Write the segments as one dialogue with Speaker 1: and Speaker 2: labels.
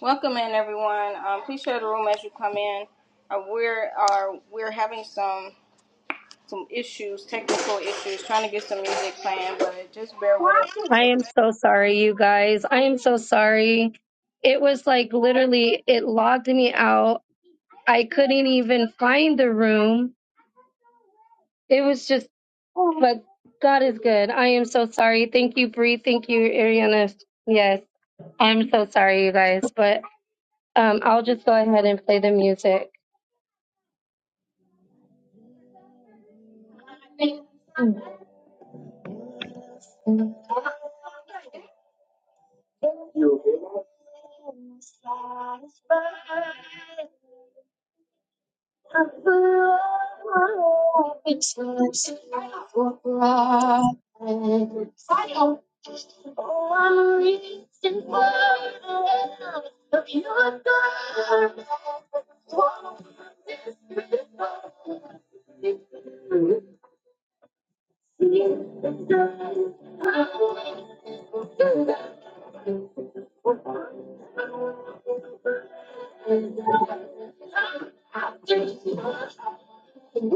Speaker 1: Welcome in, everyone. Um, please share the room as you come in. Uh, we're are we're having some some issues, technical issues, trying to get some music playing, but just bear with us.
Speaker 2: I
Speaker 1: It took
Speaker 2: am so sorry, you guys. I am so sorry. It was like literally, it logged me out. I couldn't even find the room. It was just, but God is good. I am so sorry. Thank you, Bree. Thank you, Ariana. Yes, I'm so sorry, you guys. But um, I'll just go ahead and play the music. Oh, I'm reaching for the pure gold. Oh, this is gold. And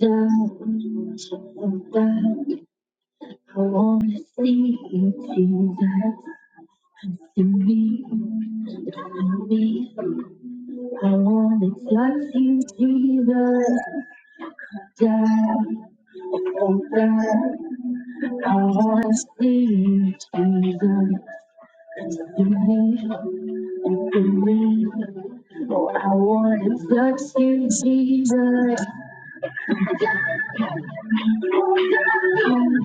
Speaker 2: down, and down, I wanna see you, Jesus. Come to me, come to me, I want it like you, Jesus. Die, oh die. I want to see you, Jesus. You need and believe. Oh, I want to touch you, Jesus. Come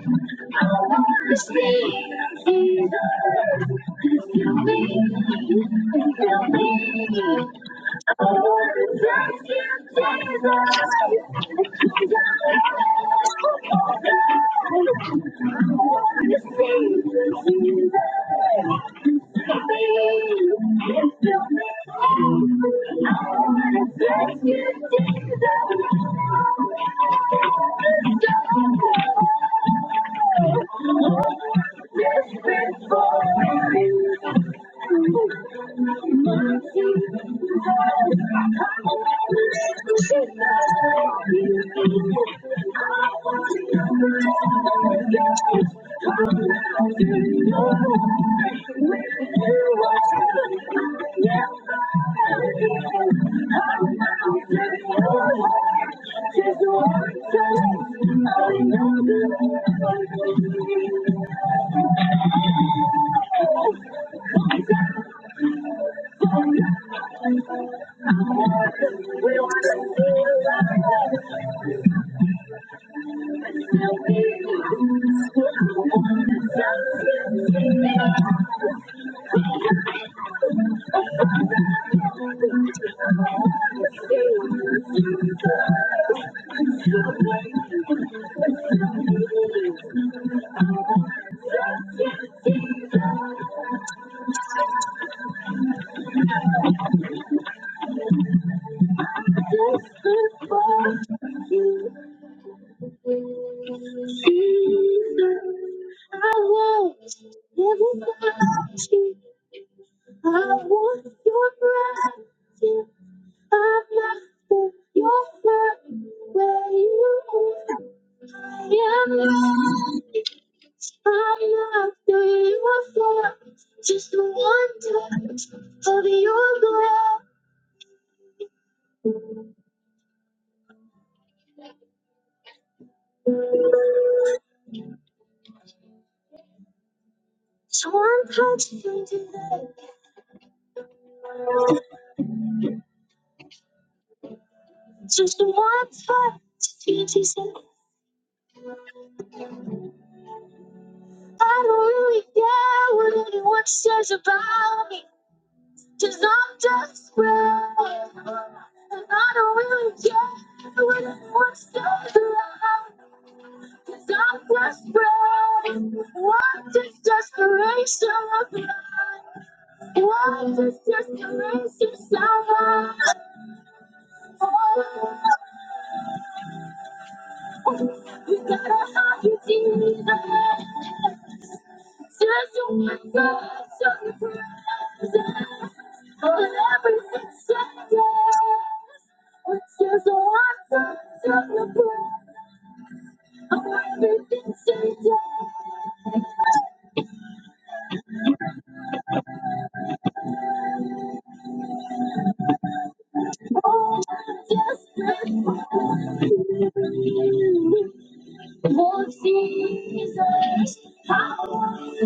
Speaker 2: see, Jesus. I wanna rescue Jesus. I wanna hold on. I wanna see you through. I wanna rescue Jesus. I wanna hold on. I want everybody. I want your breath. I'm lost in your love, where you are. I'm lost, I'm lost in your love, just one touch of your glove. Just one touch changes it. Just one touch changes it. I don't really care what anyone says about me. Cause I'm just desperate. And I don't really care what anyone says around. Cause I'm desperate. What does desperation look like? What does desperation sound like? Oh, You gotta have your demons. Just one last surprise. On every sentence. It's just one last surprise. On everything she does. Oh, I'm just grateful. Oh, Jesus. How will you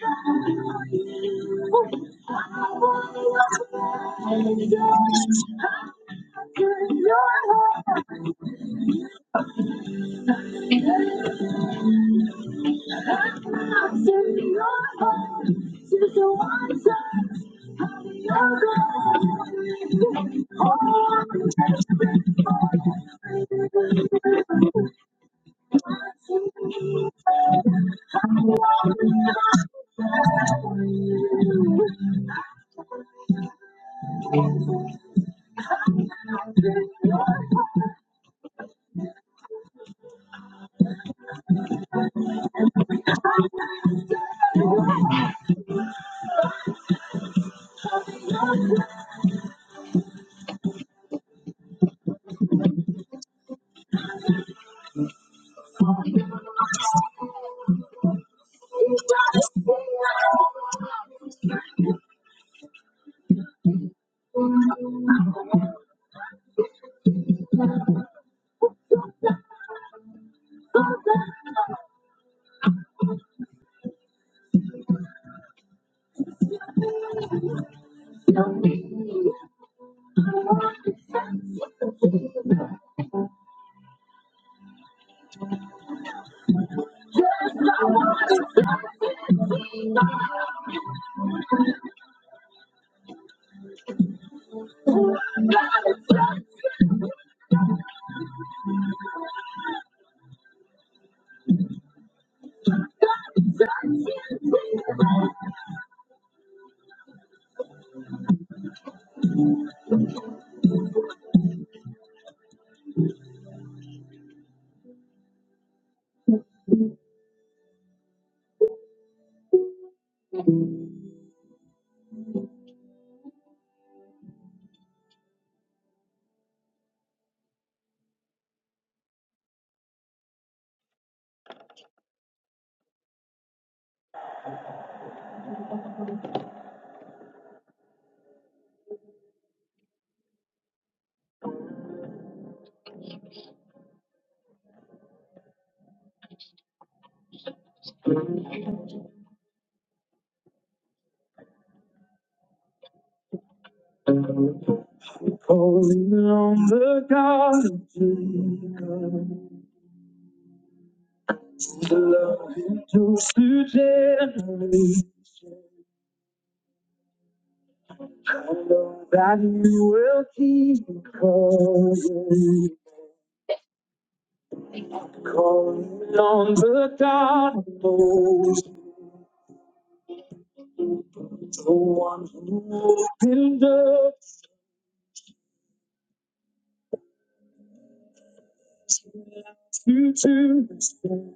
Speaker 2: come? How will you come? I could not Calling on the God of Jesus, the love who took to generation. I know that you will keep calling, calling on the God of Moses. The one who opened up to to this futures.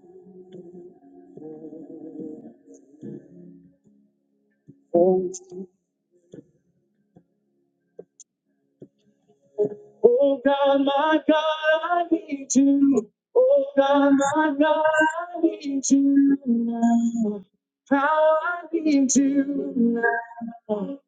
Speaker 2: Oh God, my God, I need you. Oh God, my God, I need you now. How I need you now.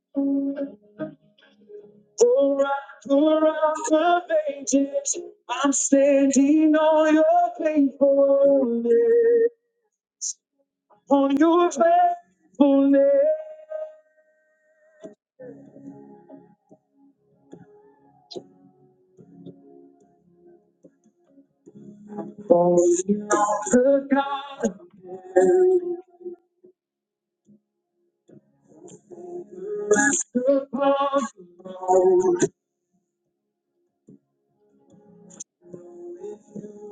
Speaker 2: Pour out, pour out the pages. I'm standing on your faithfulness. for your faithfulness. For you are the God above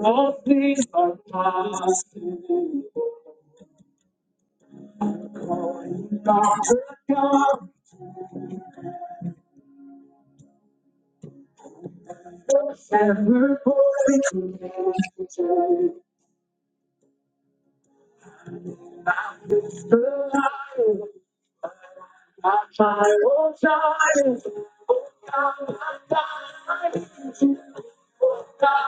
Speaker 2: all things are possible. For you are the God forever holy. The lion, my child, child,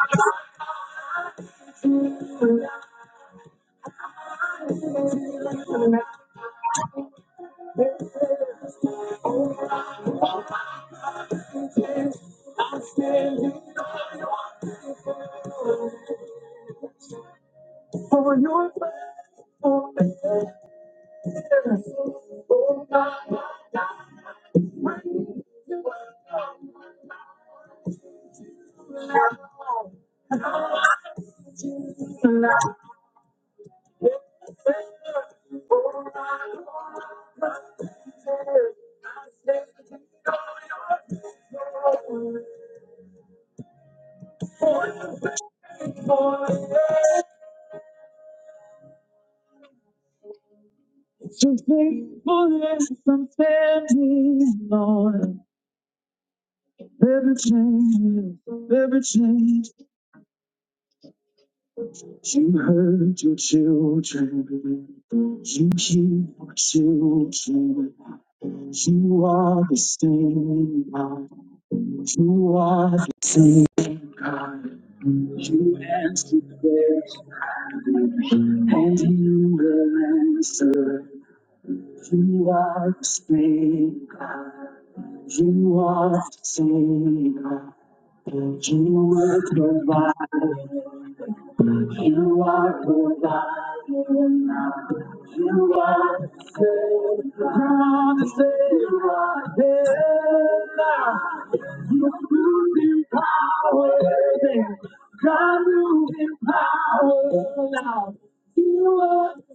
Speaker 2: Your faithfulness I'm standing on. Every change, every change. You heard your children. You hear your children. You are the same God. You are the same God. You answer prayers, and you will answer. You are the speaker. You are the singer. And you will provide. You are providing now. You are the savior. The savior. Moving power. then. God moving power now. You are the savior.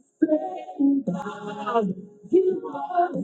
Speaker 2: You are the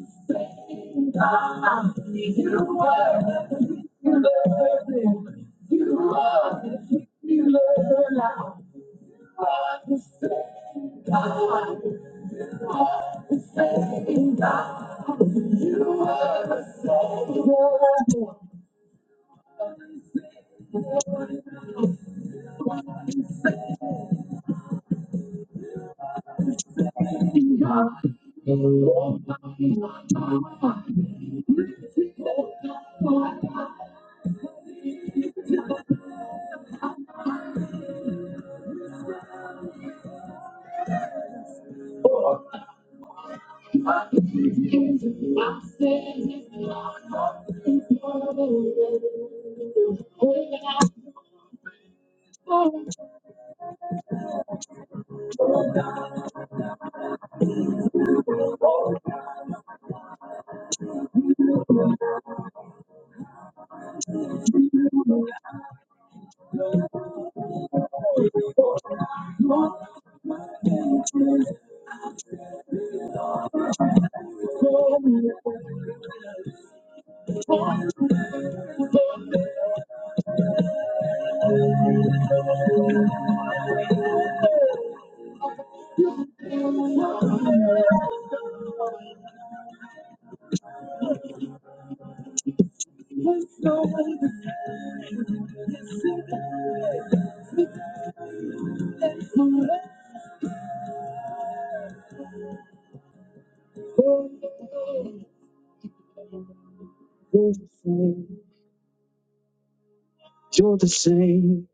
Speaker 2: you're the same.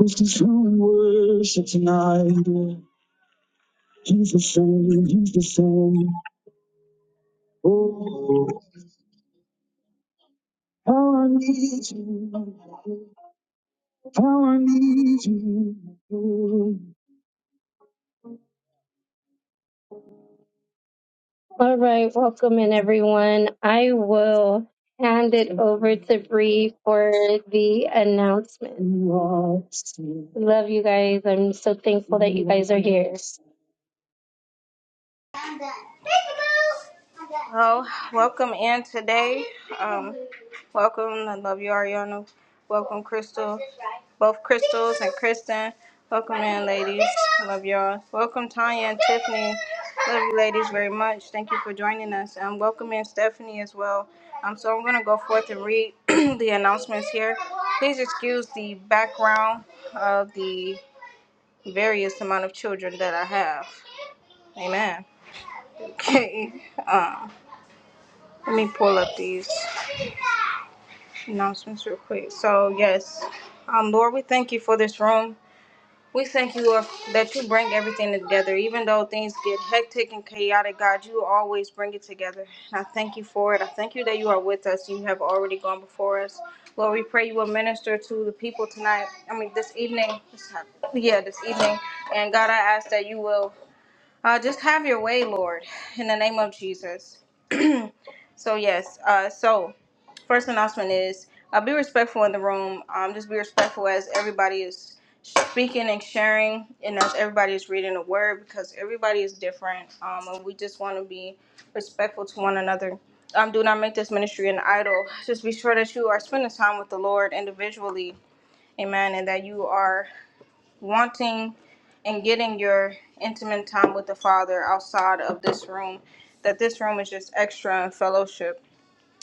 Speaker 2: This is who we worship tonight. He's the same. He's the same. Oh, how I need you. How I need you. All right, welcome in everyone. I will hand it over to Bree for the announcement. Love you guys. I'm so thankful that you guys are here.
Speaker 1: Well, welcome in today. Um, welcome, I love you, Ariana. Welcome, Crystal. Both Crystals and Kristen. Welcome in, ladies. I love y'all. Welcome, Tanya and Tiffany. Love you, ladies, very much. Thank you for joining us. And welcome in, Stephanie, as well. Um, so I'm going to go forth and read the announcements here. Please excuse the background of the various amount of children that I have. Amen. Okay. Um, let me pull up these. announcements real quick. So yes, um, Lord, we thank you for this room. We thank you Lord, that you bring everything together, even though things get hectic and chaotic. God, you always bring it together, and I thank you for it. I thank you that you are with us. You have already gone before us, Lord. We pray you will minister to the people tonight. I mean, this evening. This time- yeah, this evening. And God, I ask that you will uh, just have your way, Lord, in the name of Jesus. So yes. Uh, so first announcement is uh, be respectful in the room. Um, just be respectful as everybody is speaking and sharing, and as everybody is reading the word because everybody is different. Um, and we just want to be respectful to one another. Um, do not make this ministry an idol. Just be sure that you are spending time with the Lord individually, Amen, and that you are wanting and getting your intimate time with the Father outside of this room. That this room is just extra in fellowship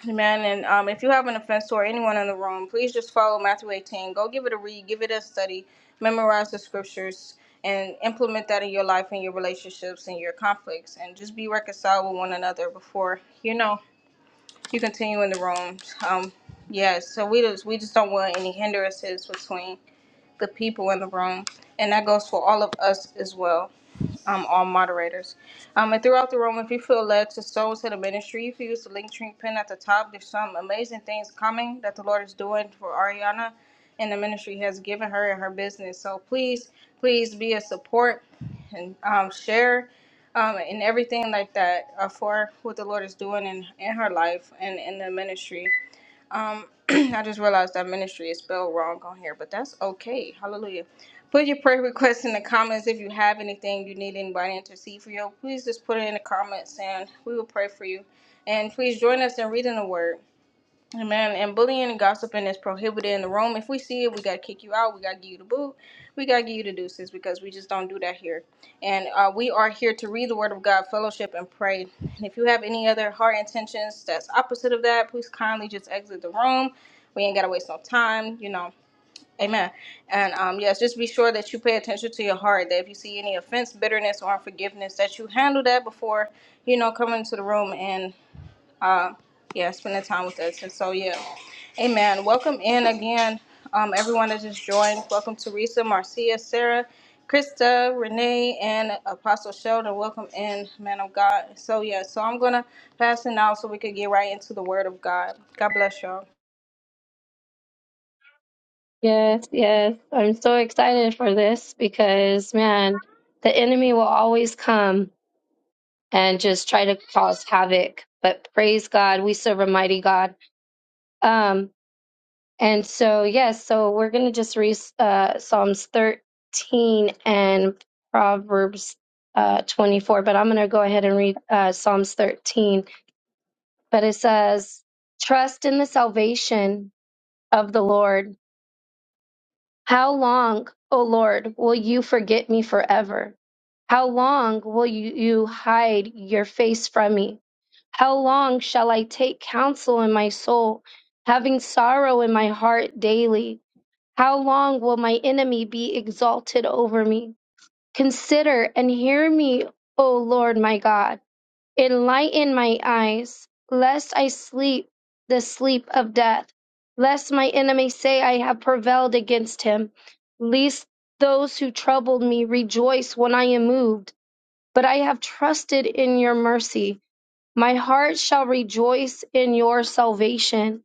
Speaker 1: Amen. And um, if you have an offense toward anyone in the room, please just follow Matthew 18. Go give it a read, give it a study, memorize the scriptures, and implement that in your life and your relationships and your conflicts. And just be reconciled with one another before you know you continue in the room. Um, yeah, so we just we just don't want any hindrances between the people in the room, and that goes for all of us as well um, all moderators. Um, and throughout the room, if you feel led to sow to the ministry, if you use the link tree pin at the top, there's some amazing things coming that the Lord is doing for Ariana and the ministry has given her and her business. So please, please be a support and um, share um, and everything like that uh, for what the Lord is doing in, in her life and in the ministry. Um, I just realized that ministry is spelled wrong on here, but that's okay. Hallelujah. Put your prayer requests in the comments if you have anything you need anybody to intercede for you. Please just put it in the comments and we will pray for you. And please join us in reading the word. Amen. And bullying and gossiping is prohibited in the room. If we see it, we gotta kick you out. We gotta give you the boot. We gotta give you the deuces because we just don't do that here. And uh, we are here to read the Word of God, fellowship, and pray. And if you have any other heart intentions that's opposite of that, please kindly just exit the room. We ain't gotta waste no time. You know. Amen. And um, yes, just be sure that you pay attention to your heart. That if you see any offense, bitterness, or unforgiveness, that you handle that before you know coming into the room. and um, yeah, spending time with us. And so, yeah, amen. Welcome in again, um, everyone that just joined. Welcome Teresa, Marcia, Sarah, Krista, Renee, and Apostle Sheldon. Welcome in, man of God. So, yeah, so I'm going to pass it now so we could get right into the word of God. God bless y'all.
Speaker 2: Yes, yes. I'm so excited for this because, man, the enemy will always come and just try to cause havoc. But praise God, we serve a mighty God. Um, And so, yes, so we're going to just read uh, Psalms 13 and Proverbs uh, 24, but I'm going to go ahead and read uh, Psalms 13. But it says, Trust in the salvation of the Lord. How long, O Lord, will you forget me forever? How long will you, you hide your face from me? How long shall I take counsel in my soul, having sorrow in my heart daily? How long will my enemy be exalted over me? Consider and hear me, O Lord my God. Enlighten my eyes, lest I sleep the sleep of death, lest my enemy say I have prevailed against him, lest those who troubled me rejoice when I am moved. But I have trusted in your mercy. My heart shall rejoice in your salvation.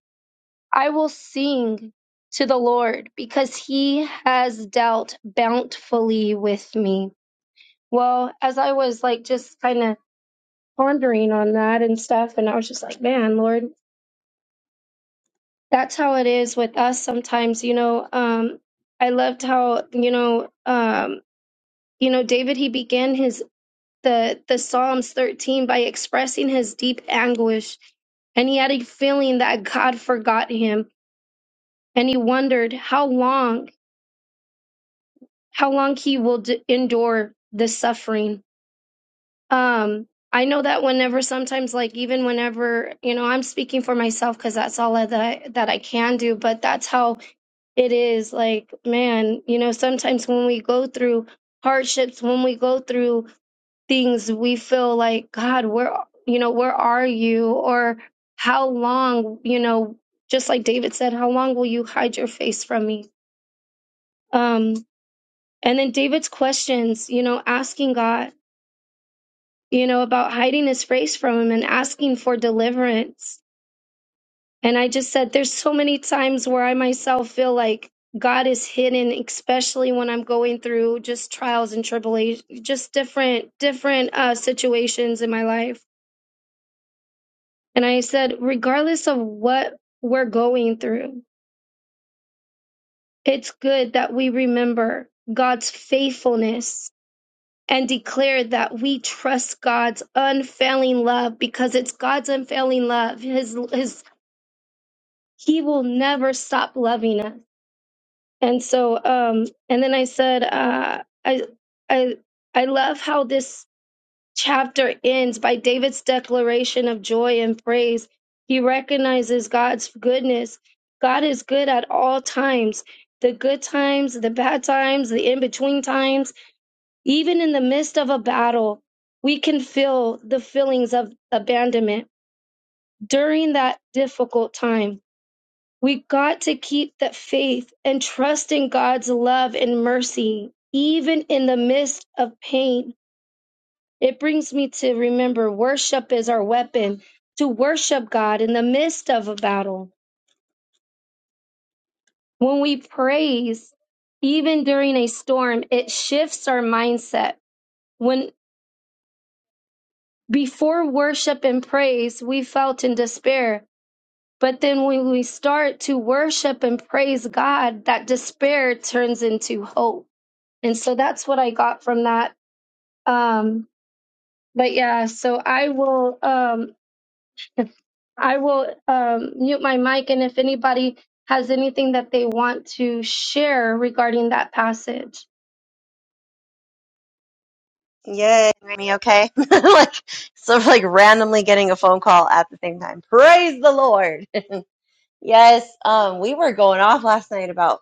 Speaker 2: I will sing to the Lord because he has dealt bountifully with me. Well, as I was like just kind of pondering on that and stuff, and I was just like, man, Lord, that's how it is with us sometimes, you know. Um, I loved how, you know, um, you know, David he began his the the Psalms 13 by expressing his deep anguish and he had a feeling that God forgot him. And he wondered, How long? how long he will d- endure this suffering. Um, I know that whenever, sometimes, like even whenever, you know, I'm speaking for myself because that's all that I, that I can do. But that's how it is. Like, man, you know, sometimes when we go through hardships, when we go through things, we feel like, God, where, you know, where are you? Or how long, you know, just like David said, how long will you hide your face from me? Um, and then David's questions, you know, asking God you know, about hiding his face from him and asking for deliverance. And I just said, there's so many times where I myself feel like God is hidden, especially when I'm going through just trials and tribulations, just different, different uh, situations in my life. And I said, regardless of what we're going through, it's good that we remember God's faithfulness and declare that we trust God's unfailing love because it's God's unfailing love, his his he will never stop loving us. And so, um, and then I said, uh, I, I, I love how this chapter ends by David's declaration of joy and praise. He recognizes God's goodness. God is good at all times the good times, the bad times, the in between times, even in the midst of a battle. We can feel the feelings of abandonment during that difficult time We got to keep that faith and trust in God's love and mercy, even in the midst of pain. It brings me to remember worship is our weapon, to worship God in the midst of a battle. When we praise, even during a storm, it shifts our mindset. When before worship and praise, we felt in despair. But then when we start to worship and praise God, that despair turns into hope and so that's what I got from that. Um, but yeah, so I will um, if I will um, mute my mic, and if anybody has anything that they want to share regarding that passage,
Speaker 3: Yay, Remy, okay? like, sort of like randomly getting a phone call at the same time. Praise the Lord. yes, um, we were going off last night about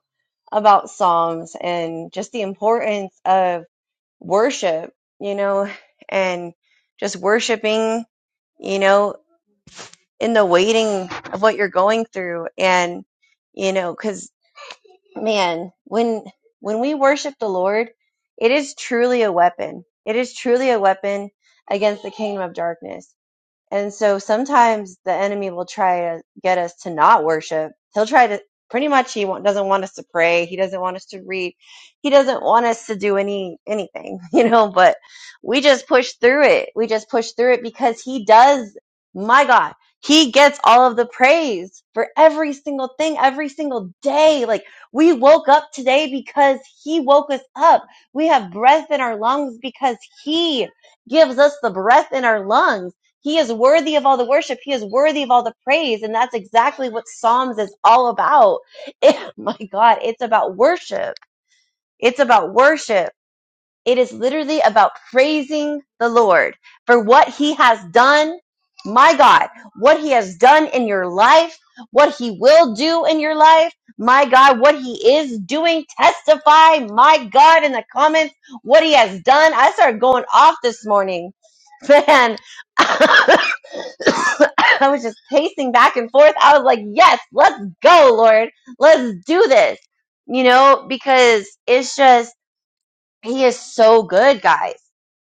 Speaker 3: about Psalms and just the importance of worship, you know, and just worshiping, you know, in the waiting of what you're going through and you know, 'cause man, when when we worship the Lord, it is truly a weapon. It is truly a weapon against the kingdom of darkness. And so sometimes the enemy will try to get us to not worship. He'll try to pretty much he wa- doesn't want us to pray. He doesn't want us to read. He doesn't want us to do any anything, you know, but we just push through it. We just push through it because he does my God, he gets all of the praise for every single thing, every single day. Like we woke up today because he woke us up. We have breath in our lungs because he gives us the breath in our lungs he is worthy of all the worship. He is worthy of all the praise. And that's exactly what Psalms is all about. It- my God, it's about worship. It's about worship. It is literally about praising the Lord for what he has done. My God, what he has done in your life, what he will do in your life. My God, what he is doing. Testify, my God, in the comments, what he has done. I started going off this morning. Man, I was just pacing back and forth. I was like, yes, let's go, Lord. Let's do this. You know, because it's just, He is so good, guys.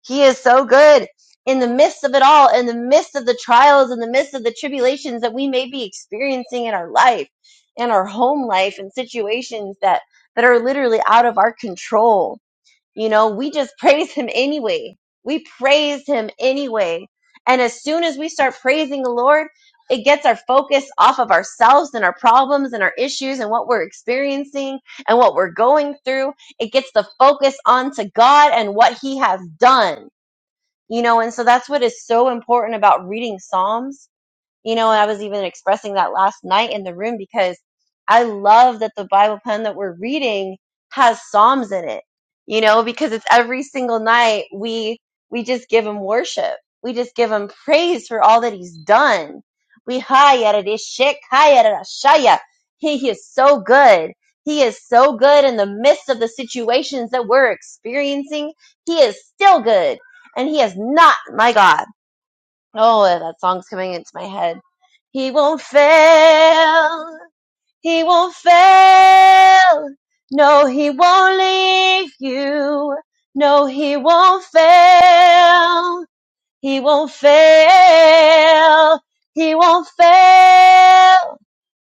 Speaker 3: He is so good in the midst of it all, in the midst of the trials, in the midst of the tribulations that we may be experiencing in our life, in our home life, and situations that, that are literally out of our control you know, we just praise him anyway. We praise him anyway. And as soon as we start praising the Lord, it gets our focus off of ourselves and our problems and our issues and what we're experiencing and what we're going through. It gets the focus onto God and what he has done. You know, and so that's what is so important about reading Psalms you know, I was even expressing that last night in the room because I love that the Bible pen that we're reading has Psalms in it. You know, because it's every single night we we just give him worship. We just give him praise for all that he's done. We shaya. He is so good. He is so good in the midst of the situations that we're experiencing. He is still good. And he has not, my God. Oh, that song's coming into my head. He won't fail. He won't fail. No, he won't leave you. No, he won't fail. He won't fail. He won't fail.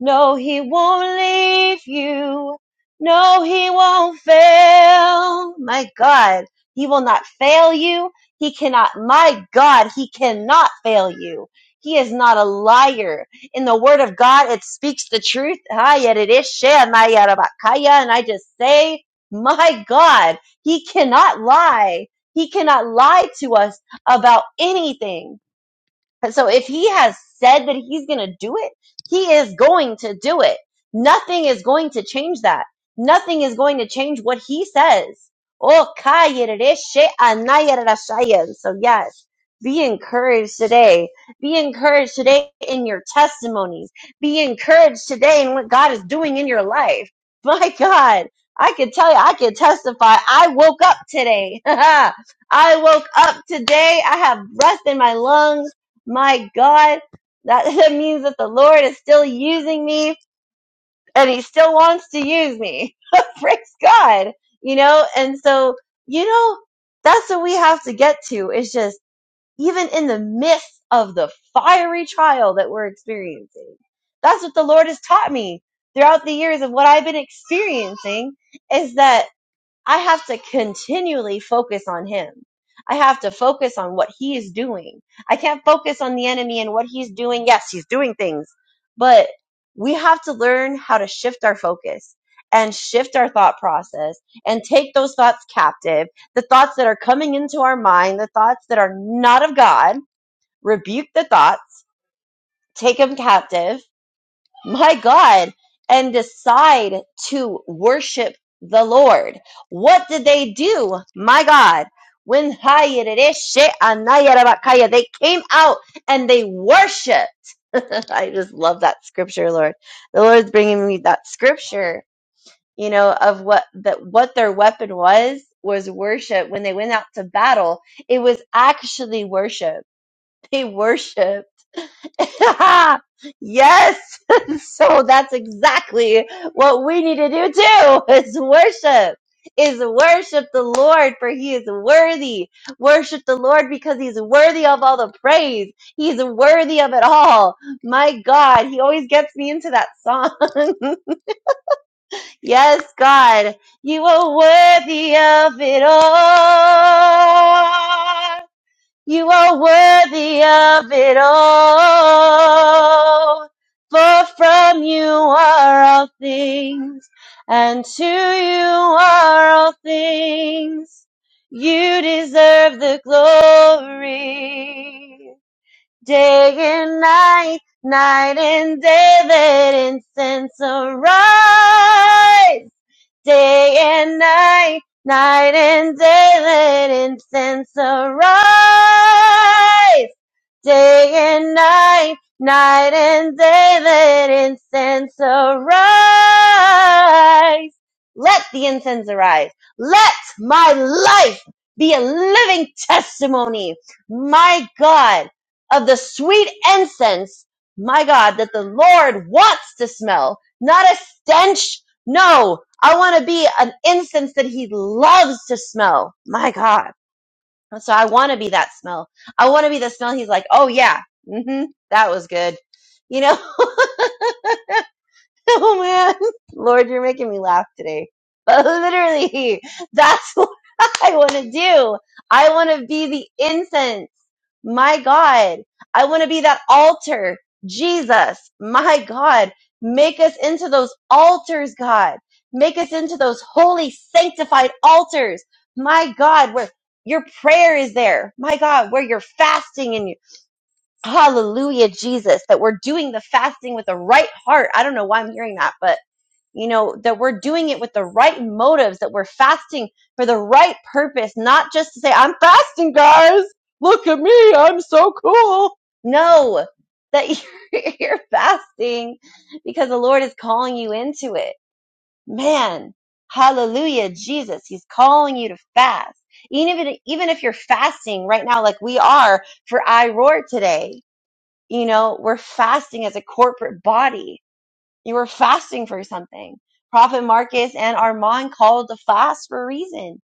Speaker 3: No, he won't leave you. No, he won't fail. My God, he will not fail you. He cannot, my God, he cannot fail you. He is not a liar. In the word of God, it speaks the truth. Ah, yet it is shem, ah, yet about kaya. And I just say, my God, he cannot lie. He cannot lie to us about anything. So if he has said that he's going to do it, he is going to do it. Nothing is going to change that. Nothing is going to change what he says. Oh, kayerereshe anayerashaya. So yes, be encouraged today. Be encouraged today in your testimonies. Be encouraged today in what God is doing in your life. My God, I can tell you, I can testify. I woke up today. I woke up today. I have breath in my lungs my God, that, that means that the Lord is still using me and he still wants to use me. Praise God. You know, and so, you know, that's what we have to get to. It's just even in the midst of the fiery trial that we're experiencing. That's what the Lord has taught me throughout the years of what I've been experiencing is that I have to continually focus on him. I have to focus on what he is doing. I can't focus on the enemy and what he's doing. Yes, he's doing things, but we have to learn how to shift our focus and shift our thought process and take those thoughts captive. The thoughts that are coming into our mind, the thoughts that are not of God, rebuke the thoughts, take them captive my God, and decide to worship the Lord. What did they do? My God. When they came out and they worshiped. I just love that scripture, Lord. The Lord's bringing me that scripture, you know, of what that what their weapon was was worship. When they went out to battle, it was actually worship. They worship. yes. so that's exactly what we need to do too is worship. Is worship the Lord for he is worthy. Worship the Lord because he's worthy of all the praise. He's worthy of it all. My God, he always gets me into that song. yes, God, you are worthy of it all. You are worthy of it all. For from you are all things, and to you are all things. You deserve the glory. Day and night, night and day, let incense arise day and night, night and day, let incense arise. Day and night, night and day, let incense arise. Let the incense arise. Let my life be a living testimony, my God, of the sweet incense, my God, that the Lord wants to smell, not a stench. No, I want to be an incense that he loves to smell. My God. So I want to be that smell. I want to be the smell he's like, oh yeah, hmm that was good. You know, oh man, Lord, you're making me laugh today. But literally, that's what I want to do. I want to be the incense. My God, I want to be that altar. Jesus, my God, make us into those altars, God. Make us into those holy, sanctified altars. My God, where your prayer is there. My God, where you're fasting and you, hallelujah, Jesus, that we're doing the fasting with the right heart. I don't know why I'm hearing that, but you know, that we're doing it with the right motives, that we're fasting for the right purpose, not just to say, I'm fasting, guys. Look at me. I'm so cool. No, that you're, you're fasting because the Lord is calling you into it. Man, hallelujah, Jesus. He's calling you to fast. Even if, even if you're fasting right now, like we are for I Roar today, you know, we're fasting as a corporate body you were fasting for something. Prophet Marcus and Armand called the fast for a reason.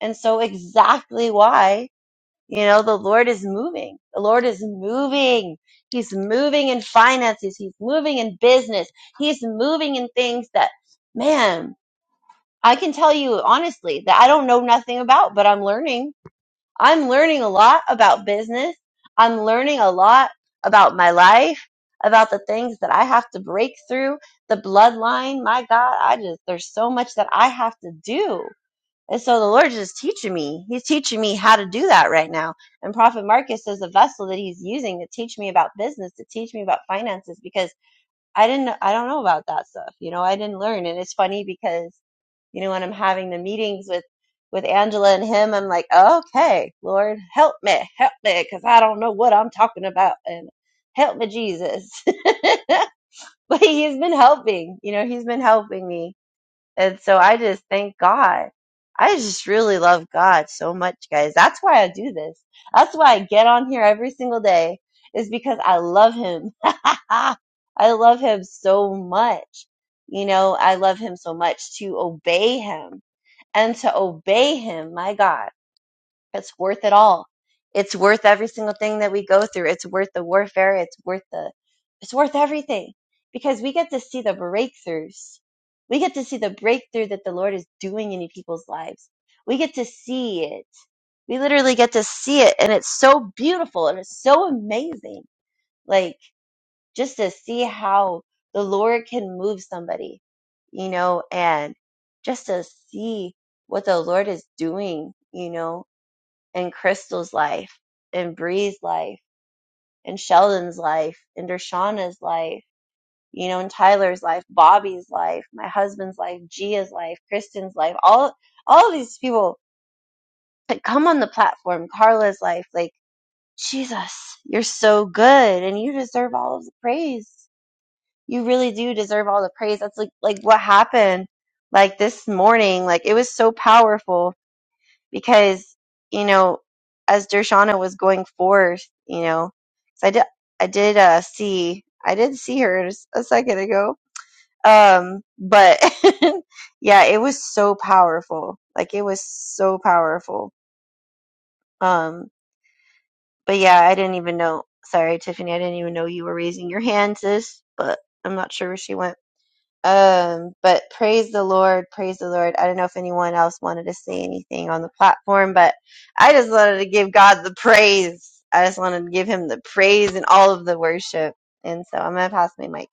Speaker 3: And so exactly why, you know, the Lord is moving. The Lord is moving. He's moving in finances. He's moving in business. He's moving in things that, man, I can tell you honestly that I don't know nothing about, but I'm learning I'm learning a lot about business. I'm learning a lot about my life, about the things that I have to break through, the bloodline. My God, I just, there's so much that I have to do. And so the Lord is just teaching me. He's teaching me how to do that right now. And Prophet Marcus is a vessel that he's using to teach me about business, to teach me about finances, because I didn't, I don't know about that stuff. You know, I didn't learn. And it's funny because, you know, when I'm having the meetings with, with Angela and him, I'm like, okay, Lord, help me, help me, because I don't know what I'm talking about. And help me, Jesus. but he has been helping, you know, he's been helping me and so I just thank God. I just really love God so much, guys. That's why I do this. That's why I get on here every single day is because I love him. I love him so much. You know, I love him so much to obey him and to obey him. My God. It's worth it all. It's worth every single thing that we go through. It's worth the warfare. It's worth the, it's worth everything because we get to see the breakthroughs. We get to see the breakthrough that the Lord is doing in people's lives. We get to see it. We literally get to see it. And it's so beautiful and it's so amazing. Like just to see how the Lord can move somebody, you know, and just to see what the Lord is doing, you know, and Crystal's life and Bree's life and Sheldon's life and Dershana's life, you know, and Tyler's life, Bobby's life, my husband's life, Gia's life, Kristen's life, all all of these people that come on the platform, Carla's life, like, Jesus, you're so good and you deserve all of the praise. You really do deserve all the praise. That's like like what happened like this morning. Like it was so powerful because you know as Dershana was going forth, you know, 'cause I did I did uh, see I did see her s- a second ago, um, but yeah, it was so powerful, like it was so powerful. Um, but yeah, I didn't even know. Sorry, Tiffany, I didn't even know you were raising your hand, sis. But I'm not sure where she went. Um, but praise the Lord, praise the Lord. I don't know if anyone else wanted to say anything on the platform, but I just wanted to give God the praise. I just wanted to give him the praise and all of the worship. And so I'm gonna pass my mic.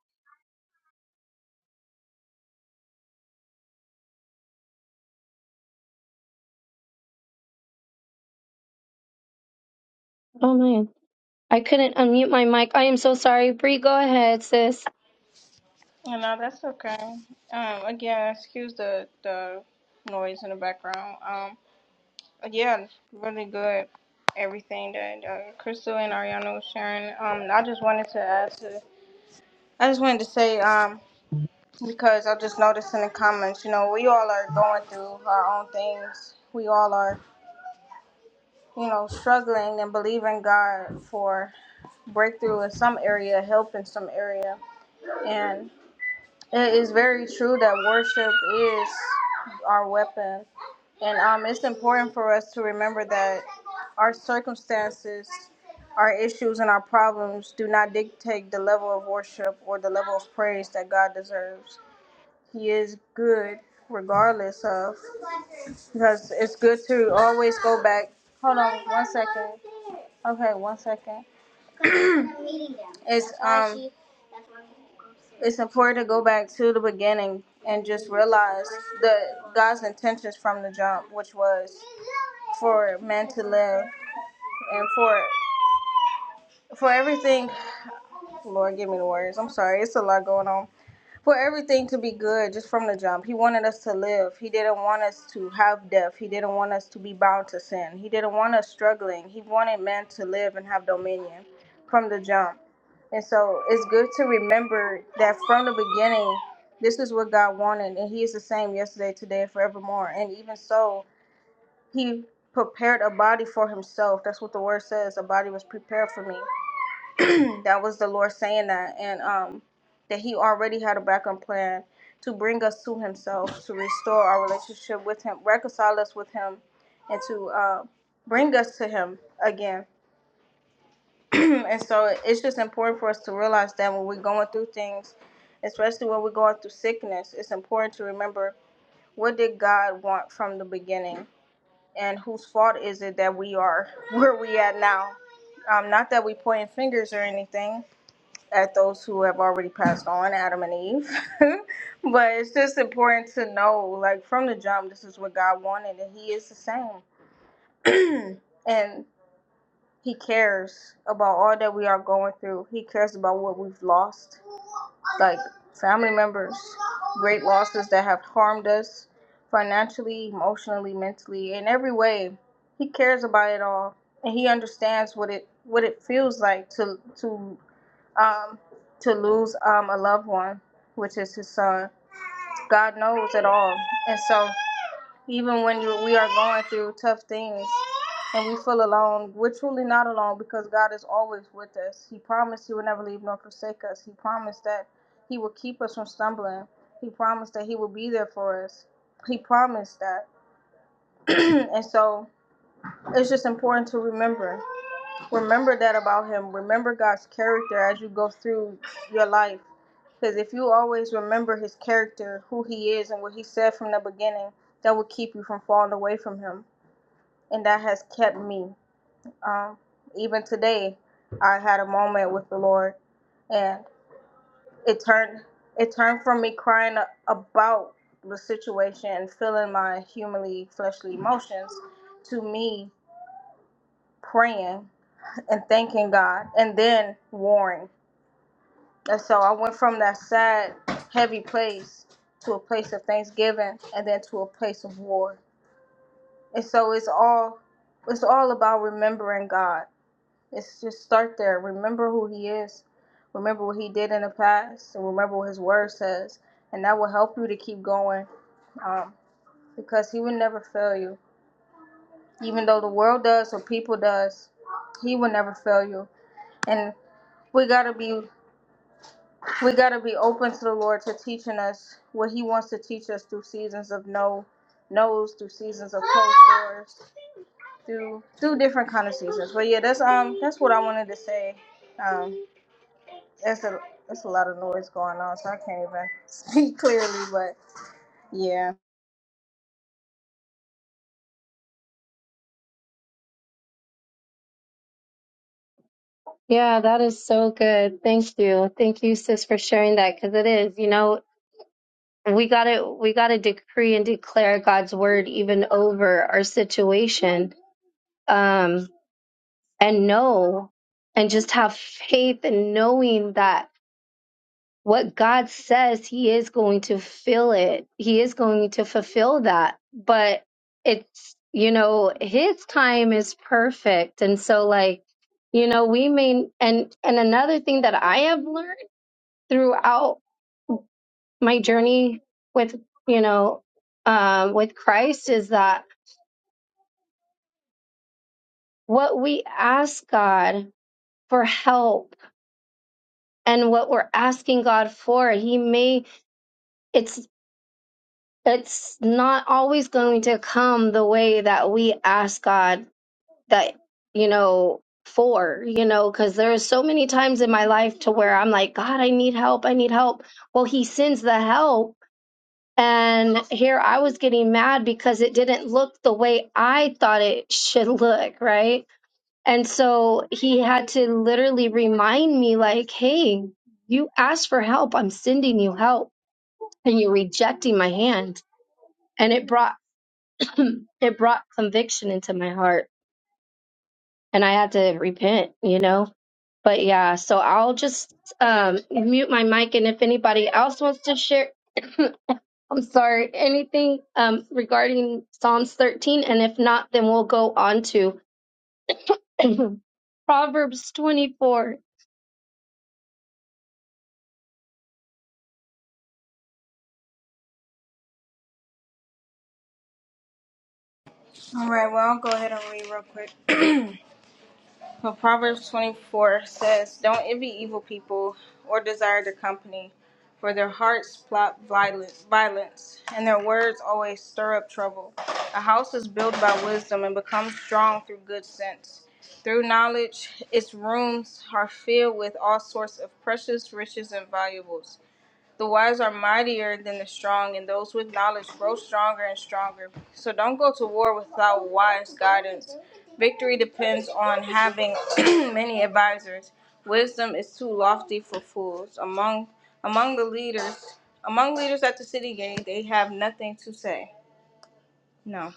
Speaker 2: oh man, I couldn't unmute my mic. I am so sorry, Bree. Go ahead, sis.
Speaker 1: You know, that's okay. Um, again, excuse the, the noise in the background. Um, yeah, really good everything that uh, Crystal and Ariana was sharing. Um, I just wanted to add to I just wanted to say, um, because I just noticed in the comments, you know, we all are going through our own things. We all are, you know, struggling and believing God for breakthrough in some area, help in some area. And it is very true that worship is our weapon. And um, it's important for us to remember that our circumstances, our issues, and our problems do not dictate the level of worship or the level of praise that God deserves He is good regardless of because it's good to always go back. Hold on one second. Okay, one second. It's um it's important to go back to the beginning and just realize the God's intentions from the jump, which was for man to live and for for everything Lord give me the words. I'm sorry, it's a lot going on. for everything to be good just from the jump. He wanted us to live. He didn't want us to have death. He didn't want us to be bound to sin. He didn't want us struggling. He wanted man to live and have dominion from the jump. And so it's good to remember that from the beginning, this is what God wanted. And He is the same yesterday, today, and forevermore. And even so, He prepared a body for Himself. That's what the word says. A body was prepared for me. that was the Lord saying that, and um, that He already had a backup plan to bring us to Himself, to restore our relationship with Him, reconcile us with Him, and to uh, bring us to Him again. and so it's just important for us to realize that when we're going through things, especially when we're going through sickness, it's important to remember what did God want from the beginning, and whose fault is it that we are where we at now. Um, not that we pointing fingers or anything, at those who have already passed on, Adam and Eve. but it's just important to know, like from the jump, this is what God wanted, and He is the same, and He cares about all that we are going through. He cares about what we've lost, like family members, great losses that have harmed us financially, emotionally, mentally, in every way. He cares about it all, and He understands what it what it feels like to to um, to lose um, a loved one, which is his son. God knows it all. And so, even when you, we are going through tough things and we feel alone, we're truly not alone because God is always with us. He promised He would never leave nor forsake us. He promised that He would keep us from stumbling. He promised that He would be there for us. He promised that. and so, it's just important to remember. Remember that about him. Remember God's character as you go through your life. Because if you always remember his character, who he is, and what he said from the beginning, that will keep you from falling away from him. And that has kept me. Um, even today, I had a moment with the Lord, and it turned it turned from me crying about the situation and feeling my humanly fleshly emotions to me praying and thanking God, and then warring And so I went from that sad, heavy place to a place of thanksgiving and then to a place of war. And so it's all it's all about remembering God. It's just start there. Remember who he is. Remember what he did in the past and remember what his word says. And that will help you to keep going. Um, because he will never fail you. Even though the world does or people does, he will never fail you. And we gotta be We got to be open to the Lord to teaching us what He wants to teach us through seasons of no no's, through seasons of closed doors, through through different kind of seasons. But yeah, that's um that's what I wanted to say. Um, that's a that's a lot of noise going on, so I can't even speak clearly. But yeah.
Speaker 2: Yeah, that is so good. Thank you, thank you, sis, for sharing that because it is, you know. We gotta we gotta decree and declare God's word even over our situation. Um, and know and just have faith in knowing that what God says, He is going to fill it. He is going to fulfill that. But it's, you know, His time is perfect. And so, like, you know, we may, and, and another thing that I have learned throughout my journey with, you know, um, with Christ is that what we ask God for help and what we're asking God for. He may it's it's not always going to come the way that we ask God that you know for, you know, cuz there's so many times in my life to where I'm like, God, I need help. I need help. Well, he sends the help and here I was getting mad because it didn't look the way I thought it should look, right? And so he had to literally remind me like, "Hey, you asked for help. I'm sending you help." and you're rejecting my hand and it brought it brought conviction into my heart and i had to repent you know but yeah so i'll just um mute my mic and if anybody else wants to share i'm sorry anything um regarding psalms 13 and if not then we'll go on to proverbs 24
Speaker 1: All right. Well, I'll go ahead and read real quick. Well, Proverbs 24 says, Don't envy evil people or desire their company, for their hearts plot violence, violence, and their words always stir up trouble. A house is built by wisdom and becomes strong through good sense. Through knowledge, its rooms are filled with all sorts of precious riches and valuables. The wise are mightier than the strong, and those with knowledge grow stronger and stronger. So don't go to war without wise guidance. Victory depends on having many advisors. Wisdom is too lofty for fools. Among among the leaders, among leaders at the city gate, they have nothing to say. No.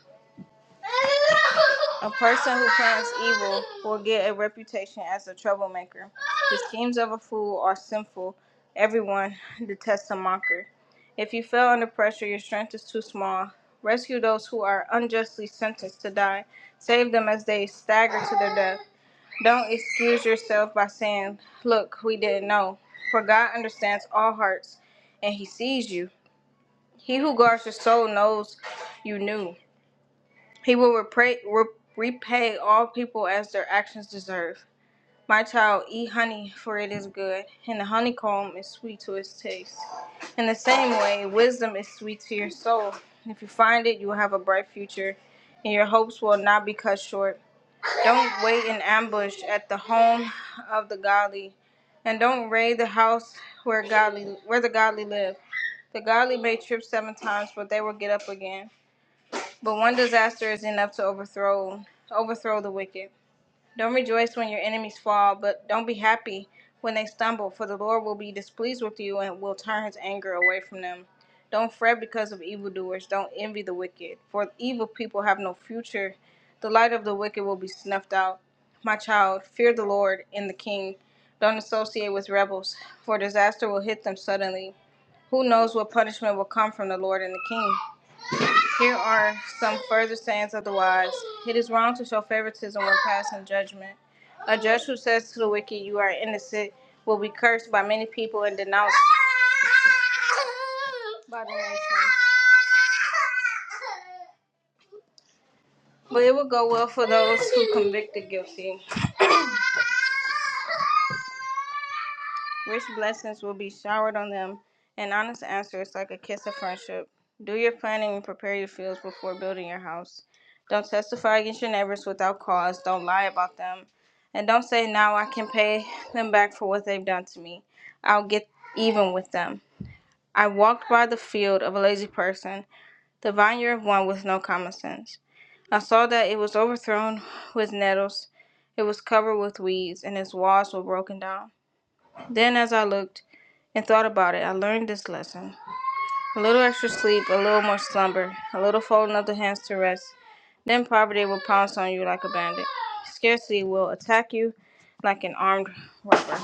Speaker 1: A person who plans evil will get a reputation as a troublemaker. The schemes of a fool are sinful. Everyone detests a mocker. If you fail under pressure, your strength is too small. Rescue those who are unjustly sentenced to die. Save them as they stagger to their death. Don't excuse yourself by saying, Look, we didn't know. For God understands all hearts, and He sees you. He who guards your soul knows you knew. He will repay, re- repay all people as their actions deserve. My child, eat honey, for it is good, and the honeycomb is sweet to its taste. In the same way, wisdom is sweet to your soul. if you find it, you will have a bright future, and your hopes will not be cut short. Don't wait in ambush at the home of the godly, and don't raid the house where godly where the godly live. The godly may trip seven times, but they will get up again. But one disaster is enough to overthrow overthrow the wicked. Don't rejoice when your enemies fall, but don't be happy when they stumble, for the Lord will be displeased with you and will turn his anger away from them. Don't fret because of evildoers. Don't envy the wicked, for evil people have no future. The light of the wicked will be snuffed out. My child, fear the Lord and the King. Don't associate with rebels, for disaster will hit them suddenly. Who knows what punishment will come from the Lord and the King? Here are some further sayings of the wise. It is wrong to show favoritism when passing judgment. A judge who says to the wicked, You are innocent, will be cursed by many people and denounced by the nation. But it will go well for those who convict the guilty. Rich blessings will be showered on them. An honest answer is like a kiss of friendship. Do your planning and prepare your fields before building your house. Don't testify against your neighbors without cause. Don't lie about them. And don't say, Now I can pay them back for what they've done to me. I'll get even with them. I walked by the field of a lazy person, the vineyard of one with no common sense. I saw that it was overthrown with nettles, it was covered with weeds, and its walls were broken down. Then, as I looked and thought about it, I learned this lesson. A little extra sleep, a little more slumber, a little folding of the hands to rest. Then poverty will pounce on you like a bandit. Scarcity will attack you like an armed robber.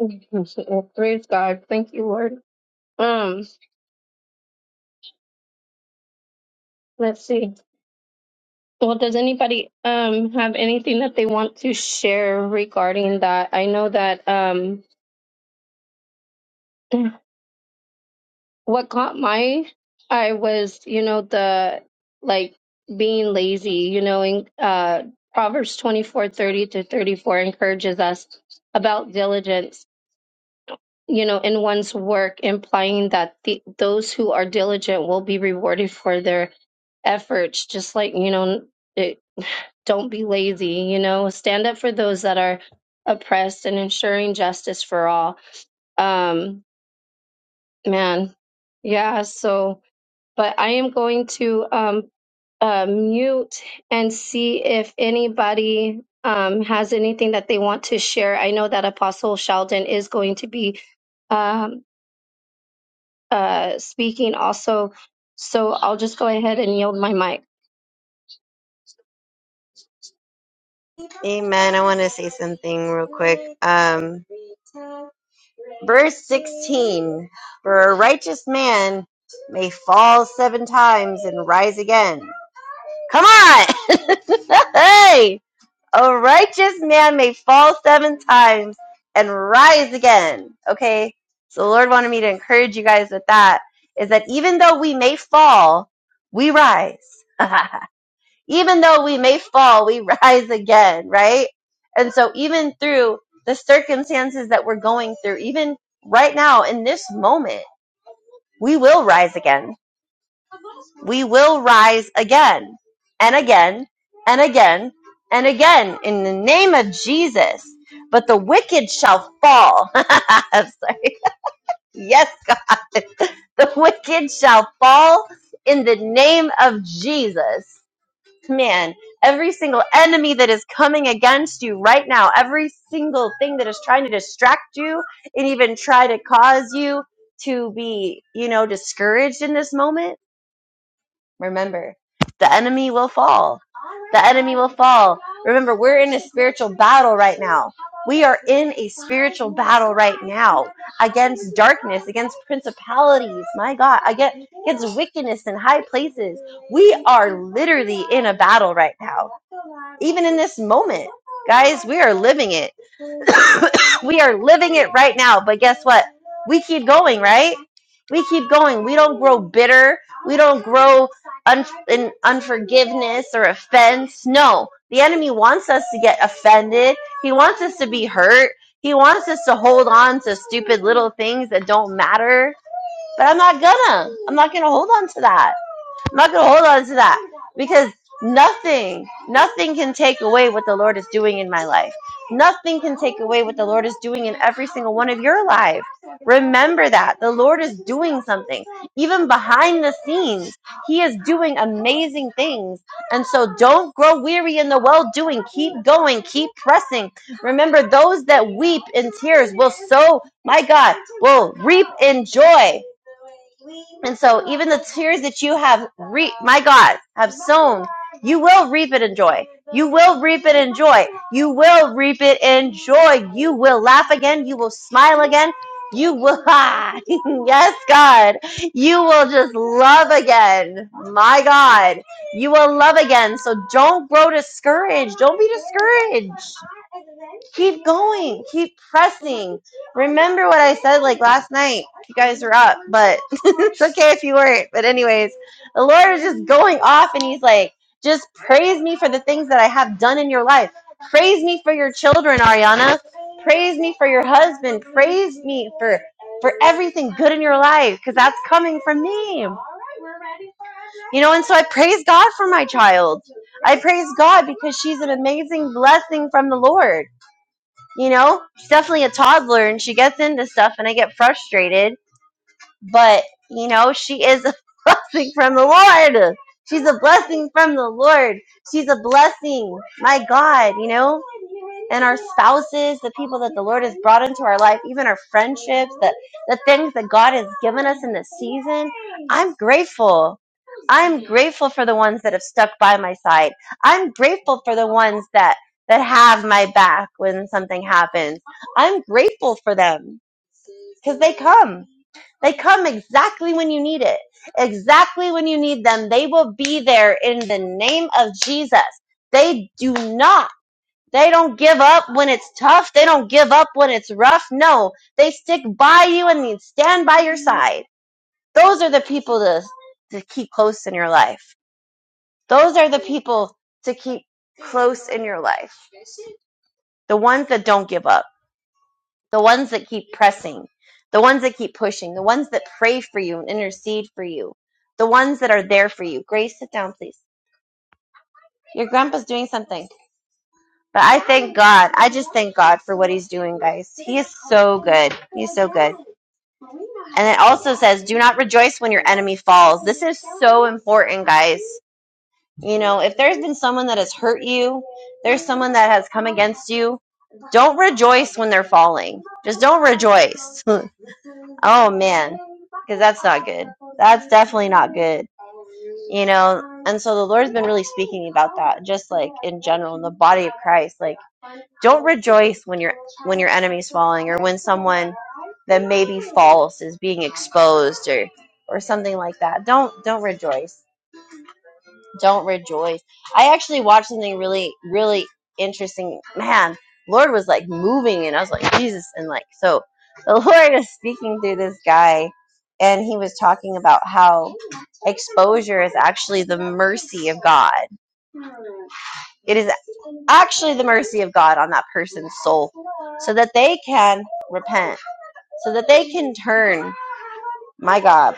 Speaker 2: praise god thank you lord um let's see Well, does anybody um have anything that they want to share regarding that? I know that um what caught my I was, you know, the like being lazy, you know, in uh Proverbs twenty four thirty to 34 encourages us about diligence, you know, in one's work, implying that the, those who are diligent will be rewarded for their efforts, just like, you know, Don't be lazy, you know, stand up for those that are oppressed and ensuring justice for all. Um, man, yeah, so, but I am going to um, uh, mute and see if anybody um, has anything that they want to share. I know that Apostle Sheldon is going to be um, uh, speaking also, so I'll just go ahead and yield my mic.
Speaker 3: Amen. I want to say something real quick. Um, verse 16 For a righteous man may fall seven times and rise again. Come on! hey! A righteous man may fall seven times and rise again. Okay? So the Lord wanted me to encourage you guys with that is that even though we may fall, we rise. even though we may fall, we rise again, right? And so even through the circumstances that we're going through, even right now in this moment, we will rise again we will rise again and again and again and again in the name of Jesus. But the wicked shall fall. I'm sorry. Yes, God. The wicked shall fall in the name of Jesus. Man, every single enemy that is coming against you right now, every single thing that is trying to distract you and even try to cause you to be, you know, discouraged in this moment Remember, the enemy will fall. The enemy will fall. Remember, we're in a spiritual battle right now. We are in a spiritual battle right now against darkness, against principalities, my God, against, against wickedness in high places. We are literally in a battle right now. Even in this moment, guys, we are living it. We are living it right now. But guess what? We keep going, right? We keep going. We don't grow bitter. We don't grow un- in unforgiveness or offense. No, the enemy wants us to get offended. He wants us to be hurt. He wants us to hold on to stupid little things that don't matter. But I'm not gonna. I'm not gonna hold on to that. I'm not going to hold on to that because nothing, nothing can take away what the Lord is doing in my life. Nothing can take away what the Lord is doing in every single one of your lives. Remember that the Lord is doing something, even behind the scenes. He is doing amazing things. And so don't grow weary in the well doing. Keep going, keep pressing. Remember, those that weep in tears will sow, my God, will reap in joy. And so even the tears that you have re- my God, have sown, you will reap it in joy. You will reap it in joy. You will reap it in joy. You will laugh again. You will smile again. You will, ah, yes, God. You will just love again. My God. You will love again. So don't grow discouraged. Don't be discouraged. Keep going. Keep pressing. Remember what I said like last night. You guys were up, but it's okay if you weren't. But anyways, the Lord is just going off and he's like, just praise me for the things that I have done in your life. Praise me for your children, Ariana. Praise me for your husband. Praise me for for everything good in your life because that's coming from me. You know, and so I praise God for my child. I praise God because she's an amazing blessing from the Lord you know she's definitely a toddler and she gets into stuff and i get frustrated but you know she is a blessing from the lord she's a blessing from the lord she's a blessing my god you know and our spouses, the people that the Lord has brought into our life, even our friendships, the, the things that God has given us in this season. I'm grateful. I'm grateful for the ones that have stuck by my side. I'm grateful for the ones that that have my back when something happens. I'm grateful for them because they come. They come exactly when you need it. Exactly when you need them. They will be there in the name of Jesus. They do not they don't give up when it's tough. They don't give up when it's rough. No, they stick by you and they stand by your side. Those are the people to, to keep close in your life. Those are the people to keep close in your life. The ones that don't give up, the ones that keep pressing, the ones that keep pushing, the ones that pray for you and intercede for you, the ones that are there for you. Grace, sit down, please. Your grandpa's doing something. But I thank God. I just thank God for what He's doing, guys. He is so good. He's so good. And it also says, do not rejoice when your enemy falls. This is so important, guys. You know, if there's been someone that has hurt you, there's someone that has come against you, don't rejoice when they're falling. Just don't rejoice. oh, man. Because that's not good. That's definitely not good. You know, and so the Lord's been really speaking about that, just like in general, in the body of Christ. Like, Don't rejoice when your when your enemy's falling or when someone that may be false is being exposed or or something like that. Don't don't rejoice. Don't rejoice. I actually watched something really really interesting. Man, Lord was like moving and I was like Jesus and like so the Lord is speaking through this guy and he was talking about how exposure is actually the mercy of God. It is actually the mercy of God on that person's soul so that they can repent, so that they can turn. My God,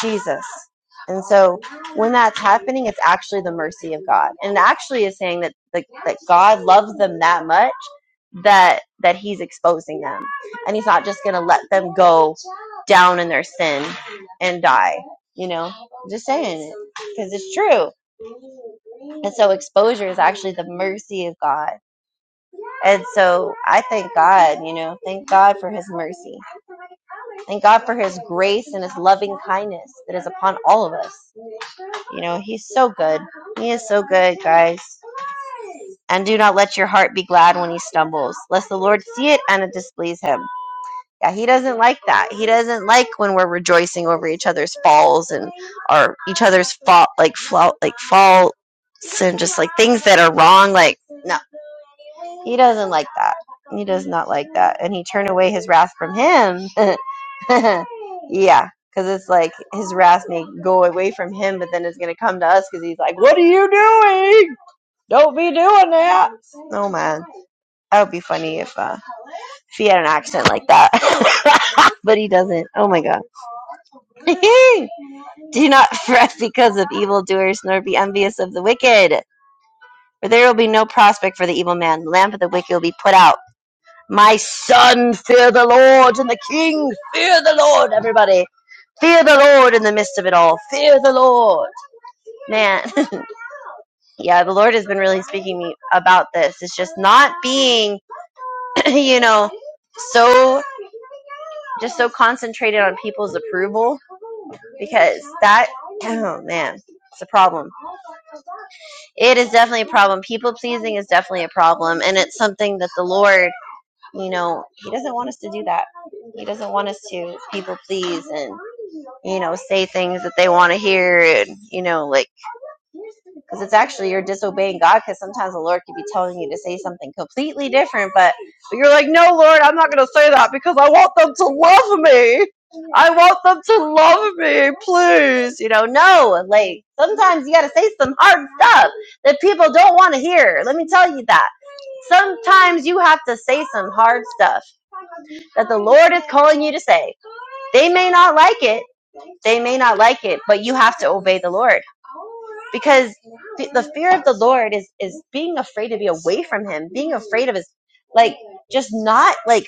Speaker 3: Jesus. And so when that's happening, it's actually the mercy of God. And it actually is saying that the, that God loves them that much that that he's exposing them. And he's not just going to let them go down in their sin and die, you know? I'm just saying it because it's true. And so exposure is actually the mercy of God And so I thank God, you know, thank God for his mercy. Thank God for his grace and his loving kindness that is upon all of us. You know, he's so good. He is so good, guys. And do not let your heart be glad when he stumbles, lest the Lord see it and it displease him. Yeah, he doesn't like that. He doesn't like when we're rejoicing over each other's falls and our each other's fall like fall like faults and just like things that are wrong. Like no, He doesn't like that. He does not like that. And he turned away his wrath from him. yeah, because it's like his wrath may go away from him, but then it's going to come to us because he's like, What are you doing? Don't be doing that. Oh, man. That would be funny if, uh, if he had an accent like that. but he doesn't. Oh, my God. Do not fret because of evildoers, nor be envious of the wicked. For there will be no prospect for the evil man. The lamp of the wicked will be put out. My son, fear the Lord, and the king, fear the Lord, everybody. Fear the Lord in the midst of it all. Fear the Lord. Man, yeah, the Lord has been really speaking to me about this. It's just not being, you know, so, just so concentrated on people's approval because that, oh man, it's a problem. It is definitely a problem. People pleasing is definitely a problem. And it's something that the Lord You know, he doesn't want us to do that. He doesn't want us to people please and, you know, say things that they want to hear and, you know, like, because it's actually you're disobeying God because sometimes the Lord could be telling you to say something completely different, but, but you're like, no, Lord, I'm not going to say that because I want them to love me. I want them to love me, please. You know, no, like sometimes you got to say some hard stuff that people don't want to hear. Let me tell you that. Sometimes you have to say some hard stuff that the Lord is calling you to say. They may not like it. They may not like it, but you have to obey the Lord because fe- the fear of the Lord is is being afraid to be away from Him, being afraid of His, like just not like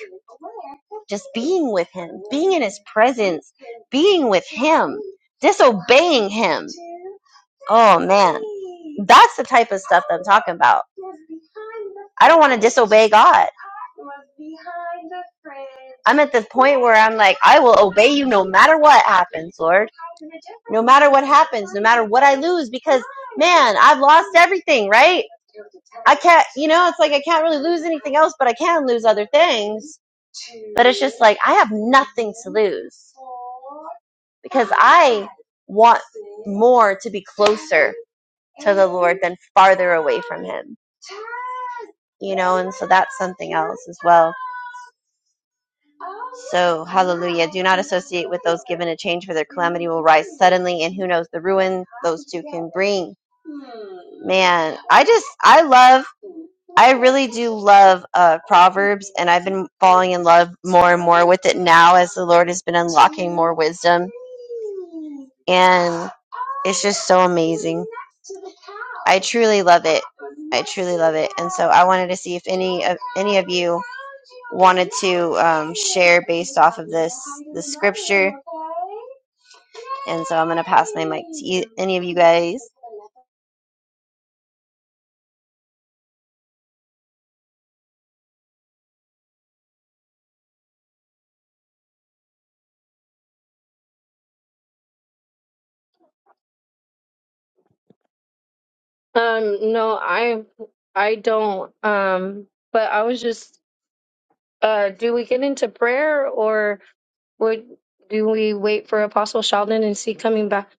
Speaker 3: just being with Him, being in His presence, being with Him, disobeying Him. Oh man, that's the type of stuff that I'm talking about. I don't want to disobey God. I'm at this point where I'm like, I will obey you no matter what happens, Lord no matter what happens, no matter what I lose, because man, I've lost everything, right? I can't, you know, it's like I can't really lose anything else, but I can lose other things. But it's just like I have nothing to lose because I want more to be closer to the Lord than farther away from Him, you know, and so that's something else as well. So, hallelujah. Do not associate with those given a change, for their calamity will rise suddenly, and who knows the ruin those two can bring. Man, I just, I love I really do love uh, Proverbs, and I've been falling in love more and more with it now as the Lord has been unlocking more wisdom. And it's just so amazing. I truly love it. I truly love it. And so I wanted to see if any of any of you wanted to um, share based off of this the scripture. And so I'm gonna pass my mic to you, any of you guys.
Speaker 2: Um, no, I I don't. Um, but I was just Uh, do we get into prayer or would do we wait for Apostle Sheldon and see coming back?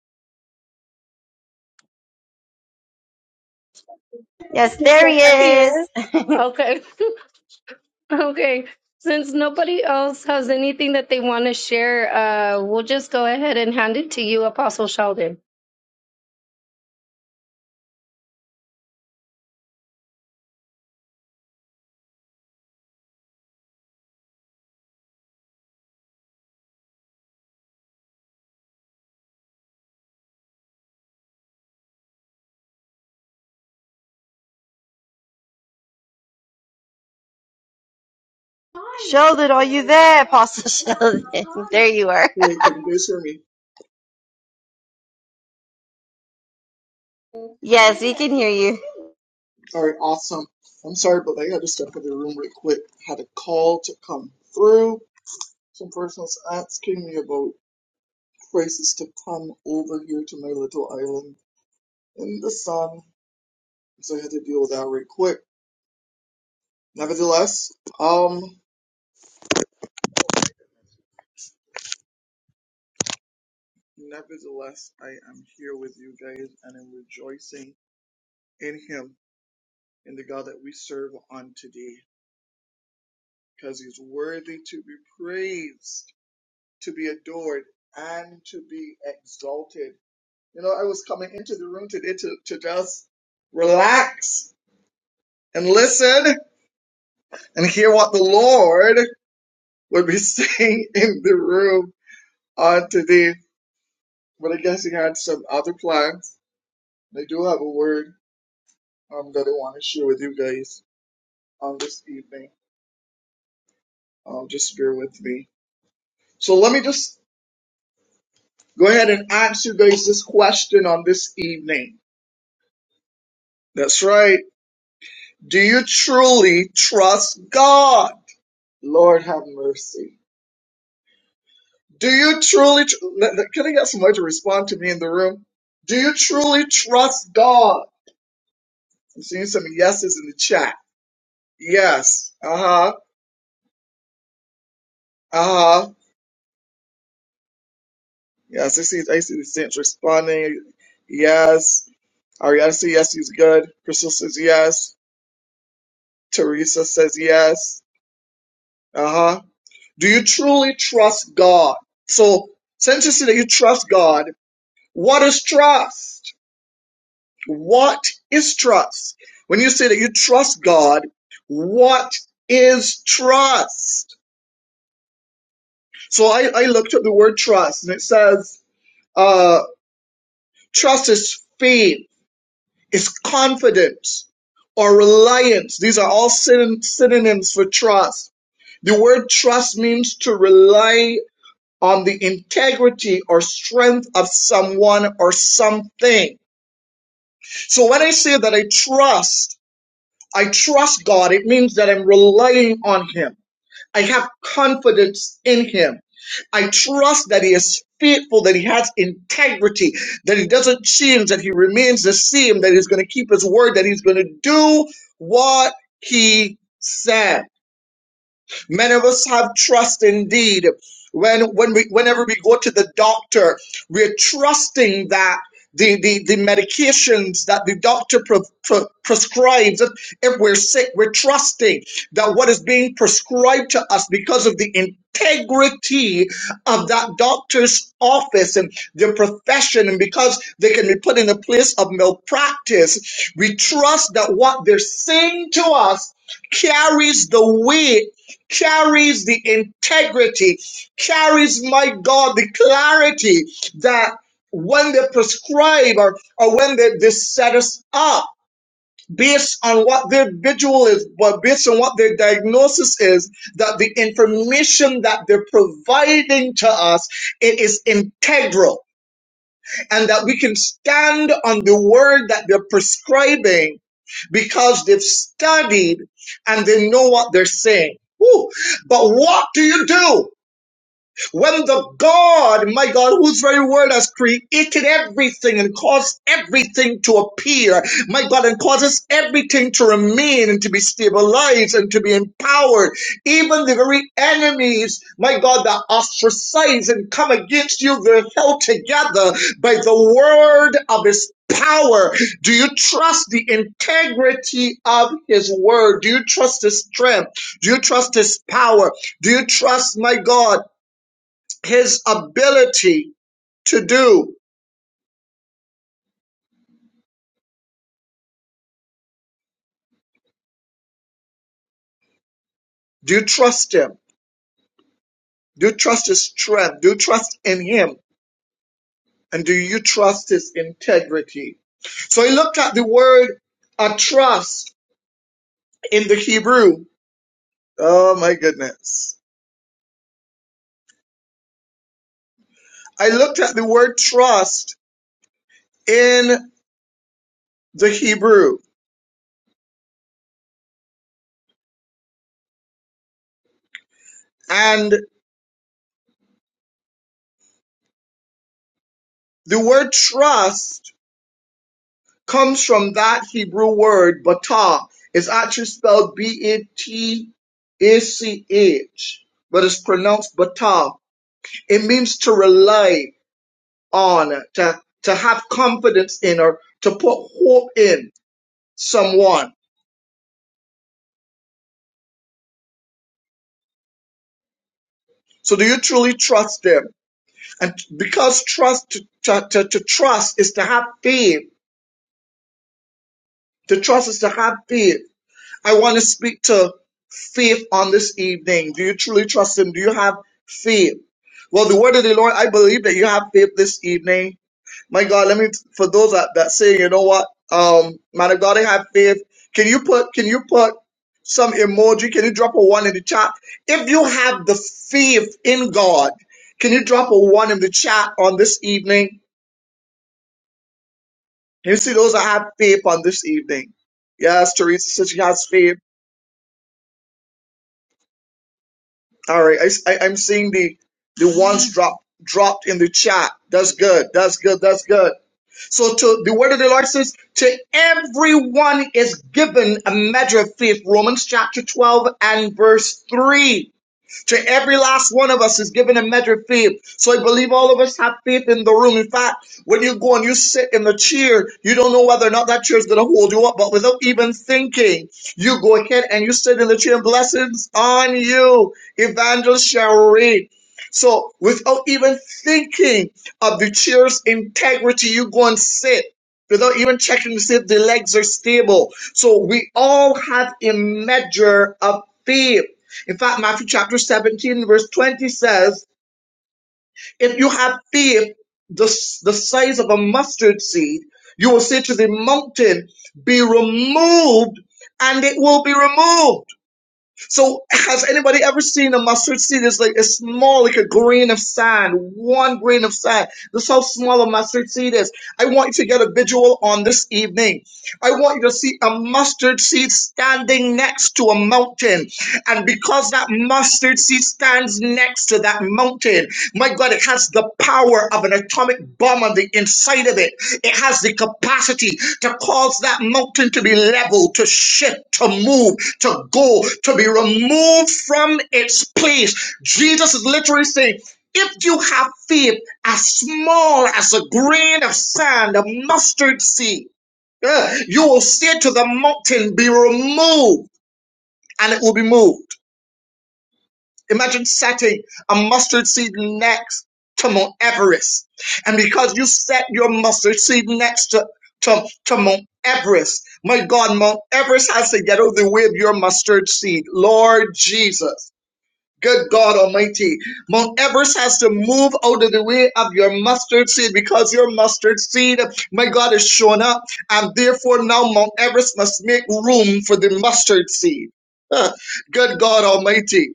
Speaker 3: Yes,
Speaker 2: There
Speaker 3: there he
Speaker 2: he
Speaker 3: is.
Speaker 2: is. Okay. Okay. Since nobody else has anything that they want to share, uh, we'll just go ahead and hand it to you, Apostle Sheldon.
Speaker 3: Sheldon, are you there, Apostle Sheldon? There you are.
Speaker 4: Hey, can you guys hear me?
Speaker 3: Yes, we can hear you.
Speaker 4: All right, awesome. I'm sorry, but I got to step in the room real quick. Had a call to come through. Some person's asking me about places to come over here to my little island in the sun, so I had to deal with that real quick. Nevertheless, um, nevertheless, I am here with you guys, and I'm rejoicing in Him, in the God that we serve on today, because He's worthy to be praised. to be adored and to be exalted. You know, I was coming into the room today to, to just relax and listen and hear what the Lord would be saying in the room on today. But I guess he had some other plans. They do have a word um, that I want to share with you guys on this evening. Um, just bear with me. So let me just go ahead and answer you guys this question on this evening. That's right. Do you truly trust God? Lord have mercy. Do you truly, tr- can I get somebody to respond to me in the room? Do you truly trust God? I'm seeing some yeses in the chat. Yes. Uh huh. Uh huh. Yes, I see, I see the saints responding. Yes. Ariana says yes, he's good. Crystal says yes. Teresa says yes. Uh huh. Do you truly trust God? So, since you see that you trust God, What is trust? What is trust? When you say that you trust God, what is trust? So I, I looked at the word trust and it says, uh, trust is faith, is confidence or reliance. These are all syn- synonyms for trust. The word trust means to rely on the integrity or strength of someone or something. So when I say that I trust, I trust God. It means that I'm relying on Him. I have confidence in Him. I trust that He is faithful, that He has integrity, that He doesn't change, that He remains the same, that He's going to keep His word, that He's going to do what He said. Many of us have trust indeed. When, when we, whenever we go to the doctor, we're trusting that the, the, the medications that the doctor pre- pre- prescribes, if if we're sick, we're trusting that what is being prescribed to us because of the integrity of that doctor's office and their profession, and because they can be put in a place of malpractice, we trust that what they're saying to us carries the weight carries the integrity, carries, my God, the clarity that when they prescribe or, or when they, they set us up based on what their vigil is, but based on what their diagnosis is, that the information that they're providing to us, it is integral and that we can stand on the word that they're prescribing because they've studied and they know what they're saying. Woo. But what do you do? When the God, my God, whose very word has created everything and caused everything to appear, my God, and causes everything to remain and to be stabilized and to be empowered, even the very enemies, my God, that ostracize and come against you, they're held together by the word of his power. Do you trust the integrity of his word? Do you trust his strength? Do you trust his power? Do you trust, my God? his ability to do. Do you trust him? Do you trust his strength? Do you trust in him? And do you trust his integrity? So he looked at the word uh, trust in the Hebrew. Oh my goodness. I looked at the word trust in the Hebrew. And the word trust comes from that Hebrew word batah. It's actually spelled B-A-T-A-C-H, but it's pronounced batah. It means to rely on, to, to have confidence in, or to put hope in someone. So do you truly trust them? And because trust, to, to, to to trust is to have faith. To trust is to have faith. I want to speak to faith on this evening. Do you truly trust Him? Do you have faith? Well, the word of the Lord, I believe that you have faith this evening. My God, let me, for those that, that say, you know what, um, man of God, I have faith. Can you put, can you put some emoji? Can you drop a one in the chat? If you have the faith in God, can you drop a one in the chat on this evening? Can you see those that have faith on this evening? Yes, Teresa says she has faith. All right, right, am seeing the the ones dropped dropped in the chat. That's good. That's good. That's good. So to the word of the Lord says, to everyone is given a measure of faith. Romans chapter 12 and verse 3. To every last one of us is given a measure of faith. So I believe all of us have faith in the room. In fact, when you go and you sit in the chair, you don't know whether or not that chair is going to hold you up. But without even thinking, you go ahead and you sit in the chair. Blessings on you, Evangelist Cherie. So without even thinking of the chair's integrity, you go and sit. Without even checking to see if the legs are stable. So we all have a measure of faith. In fact, Matthew chapter 17, verse 20 says, If you have faith the, the size of a mustard seed, you will say to the mountain, Be removed, and it will be removed. So has anybody ever seen a mustard seed? It's like it's small, like a grain of sand, one grain of sand. That's how small a mustard seed is. I want you to get a visual on this evening. I want you to see a mustard seed standing next to a mountain. And because that mustard seed stands next to that mountain, my God, it has the power of an atomic bomb on the inside of it. It has the capacity to cause that mountain to be leveled, to shift, to move, to go, to be removed from its place. Jesus is literally saying, if you have faith as small as a grain of sand, a mustard seed, uh, you will say to the mountain, be removed, and it will be moved. Imagine setting a mustard seed next to Mount Everest. And because you set your mustard seed next to, to, to Mount Everest, my God, Mount Everest has to get out of the way of your mustard seed. Lord Jesus. Good God Almighty. Mount Everest has to move out of the way of your mustard seed because your mustard seed, my God, is showing up. And therefore, now Mount Everest must make room for the mustard seed. Huh. Good God Almighty.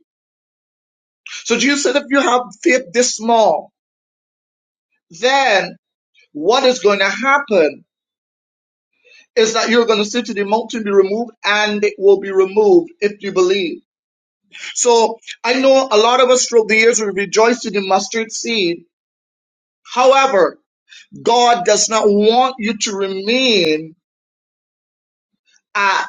Speaker 4: So Jesus said, if you have faith this small, then what is going to happen is that you're going to say to the mountain, be removed, and it will be removed if you believe. So I know a lot of us through the years we rejoiced in the mustard seed. However, God does not want you to remain at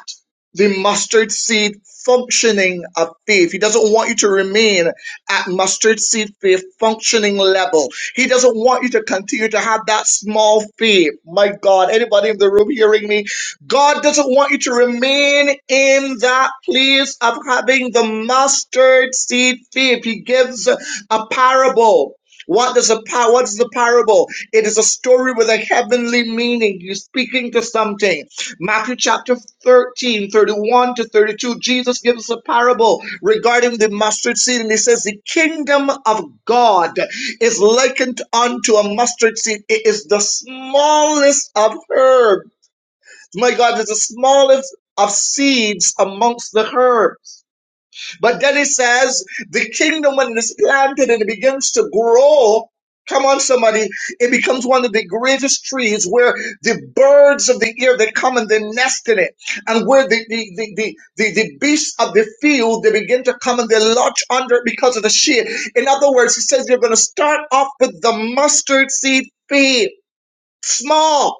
Speaker 4: the mustard seed functioning of faith. He doesn't want you to remain at mustard seed faith functioning level. He doesn't want you to continue to have that small faith. My God, anybody in the room hearing me? God doesn't want you to remain in that place of having the mustard seed faith. He gives a parable. What does a par- what is the parable? It is a story with a heavenly meaning. You're speaking to something. Matthew chapter 13 31 to 32, Jesus gives us a parable regarding the mustard seed, and he says, The kingdom of God is likened unto a mustard seed. It is the smallest of herbs. My God, it's the smallest of seeds amongst the herbs. But then it says the kingdom when it's planted and it begins to grow. Come on, somebody. It becomes one of the greatest trees where the birds of the air they come and they nest in it. And where the, the, the, the, the, the beasts of the field they begin to come and they lodge under it because of the shade. In other words, he says you're gonna start off with the mustard seed faith. Small.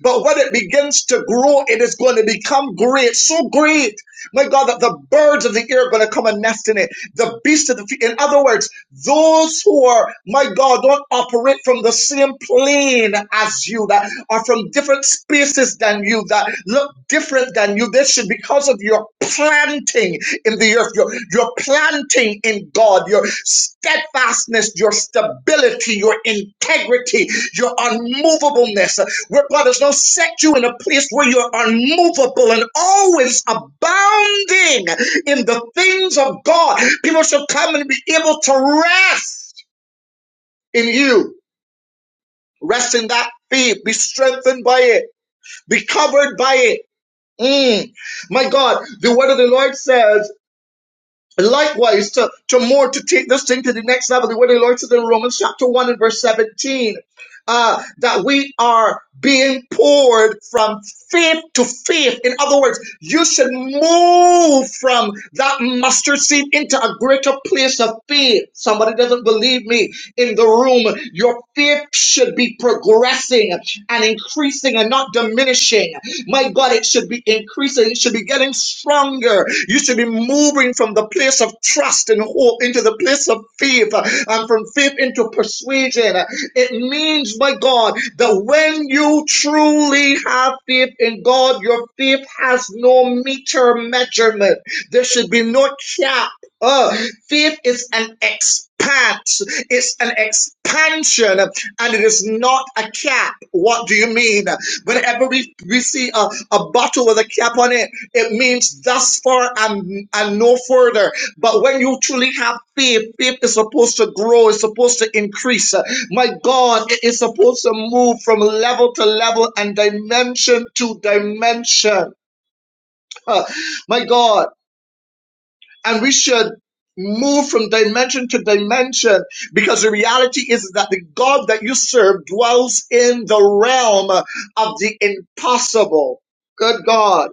Speaker 4: But when it begins to grow, it is going to become great, so great, my God, that the birds of the air are going to come and nest in it. The beasts of the field. In other words, those who are, my God, don't operate from the same plane as you, that are from different spaces than you, that look different than you. This should, because of your planting in the earth, your, your planting in God, your steadfastness, your stability, your integrity, your unmovableness. Brothers, don't set you in a place where you're unmovable and always abounding in the things of God. People should come and be able to rest in you. Rest in that faith. Be strengthened by it. Be covered by it. Mm. My God, the word of the Lord says Likewise, to, to more to take this thing to the next level, the word of the Lord said in Romans chapter 1 and verse 17, uh, that we are being poured from faith to faith. In other words, you should move from that mustard seed into a greater place of faith. Somebody doesn't believe me in the room. Your faith should be progressing and increasing and not diminishing. My God, it should be increasing. It should be getting stronger. You should be moving from the place of trust and hope into the place of faith uh, and from faith into persuasion. It means, my God, that when you truly have faith in God, your faith has no meter measurement. There should be no cap Oh, faith is an expat. It's an expansion, and it is not a cap. What do you mean? Whenever we, we see a, a bottle with a cap on it, it means thus far and, and no further. But when you truly have faith, faith is supposed to grow, it's supposed to increase. My God, it is supposed to move from level to level and dimension to dimension. Uh, My God and we should move from dimension to dimension because the reality is that the God that you serve dwells in the realm of the impossible. Good God.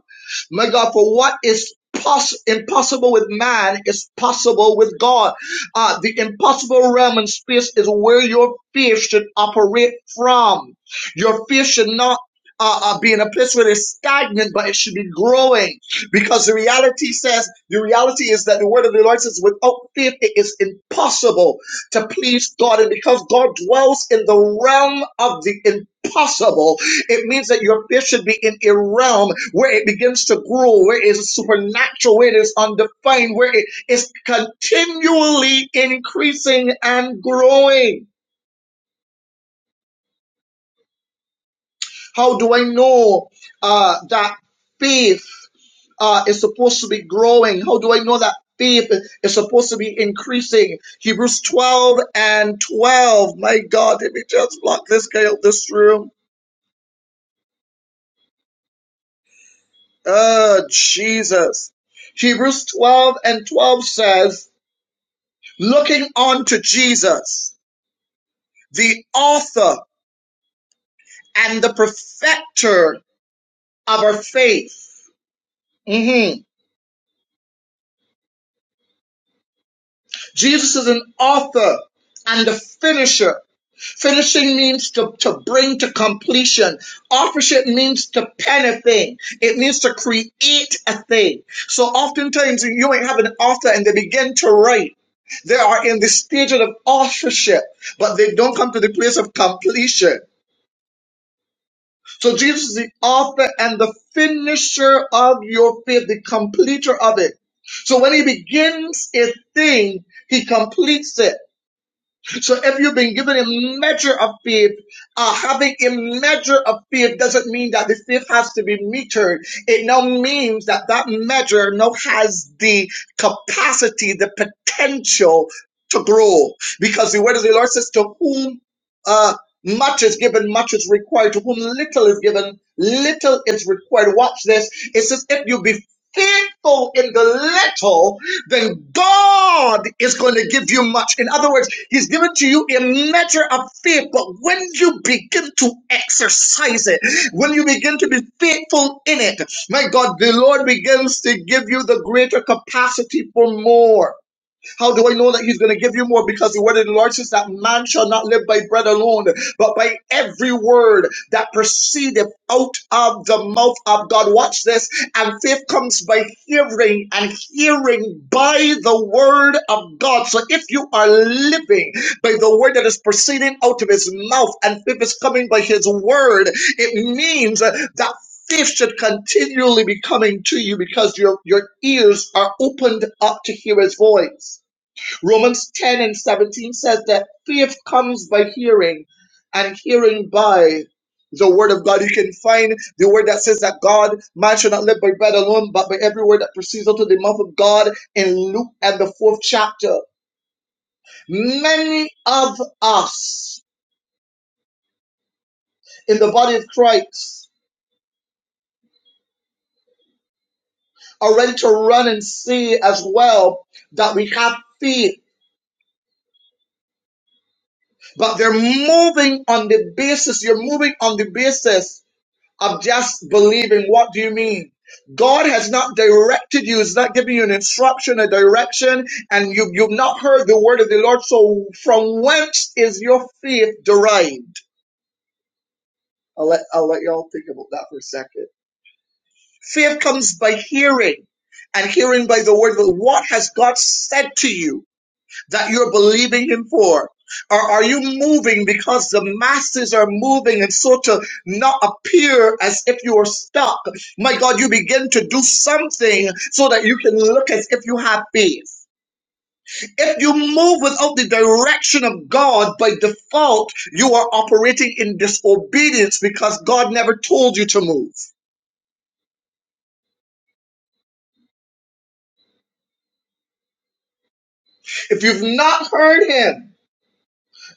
Speaker 4: My God, for what is poss- impossible with man is possible with God. Uh, the impossible realm and space is where your faith should operate from. Your faith should not uh, uh, be in a place where it's stagnant, but it should be growing. Because the reality says, the reality is that the word of the Lord says, without faith, it is impossible to please God. And because God dwells in the realm of the impossible, it means that your faith should be in a realm where it begins to grow, where it is supernatural, where it is undefined, where it is continually increasing and growing. How do I know uh, that faith uh, is supposed to be growing? How do I know that faith is supposed to be increasing? Hebrews 12 and 12. My God, did we just lock this guy out this room? Oh, Jesus. Hebrews 12 and 12 says, looking on to Jesus, the author and the perfecter of our faith. Mhm. Jesus is an author and the finisher Finishing means to, to bring to completion. Authorship means to pen a thing. It means to create a thing. So oftentimes you ain't have an author and they begin to write. They are in the stage of authorship, but they don't come to the place of completion. So Jesus is the author and the finisher of your faith, the completer of it. So when he begins a thing, he completes it. So if you've been given a measure of faith, uh, having a measure of faith doesn't mean that the faith has to be metered. It now means that that measure now has the capacity, the potential to grow. Because the word of the Lord says, to whom uh, much is given, much is required. To whom little is given, little is required. Watch this. It says, if you be faithful in the little, then God is going to give you much. In other words, He's given to you a measure of faith, but when you begin to exercise it, when you begin to be faithful in it, my God, the Lord begins to give you the greater capacity for more. How do I know that He's going to give you more? Because the word of the Lord says that man shall not live by bread alone, but by every word that proceedeth out of the mouth of God. Watch this. And faith comes by hearing, and hearing by the word of God. So if you are living by the word that is proceeding out of His mouth, and faith is coming by His word, it means that faith should continually be coming to you because your, your ears are opened up to hear his voice. Romans 10 and 17 says that faith comes by hearing, and hearing by the word of God. You can find the word that says that God, man should not live by bread alone, but by every word that proceeds out of the mouth of God in Luke and the fourth chapter. Many of us in the body of Christ are ready to run and see as well that we have faith, but they're moving on the basis, you're moving on the basis of just believing. What do you mean? God has not directed you. He's not giving you an instruction, a direction, and you, you've not heard the word of the Lord. So from whence is your faith derived? I'll let, I'll let y'all think about that for a second. Faith comes by hearing and hearing by the word. of the Lord. What has God said to you? that you're believing Him for? Or are you moving because the masses are moving and so to not appear as if you are stuck? My God, you begin to do something so that you can look as if you have faith. If you move without the direction of God by default, you are operating in disobedience because God never told you to move. If you've not heard Him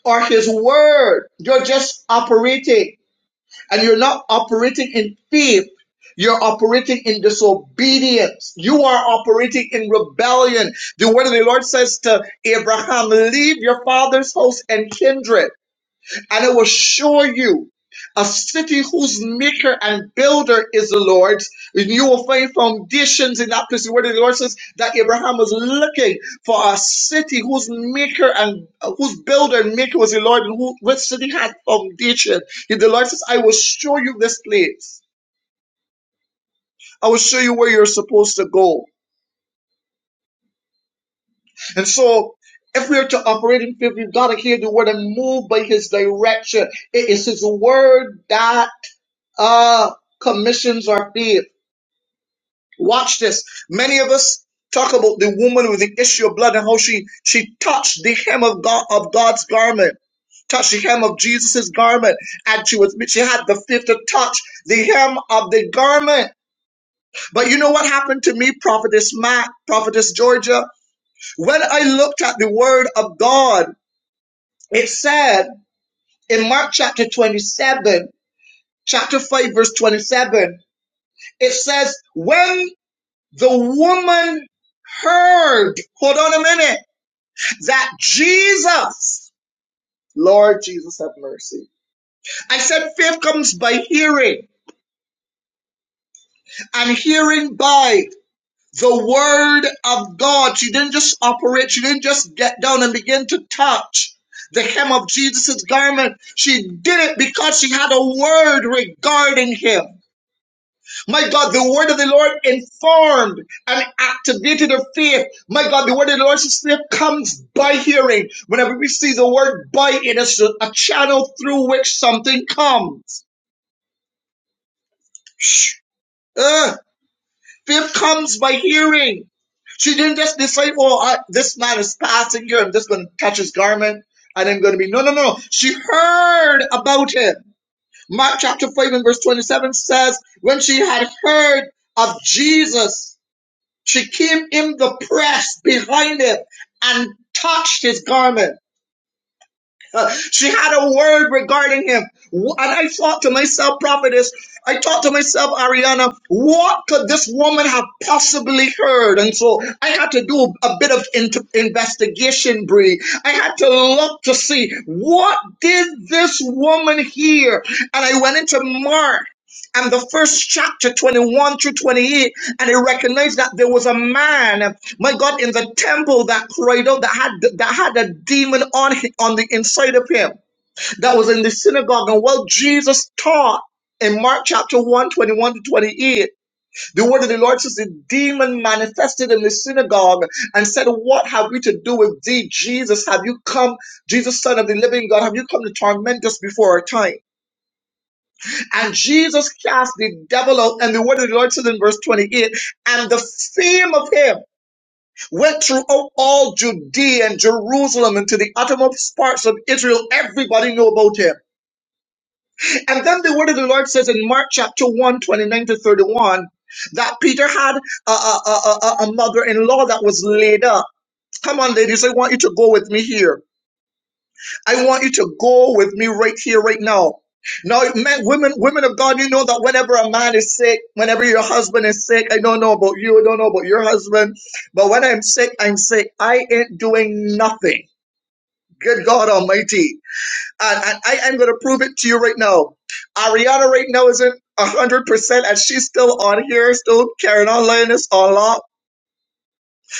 Speaker 4: or His word, you're just operating. and you're not operating in faith. You're operating in disobedience. You are operating in rebellion. The word of the Lord says to Abraham, leave your father's house and kindred and I will show you a city whose maker and builder is the Lord. And you will find foundations in that place where the Lord says that Abraham was looking for a city whose maker and uh, whose builder and maker was the Lord, and who which city had foundation. And the Lord says, I will show you this place. I will show you where you're supposed to go. And so if we are to operate in faith, we've got to hear the word and move by his direction. It is his word that uh, commissions are paid. Watch this. Many of us talk about the woman with the issue of blood and how she she touched the hem of God of God's garment, touched the hem of Jesus' garment, and she was she had the faith to touch the hem of the garment. But you know what happened to me, prophetess Matt, prophetess Georgia, when I looked at the word of God, it said in Mark chapter twenty seven, chapter five, verse twenty seven. It says, when The woman heard, hold on a minute, that Jesus, Lord Jesus have mercy. I said faith comes by hearing and hearing by the word of God. She didn't just operate, she didn't just get down and begin to touch the hem of Jesus' garment. She did it because she had a word regarding him. My God, the word of the Lord informed and activated her faith. My God, the word of the Lord says faith comes by hearing. Whenever we see the word by, it is a channel through which something comes. Shh. Uh, faith comes by hearing. She didn't just decide, oh, I, this man is passing here. I'm just going to touch his garment and I'm going to be. No, no, no. She heard about him. Mark chapter 5 and verse 27 says, when she had heard of Jesus, She came in the press behind him and touched his garment. Uh, She had a word regarding him. And I thought to myself, prophetess, I thought to myself, Ariana, what could this woman have possibly heard? And so I had to do a bit of int- investigation, Bree. I had to look to see what did this woman hear? And I went into Mark and the first chapter 21 through 28 and I recognized that there was a man my God, in the temple, that cradle that had that had a demon on hi- on the inside of him, that was in the synagogue, and what Jesus taught in Mark chapter one, 21 to 28, the word of the Lord says the demon manifested in the synagogue and said, What have we to do with thee, Jesus? Have you come, Jesus, Son of the Living God, have you come to torment us before our time? And Jesus cast the devil out, and the word of the Lord says in verse 28, and the fame of him went throughout all Judea and Jerusalem and to the uttermost parts of Israel. Everybody knew about him. And then the word of the Lord says in Mark chapter one 29 to 31, that Peter had a, a, a, a a mother-in-law that was laid up. Come on, ladies, I want you to go with me here. I want you to go with me right here, right now. Now, men, women, women of God, you know that whenever a man is sick, whenever your husband is sick, I don't know about you, I don't know about your husband, but when I'm sick, I'm sick. I ain't doing nothing. Good God Almighty. And, and I am going to prove it to you right now. Ariana right now isn't 100% and she's still on here, still carrying on laying this on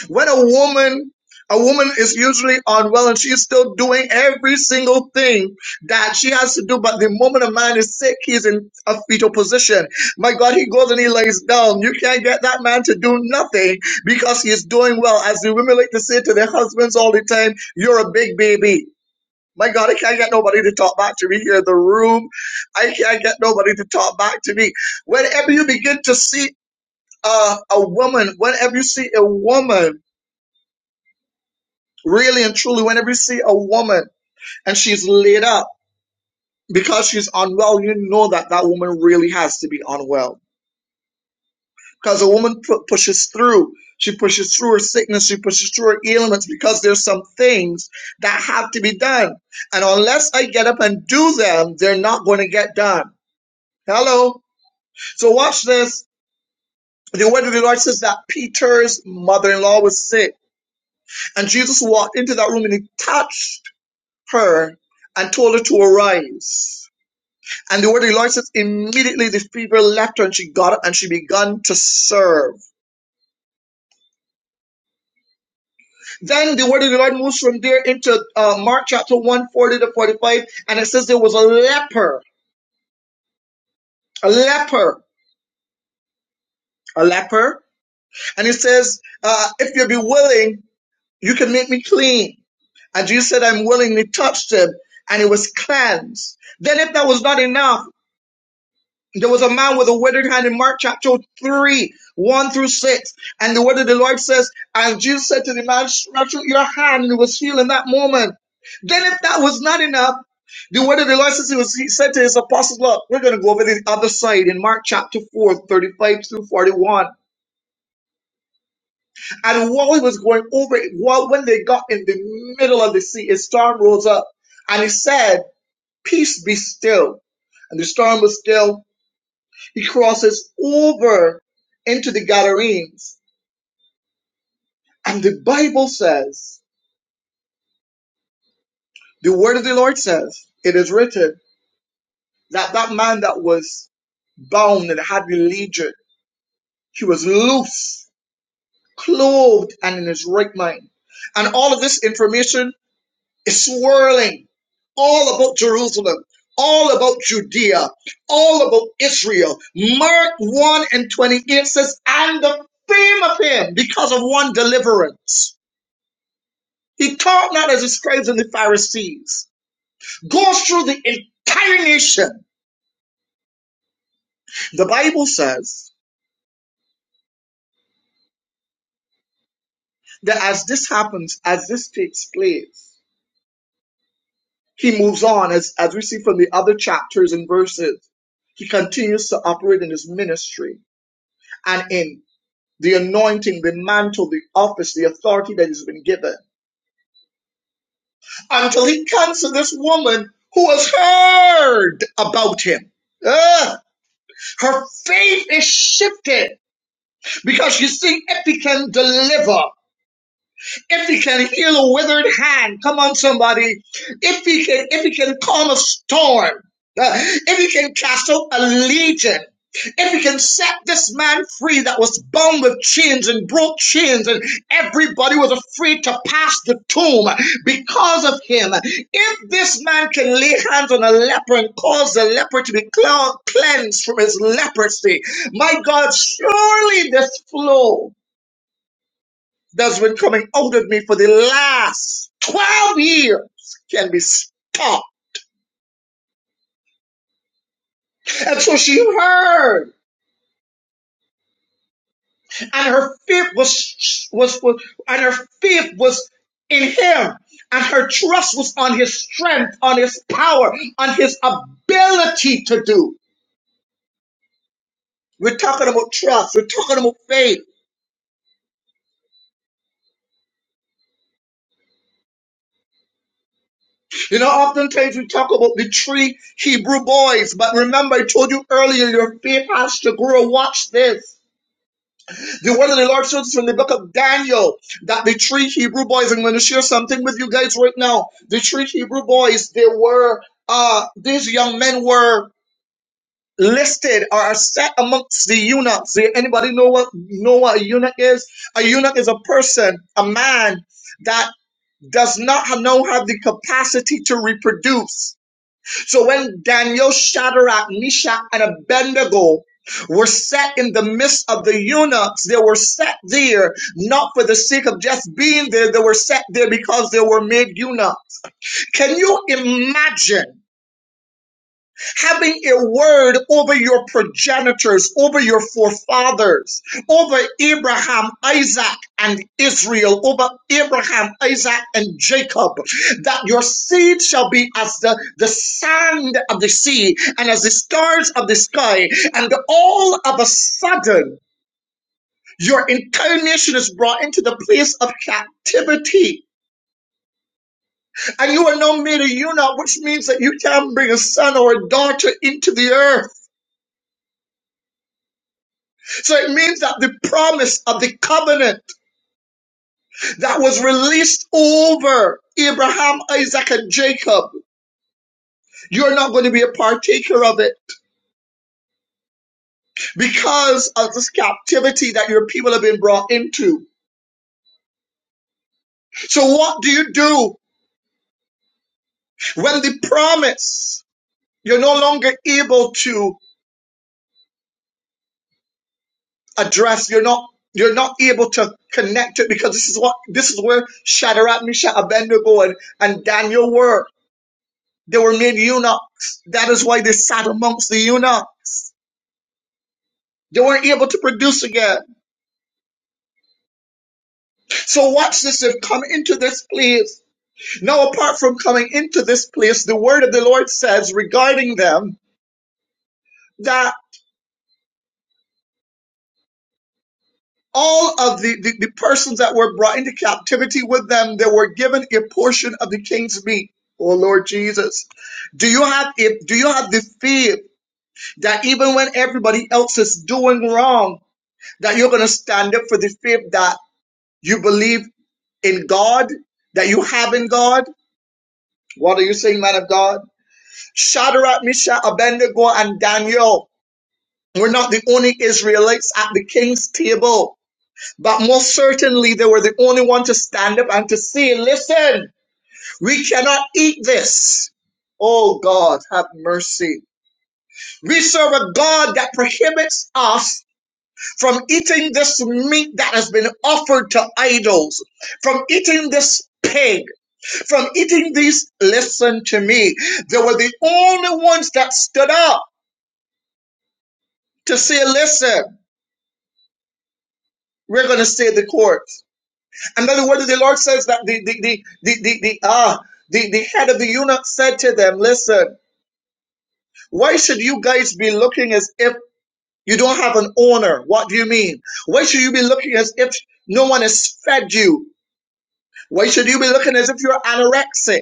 Speaker 4: when a woman a woman is usually unwell and she's still doing every single thing that she has to do. But the moment a man is sick, he's in a fetal position. My God, he goes and he lays down. You can't get that man to do nothing because he's doing well. As the women like to say to their husbands all the time, you're a big baby. My God, I can't get nobody to talk back to me here in the room. I can't get nobody to talk back to me. Whenever you begin to see uh, a woman, whenever you see a woman, Really and truly, whenever you see a woman and she's laid up because she's unwell, you know that that woman really has to be unwell. Because a woman pu- pushes through. She pushes through her sickness. She pushes through her ailments because there's some things that have to be done. And unless I get up and do them, they're not going to get done. Hello. So watch this. The word of the Lord says that Peter's mother-in-law was sick. And Jesus walked into that room and he touched her and told her to arise. And the word of the Lord says, immediately the people left her and she got up and she began to serve. Then the word of the Lord moves from there into uh, Mark chapter one 40 to 45. And it says there was a leper, a leper, a leper. And it says, uh, if you be willing, you can make me clean. And Jesus said, I'm willing. he touched him and he was cleansed. Then if that was not enough, There was a man with a withered hand in Mark chapter 3, 1 through 6. And the word of the Lord says, And Jesus said to the man, Stretch out your hand, and it was healed in that moment. Then, if that was not enough, the word of the Lord says, He, was, he said to his apostles, Look, we're going to go over the other side in Mark chapter four thirty-five 35 through 41. And while he was going over it, while, when they got in the middle of the sea, a storm rose up. And he said, Peace be still. And the storm was still He crosses over into the Gadarenes. And the Bible says, the word of the Lord says, it is written that that man that was bound and had the legion, he was loose, clothed, and in his right mind. And all of this information is swirling all about Jerusalem, all about Judea, all about Israel. Mark 1 and 28 says, and the fame of him because of one deliverance He called not as the scribes and the Pharisees, goes through the entire nation. The Bible says that as this happens, as this takes place, he moves on, as, as we see from the other chapters and verses. He continues to operate in his ministry and in the anointing, the mantle, the office, the authority that has been given until he comes to this woman who has heard about him. Ah, her faith is shifted Because you see, if he can deliver, if he can heal a withered hand, come on somebody, if he can, if he can calm a storm, uh, if he can cast out a legion, if he can set this man free that was bound with chains and broke chains and everybody was afraid to pass the tomb because of him, if this man can lay hands on a leper and cause the leper to be cl- cleansed from his leprosy, my God, surely this flow that's been coming out of me for the last 12 years can be stopped. And so she heard, and her faith was, was, was and her faith was in him, and her trust was on his strength, on his power, on his ability to do. We're talking about trust. We're talking about faith. You know, oftentimes we talk about the three Hebrew boys, but remember I told you earlier, your faith has to grow. Watch this. You one of the Lord shows from the book of Daniel that the three Hebrew boys, I'm going to share something with you guys right now. The three Hebrew boys, they were, uh, these young men were listed or are set amongst the eunuchs. Do Anybody know what, know what a eunuch is? A eunuch is a person, a man that does not have, no have the capacity to reproduce so when Daniel, Shadrach, Meshach, and Abednego were set in the midst of the eunuchs, they were set there not for the sake of just being there, they were set there because they were made eunuchs. Can you imagine? having a word over your progenitors, over your forefathers, over Abraham, Isaac, and Israel, over Abraham, Isaac, and Jacob, that your seed shall be as the, the sand of the sea and as the stars of the sky. And all of a sudden, your entire nation is brought into the place of captivity and you are now made a eunuch, which means that you can't bring a son or a daughter into the earth. So it means that the promise of the covenant that was released over Abraham, Isaac, and Jacob, you're not going to be a partaker of it because of this captivity that your people have been brought into. So what do you do when the promise you're no longer able to address? You're not you're not able to connect it because this is what this is where Shadrach, Meshach, Abednego, and, and Daniel were They were made eunuchs. That is why they sat amongst the eunuchs. They weren't able to produce again. So watch this. They've come into this place. Now, apart from coming into this place, the word of the Lord says regarding them that all of the, the, the persons that were brought into captivity with them, they were given a portion of the king's meat. Oh Lord Jesus, do you have if do you have the faith that even when everybody else is doing wrong, that you're going to stand up for the faith that you believe in God that you have in God? What are you saying, man of God? Shadrach, Meshach, Abednego, and Daniel were not the only Israelites at the king's table, but most certainly they were the only one to stand up and to say, listen, we cannot eat this. Oh God, have mercy. We serve a God that prohibits us from eating this meat that has been offered to idols, from eating this pig, from eating these, listen to me. They were the only ones that stood up to say, listen, we're going to stay the course. And then the word of the Lord says that the, the, the, the, the, the, ah, the, the head of the eunuch said to them, listen, why should you guys be looking as if you don't have an owner? What do you mean? Why should you be looking as if no one has fed you? Why should you be looking as if you're anorexic?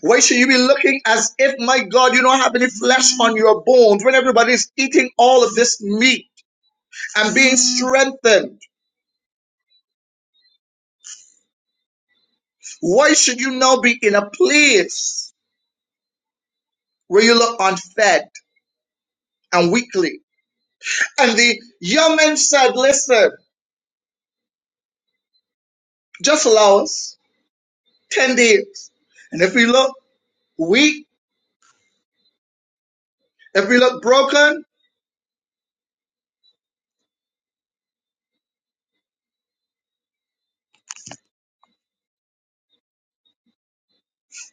Speaker 4: Why should you be looking as if, my God, you don't have any flesh on your bones when everybody's eating all of this meat and being strengthened? Why should you now be in a place where you look unfed and weakly? And the young man said, Listen, just allow us 10 days. And if we look weak, if we look broken,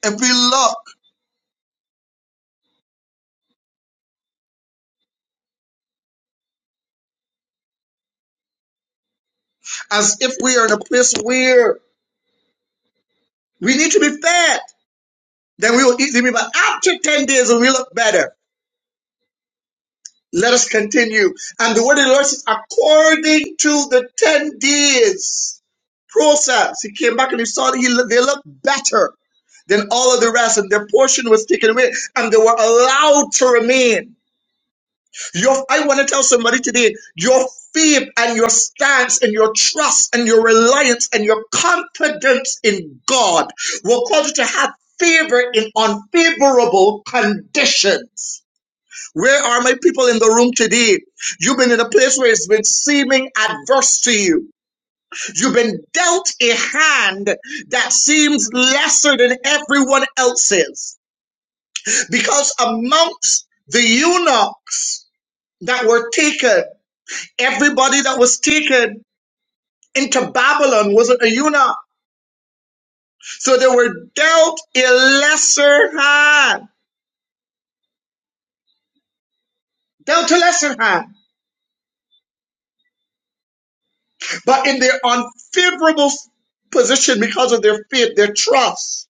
Speaker 4: if we look as if we are in a place where we need to be fed, then we will eat the meat. But after 10 days, we look better Let us continue. And the word of the Lord says, according to the 10 days process, he came back and he saw that he, they looked better than all of the rest, and their portion was taken away, and they were allowed to remain. Your, I want to tell somebody today, your faith and your stance and your trust and your reliance and your confidence in God will cause you to have favor in unfavorable conditions. Where are my people in the room today? You've been in a place where it's been seeming adverse to you. You've been dealt a hand that seems lesser than everyone else's. Because amongst the eunuchs that were taken, everybody that was taken into Babylon wasn't a eunuch. So they were dealt a lesser hand. Dealt a lesser hand. But in their unfavorable position because of their faith, their trust.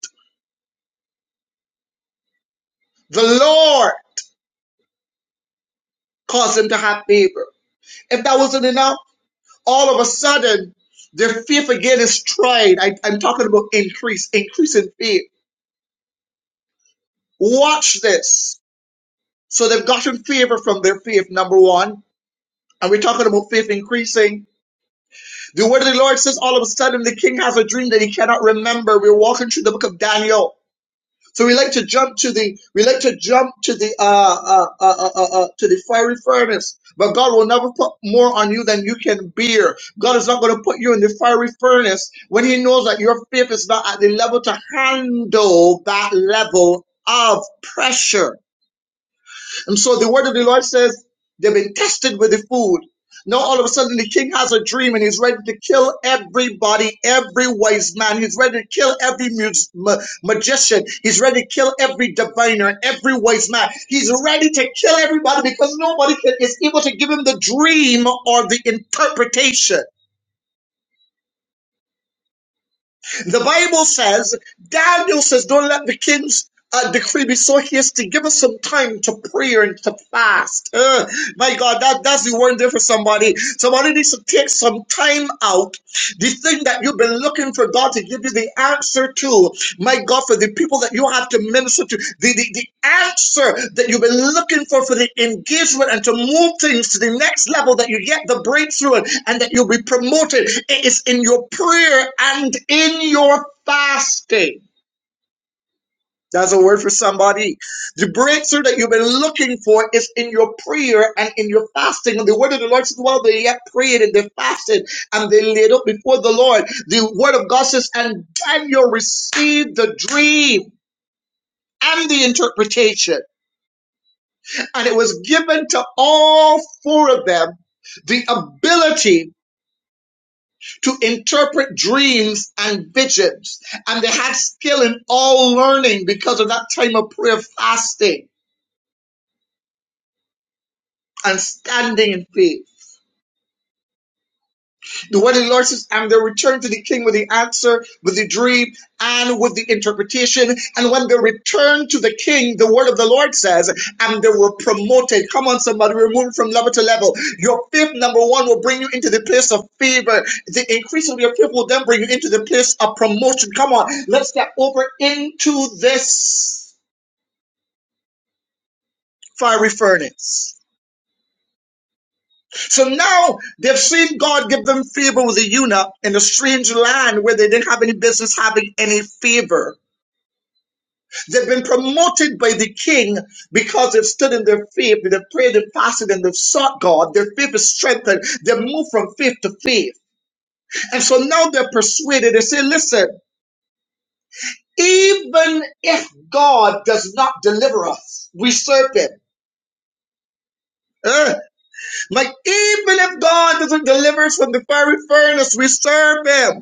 Speaker 4: The Lord caused them to have favor. If that wasn't enough, all of a sudden, their faith again is tried. I, I'm talking about increase, increase in faith. Watch this. So they've gotten favor from their faith, number one. And we're talking about faith increasing. The word of the Lord says all of a sudden the king has a dream that he cannot remember. We're walking through the book of Daniel. So we like to jump to the we like to jump to the uh, uh, uh, uh, uh, uh, to the fiery furnace. But God will never put more on you than you can bear. God is not going to put you in the fiery furnace when He knows that your faith is not at the level to handle that level of pressure. And so the word of the Lord says they've been tested with the food. Now all of a sudden the king has a dream and he's ready to kill everybody, every wise man. He's ready to kill every mus- ma- magician. He's ready to kill every diviner, every wise man. He's ready to kill everybody because nobody can, is able to give him the dream or the interpretation. The Bible says, Daniel says, don't let the king's uh, decree be so hasty. Give us some time to pray and to fast. Uh, my God, that, that's the word there for somebody. Somebody needs to take some time out the thing that you've been looking for God to give you the answer to, my God, for the people that you have to minister to, the, the, the answer that you've been looking for for the engagement and to move things to the next level, that you get the breakthrough and, and that you'll be promoted. It is in your prayer and in your fasting. That's a word for somebody. The breakthrough that you've been looking for is in your prayer and in your fasting. And the word of the Lord says, Well, they yet prayed and they fasted and they laid up before the Lord. The word of God says, And Daniel received the dream and the interpretation. And it was given to all four of them the ability to interpret dreams and visions. And they had skill in all learning because of that time of prayer fasting. and standing in faith. The word of the Lord says, and they returned to the king with the answer, with the dream, and with the interpretation. And when they returned to the king, the word of the Lord says, and they were promoted. Come on, somebody, we're moving from level to level. Your faith, number one, will bring you into the place of favor. The increase of your faith will then bring you into the place of promotion. Come on, let's get over into this fiery furnace. So now they've seen God give them favor with the eunuch in a strange land where they didn't have any business having any favor. They've been promoted by the king because they've stood in their faith, they've prayed and fasted, and they've sought God. Their faith is strengthened. They've moved from faith to faith. And so now they're persuaded. They say, listen, even if God does not deliver us, we serve him. Uh, like, even if God doesn't deliver us from the fiery furnace, we serve him.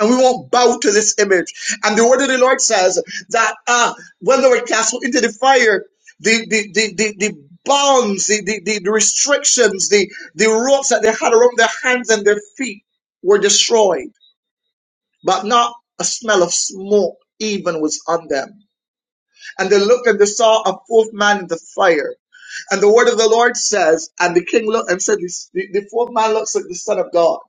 Speaker 4: and we won't bow to this image. And the word of the Lord says that uh, when they were cast into the fire, the the the the, the bonds, the, the the restrictions, the the ropes that they had around their hands and their feet were destroyed, but not a smell of smoke even was on them. And they looked and they saw a fourth man in the fire. And the word of the Lord says, and the king looked and said, the, the fourth man looks like the son of God.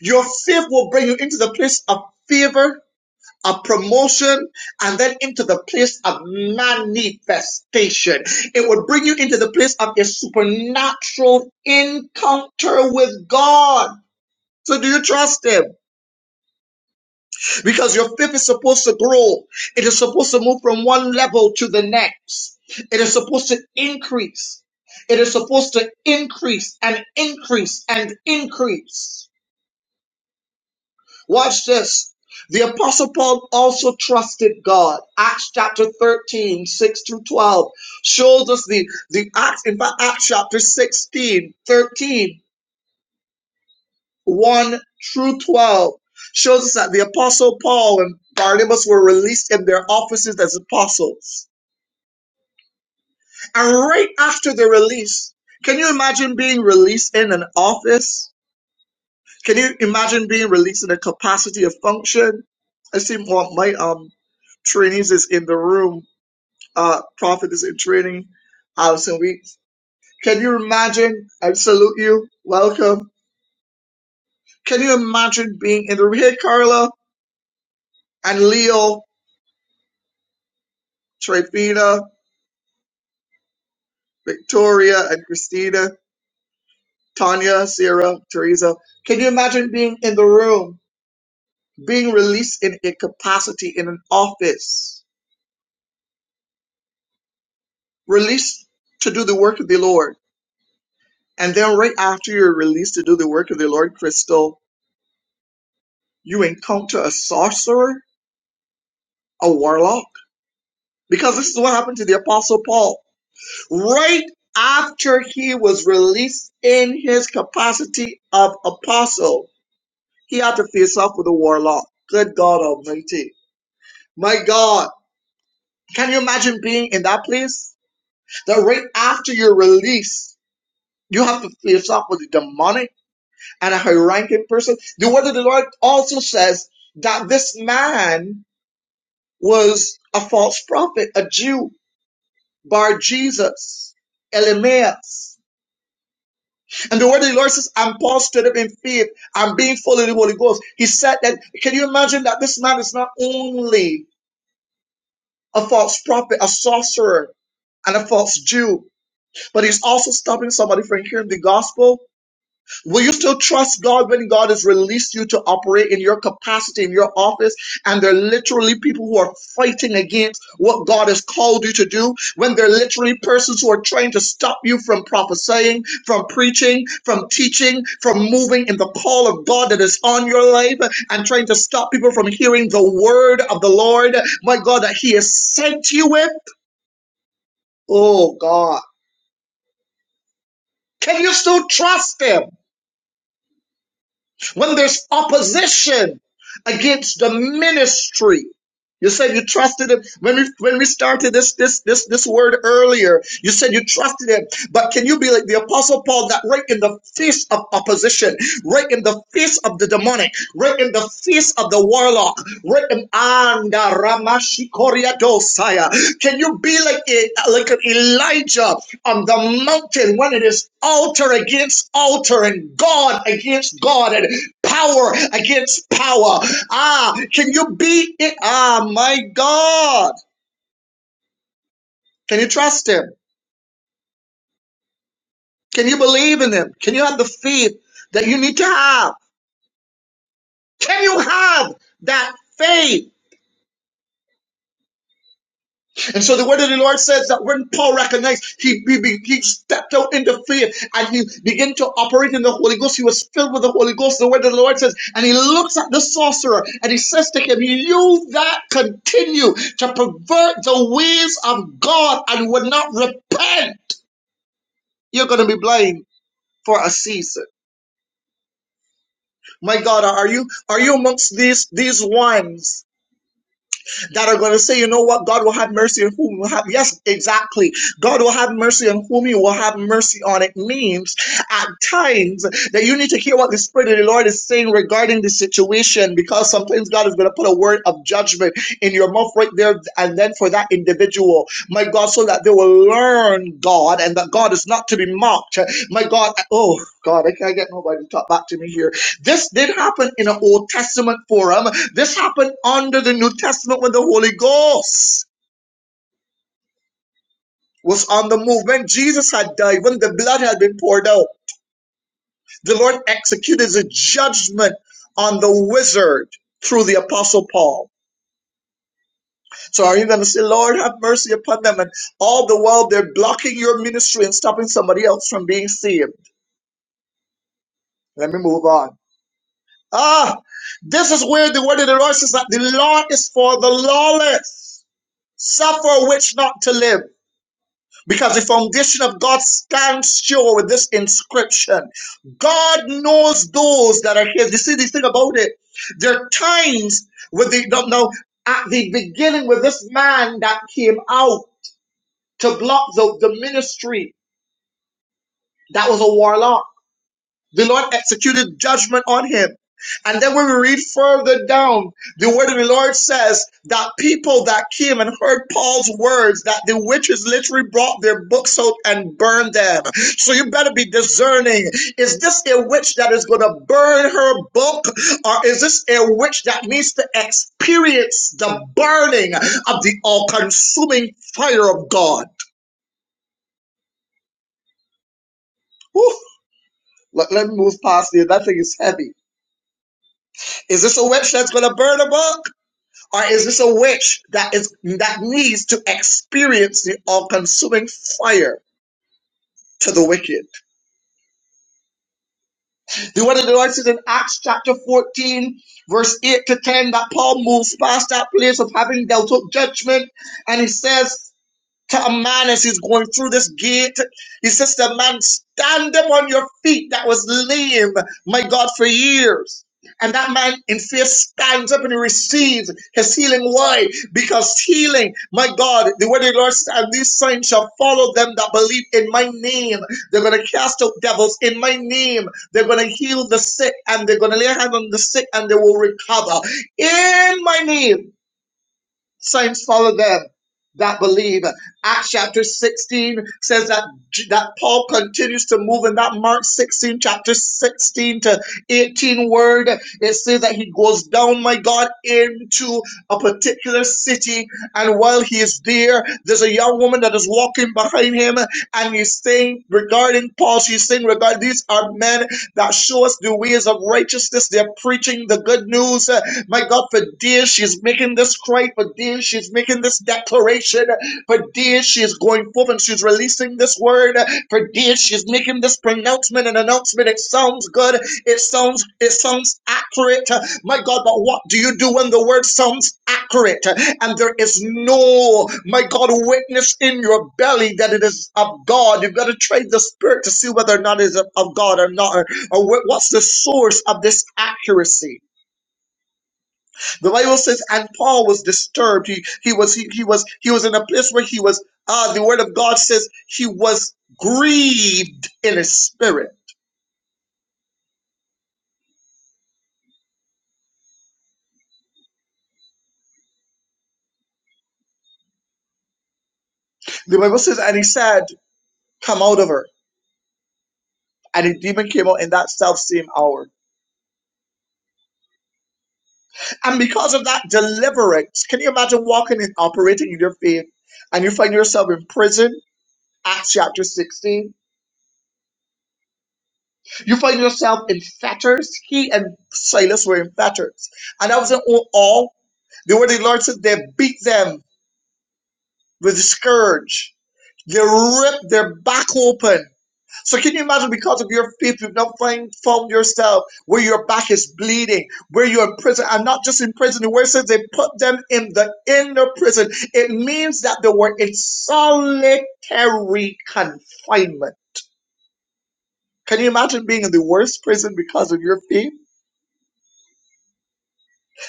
Speaker 4: Your faith will bring you into the place of favor a promotion and then into the place of manifestation. It would bring you into the place of a supernatural encounter with God. So do you trust him? Because your faith is supposed to grow. It is supposed to move from one level to the next. It is supposed to increase. It is supposed to increase and increase and increase. Watch this. The Apostle Paul also trusted God. Acts chapter 13 6 through 12 shows us the, the Acts, in fact, Acts chapter sixteen thirteen one through 12 shows us that the Apostle Paul and Barnabas were released in their offices as apostles. And right after the release, can you imagine being released in an office? Can you imagine being released in a capacity of function? I see one of my um trainees is in the room. Uh, Prophet is in training. Allison Weeks. Can you imagine? I salute you. Welcome. Can you imagine being in the room? Hey, Carla and Leo, Trifina, Victoria and Christina, Tanya, Sarah, Teresa. Can you imagine being in the room, being released in a capacity in an office, released to do the work of the Lord? And then right after you're released to do the work of the Lord Crystal, you encounter a sorcerer, a warlock. Because this is what happened to the Apostle Paul. Right after he was released in his capacity of apostle, he had to face off with a warlock. Good God Almighty. My God, can you imagine being in that place? That right after your release, you have to face off with the demonic and a high ranking person. The word of the Lord also says that this man was a false prophet, a Jew, bar Jesus, Elimaeus. And the word of the Lord says, and Paul stood up in faith and being full of the Holy Ghost. He said that, can you imagine that this man is not only a false prophet, a sorcerer, and a false Jew, but he's also stopping somebody from hearing the gospel Will you still trust God when God has released you to operate in your capacity in your office? And there are literally people who are fighting against what God has called you to do. When there are literally persons who are trying to stop you from prophesying, from preaching, from teaching, from moving in the call of God that is on your life, and trying to stop people from hearing the word of the Lord, my God, that He has sent you with. Oh God, can you still trust Him? When there's opposition against the ministry, you said you trusted him when we when we started this this this this word earlier. You said you trusted him, but can you be like the apostle Paul that right in the face of opposition, right in the face of the demonic, right in the face of the warlock, right in Anda Ramashikoriadosaya. Can you be like a, like an Elijah on the mountain when it is altar against altar and God against God? and power against power. Ah, can you beat it? Ah, my God. Can you trust him? Can you believe in him? Can you have the faith that you need to have? Can you have that faith? And so the word of the Lord says that when Paul recognized, he, he, he stepped out into faith and he began to operate in the Holy Ghost. He was filled with the Holy Ghost. The word of the Lord says, and he looks at the sorcerer and he says to him, you that continue to pervert the ways of God and would not repent, you're going to be blind for a season. My God, are you, are you amongst these, these ones? that are going to say, you know what, God will have mercy on whom will have. Yes, exactly. God will have mercy on whom He will have mercy on. It means at times that you need to hear what the Spirit of the Lord is saying regarding the situation, because sometimes God is going to put a word of judgment in your mouth right there, and then for that individual, my God, so that they will learn God and that God is not to be mocked. My God, oh God, I can't get nobody to talk back to me here. This did happen in an Old Testament forum. This happened under the New Testament when the Holy Ghost was on the move. When Jesus had died, when the blood had been poured out, the Lord executed a judgment on the wizard through the apostle Paul. So are you going to say, Lord, have mercy upon them? And all the while they're blocking your ministry and stopping somebody else from being saved. Let me move on. Ah, this is where the word of the Lord says that the law is for the lawless. Suffer which not to live. Because the foundation of God stands sure with this inscription. God knows those that are his. You see, this thing about it. There are times with the no, no, at the beginning with this man that came out to block the, the ministry. That was a warlock. The Lord executed judgment on him. And then when we read further down, the word of the Lord says that people that came and heard Paul's words, that the witches literally brought their books out and burned them. So you better be discerning. Is this a witch that is going to burn her book? Or is this a witch that needs to experience the burning of the all consuming fire of God? Whew. Let, let me move past here. That thing is heavy. Is this a witch that's going to burn a book? Or is this a witch that is that needs to experience the all-consuming fire to the wicked? The word of the Lord says in Acts chapter 14, verse 8 to 10, that Paul moves past that place of having dealt with judgment, and he says to a man as he's going through this gate. He says to a man, stand up on your feet that was lame, my God, for years. And that man in faith stands up and he receives his healing. Why? Because healing, my God, the word of the Lord says, and these signs shall follow them that believe in my name. They're going to cast out devils in my name. They're going to heal the sick and they're going to lay hands on the sick and they will recover in my name signs follow them that believe. Acts chapter 16 says that that Paul continues to move in that Mark 16 chapter 16 to 18 word. It says that he goes down, my God, into a particular city, and while he is there, there's a young woman that is walking behind him, and he's saying regarding Paul, she's saying regarding these are men that show us the ways of righteousness. They're preaching the good news. Uh, My God, for dear, she's making this cry. For dear, she's making this declaration. For dear, she is going forth and she's releasing this word. For dear, she's making this pronouncement and announcement. It sounds good. It sounds it sounds accurate. My God, but what do you do when the word sounds accurate and there is no, my God, witness in your belly that it is of God? You've got to trade the spirit to see whether or not it is of God or not, or, or what's the source of this accuracy. The Bible says, and Paul was disturbed. He he was he, he was he was in a place where he was ah, the word of God says he was grieved in his spirit. The Bible says, and he said, Come out of her. And the demon came out in that self same hour. And because of that deliverance, can you imagine walking and operating in your faith and you find yourself in prison? Acts chapter 16. You find yourself in fetters. He and Silas were in fetters. And that wasn't all. The word of the Lord says they beat them with scourge. They ripped their back open. So can you imagine because of your faith, you've now find, found yourself where your back is bleeding, where you're in prison, and not just in prison, the word says they put them in the inner prison. It means that they were in solitary confinement. Can you imagine being in the worst prison because of your faith?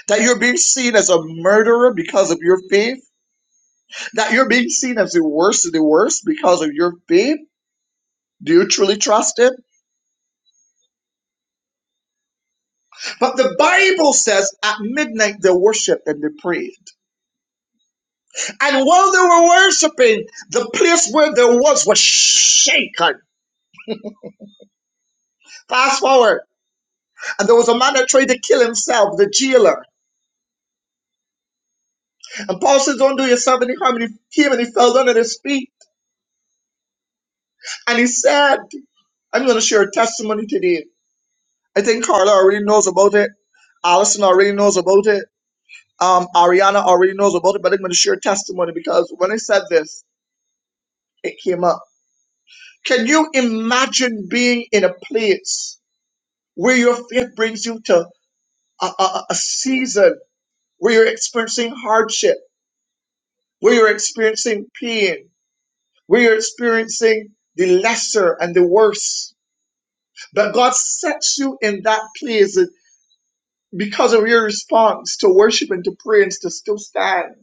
Speaker 4: That you're being seen as a murderer because of your faith? That you're being seen as the worst of the worst because of your faith? Do you truly trust him? But the Bible says at midnight they worshiped and they prayed. And while they were worshiping, the place where they was was shaken. Fast forward. And there was a man that tried to kill himself, the jailer. And Paul says, Don't do yourself any harm. And he came and he fell down at his feet. And he said, I'm going to share a testimony today. I think Carla already knows about it. Allison already knows about it. Um, Ariana already knows about it. But I'm going to share a testimony because when I said this, it came up. Can you imagine being in a place where your faith brings you to a, a, a season where you're experiencing hardship, where you're experiencing pain, where you're experiencing the lesser and the worse? But God sets you in that place because of your response to worship and to prayer and to still stand.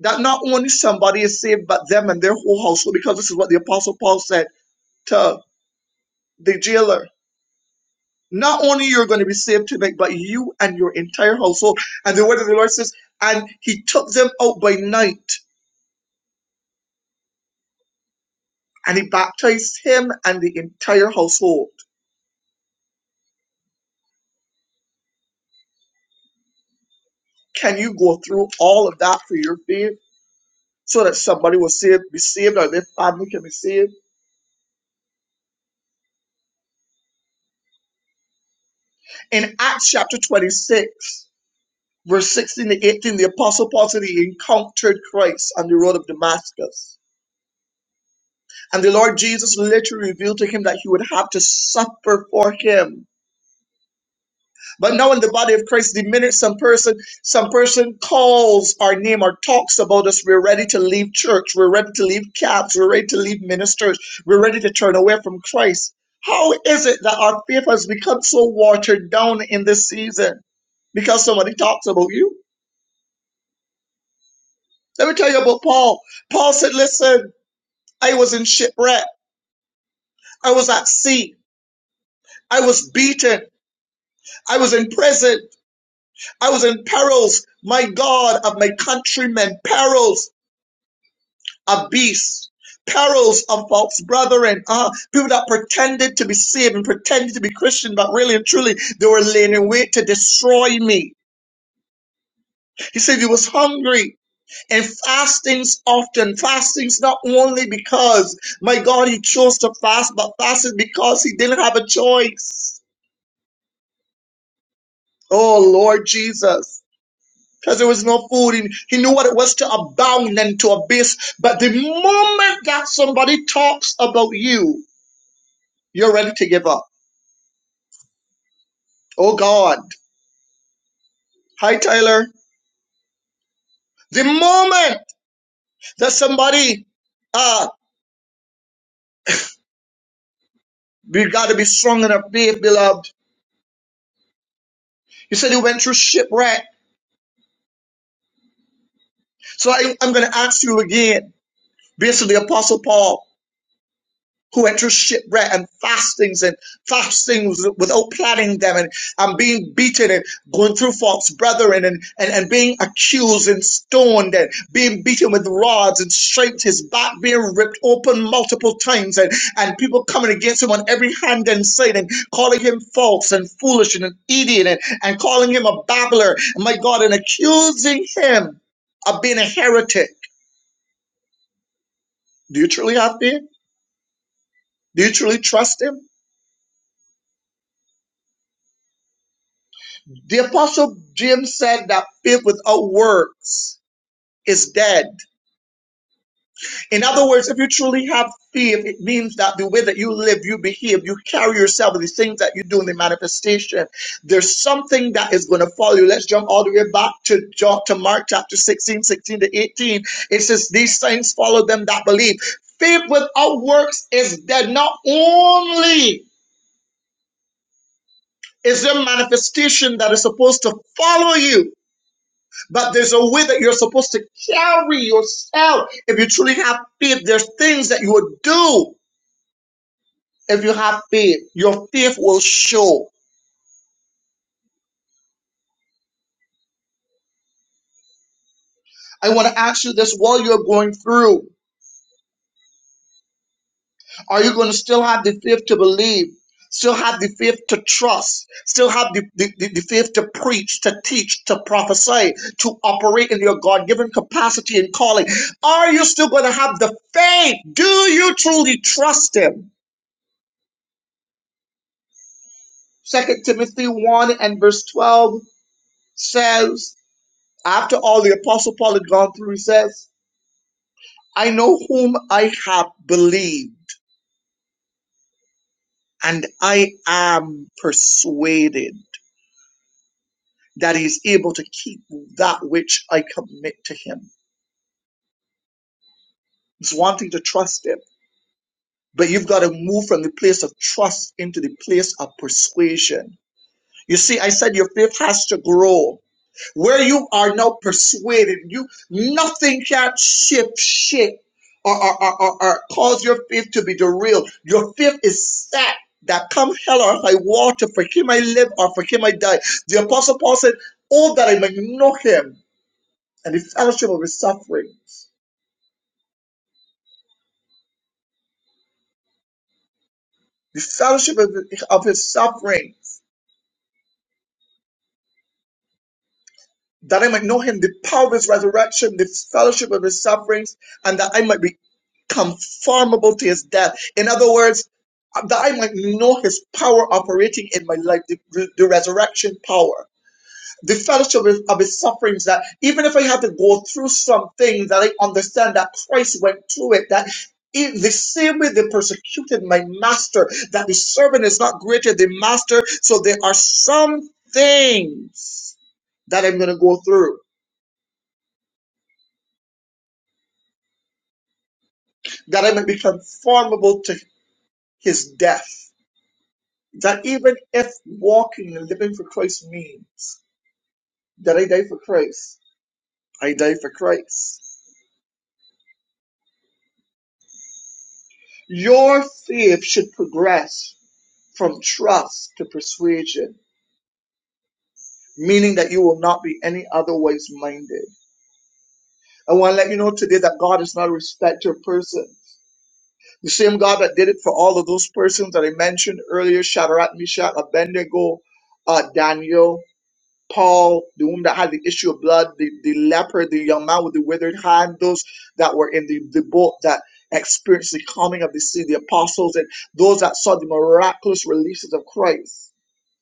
Speaker 4: That not only somebody is saved, but them and their whole household, because this is what the Apostle Paul said to the jailer not only you're going to be saved tonight, but you and your entire household. And the word of the Lord says, and he took them out by night and he baptized him and the entire household. Can you go through all of that for your faith so that somebody will save, be saved or their family can be saved? In Acts chapter 26, verse 16 to 18, the apostle Paul said he encountered Christ on the road of Damascus. And the Lord Jesus literally revealed to him that he would have to suffer for him But now in the body of Christ, the minute some person, some person calls our name or talks about us, we're ready to leave church, we're ready to leave caps, we're ready to leave ministers, we're ready to turn away from Christ. How is it that our faith has become so watered down in this season? Because somebody talks about you. Let me tell you about Paul. Paul said, Listen, I was in shipwreck, I was at sea, I was beaten, I was in prison, I was in perils. My God, of my countrymen, perils. abuse, perils of false brethren, uh, people that pretended to be saved and pretended to be Christian, but really and truly they were laying in wait to destroy me. He said he was hungry and fastings often. Fastings not only because my God he chose to fast, but fasted because he didn't have a choice. Oh Lord Jesus. Because there was no food, and he knew what it was to abound and to abase. But the moment that somebody talks about you, you're ready to give up. Oh God. Hi, Tyler. The moment that somebody, ah, uh, we got to be strong in our faith, beloved. You said you went through shipwreck. So I, I'm going to ask you again, based on the Apostle Paul. who went through shipwreck and fastings and fastings without planning them and, and being beaten and going through false brethren and, and, and being accused and stoned and being beaten with rods and striped his back being ripped open multiple times and, and people coming against him on every hand and side and calling him false and foolish and an idiot and, and calling him a babbler my God and accusing him of being a heretic. Do you truly have faith? Do you truly trust him? The apostle James said that faith without works is dead. In other words, if you truly have faith, it means that the way that you live, you behave, you carry yourself, the things that you do in the manifestation, there's something that is going to follow you. Let's jump all the way back to John, to Mark chapter 16, 16 to 18. It says, These things follow them that believe. Faith without works is dead. Not only is there manifestation that is supposed to follow you, But there's a way that you're supposed to carry yourself. If you truly have faith, there's things that you would do if you have faith. Your faith will show. I want to ask you this while you're going through, are you going to still have the faith to believe? Still have the faith to trust, still have the, the, the, the faith to preach, to teach, to prophesy, to operate in your God given capacity and calling. Are you still going to have the faith? Do you truly trust Him? Second Timothy 1 and verse 12 says, after all the apostle Paul had gone through, he says, I know whom I have believed, and I am persuaded that he is able to keep that which I commit to him. He's wanting to trust him. But you've got to move from the place of trust into the place of persuasion. You see, I said your faith has to grow where you are now persuaded, you nothing can shift shit or, or, or, or, or cause your faith to be derailed. Your faith is set that come hell or high water, for him I live or for him I die. The apostle Paul said, Oh that I might know him and the fellowship of his sufferings, the fellowship of, of his sufferings. That I might know him, the power of his resurrection, the fellowship of his sufferings, and that I might be conformable to his death. In other words, that I might know his power operating in my life, the, the resurrection power, the fellowship of, of his sufferings, that even if I have to go through some things that I understand that Christ went through it, that in the same way they persecuted my master, that the servant is not greater than master. So there are some things that I'm going to go through, that I might be conformable to his death. that even if walking and living for Christ means that I die for Christ, I die for Christ. Your faith should progress from trust to persuasion, meaning that you will not be any otherwise minded. I want to let you know today that God is not a respecter of persons. The same God that did it for all of those persons that I mentioned earlier, Shadrach, Meshach, Abednego, uh, Daniel. Paul, the woman that had the issue of blood, the, the leper, the young man with the withered hand, those that were in the, the boat that experienced the calming of the sea, the apostles, and those that saw the miraculous releases of Christ.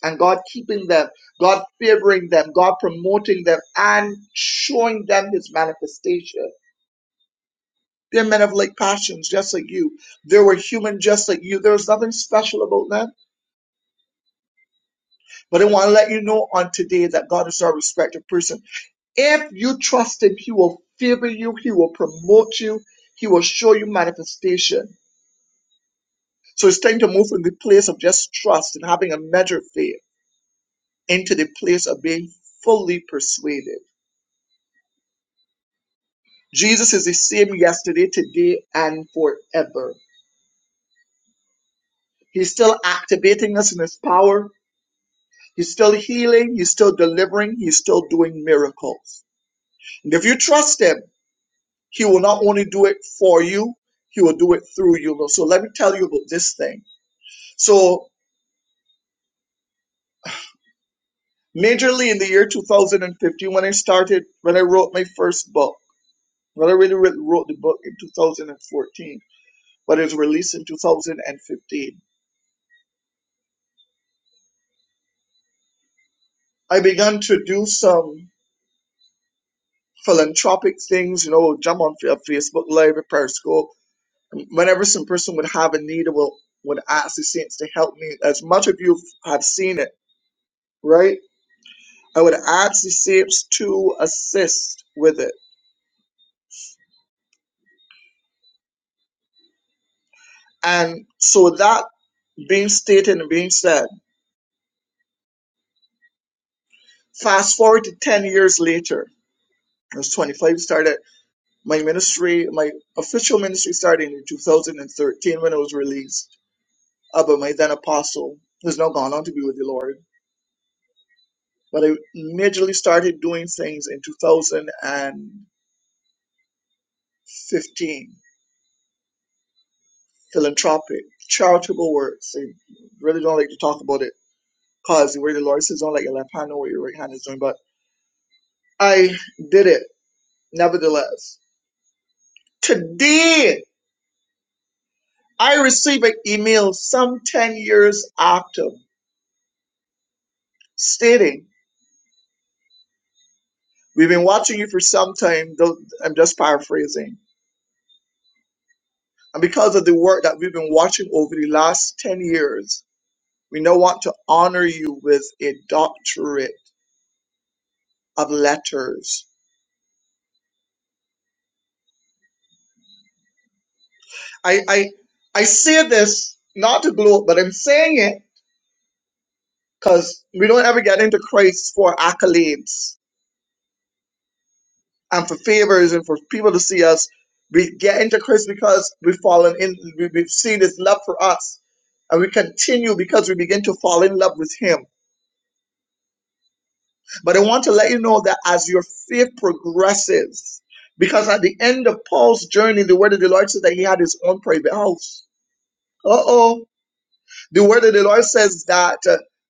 Speaker 4: And God keeping them, God favoring them, God promoting them, and showing them his manifestation. They're men of like passions, just like you. They were human, just like you. There was nothing special about them. But I want to let you know on today that God is our respected person. If you trust Him, He will favor you, He will promote you, He will show you manifestation. So it's time to move from the place of just trust and having a measure of faith into the place of being fully persuaded. Jesus is the same yesterday, today, and forever. He's still activating us in His power. He's still healing. He's still delivering. He's still doing miracles. And if you trust Him, He will not only do it for you, He will do it through you. So let me tell you about this thing. So majorly in the year 2015 when I started when I wrote my first book. Well, I really writ- wrote the book in 2014, but it was released in 2015. I began to do some philanthropic things, you know, jump on Fa- Facebook Live, Periscope. Whenever some person would have a need, I will would ask the saints to help me. As much of you have seen it, right? I would ask the saints to assist with it. And so that being stated and being said, Fast forward to 10 years later, I was 25, started my ministry, my official ministry started in 2013 when I was released uh, by my then apostle, who's now gone on to be with the Lord. But I majorly started doing things in 2015, philanthropic, charitable works. I really don't like to talk about it because where the Lord says, don't let your left hand know what your right hand is doing. But I did it nevertheless. Today, I received an email some 10 years after stating, We've been watching you for some time. I'm just paraphrasing. And because of the work that we've been watching over the last 10 years, we now want to honor you with a doctorate of letters. I, I, I say this not to gloat, but I'm saying it because we don't ever get into Christ for accolades. and for favors and for people to see us. We get into Christ because we've fallen in, we- we've seen His love for us. And we continue because we begin to fall in love with Him. But I want to let you know that as your faith progresses, because at the end of Paul's journey, the word of the Lord says that he had his own private house. Uh oh. The word of the Lord says that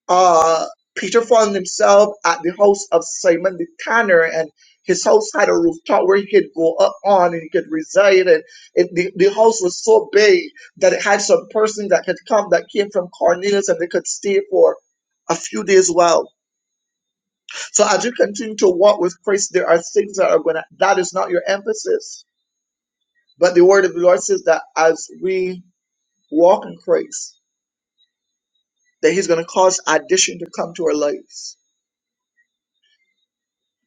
Speaker 4: uh, Peter found himself at the house of Simon the tanner, and his house had a rooftop where he could go up on and he could reside. And it, the, the house was so big that it had some person that could come that came from Cornelius and they could stay for a few days well. So as you continue to walk with Christ, there are things that are going to, that is not your emphasis. But the word of the Lord says that as we walk in Christ, that He's going to cause addition to come to our lives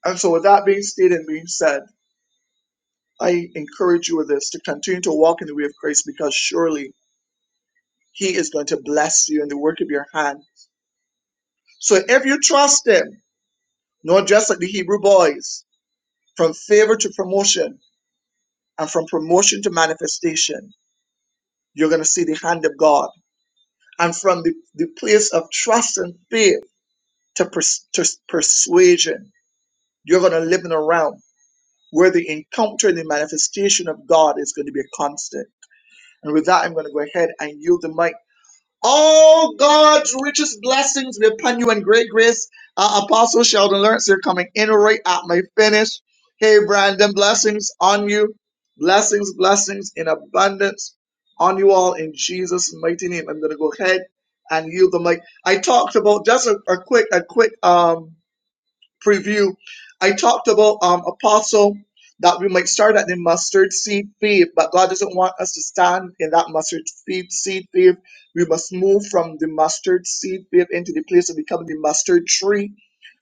Speaker 4: And so, with that being stated and being said, I encourage you with this to continue to walk in the way of Christ, because surely He is going to bless you in the work of your hand. So, if you trust Him, not just like the Hebrew boys, from favor to promotion and from promotion to manifestation, you're going to see the hand of God. And from the, the place of trust and faith to, pers- to persuasion, you're going to live in a realm where the encounter and the manifestation of God is going to be a constant. And with that, I'm going to go ahead and yield the mic. All God's richest blessings be upon you and great grace. Uh, Apostle Sheldon Lawrence, you're coming in right at my finish. Hey, Brandon, blessings on you. Blessings, blessings in abundance on you all in Jesus' mighty name. I'm going to go ahead and yield the mic. I talked about just a, a quick, a quick, um, preview. I talked about um, apostle that we might start at the mustard seed faith, but God doesn't want us to stand in that mustard seed seed faith. We must move from the mustard seed faith into the place of becoming the mustard tree.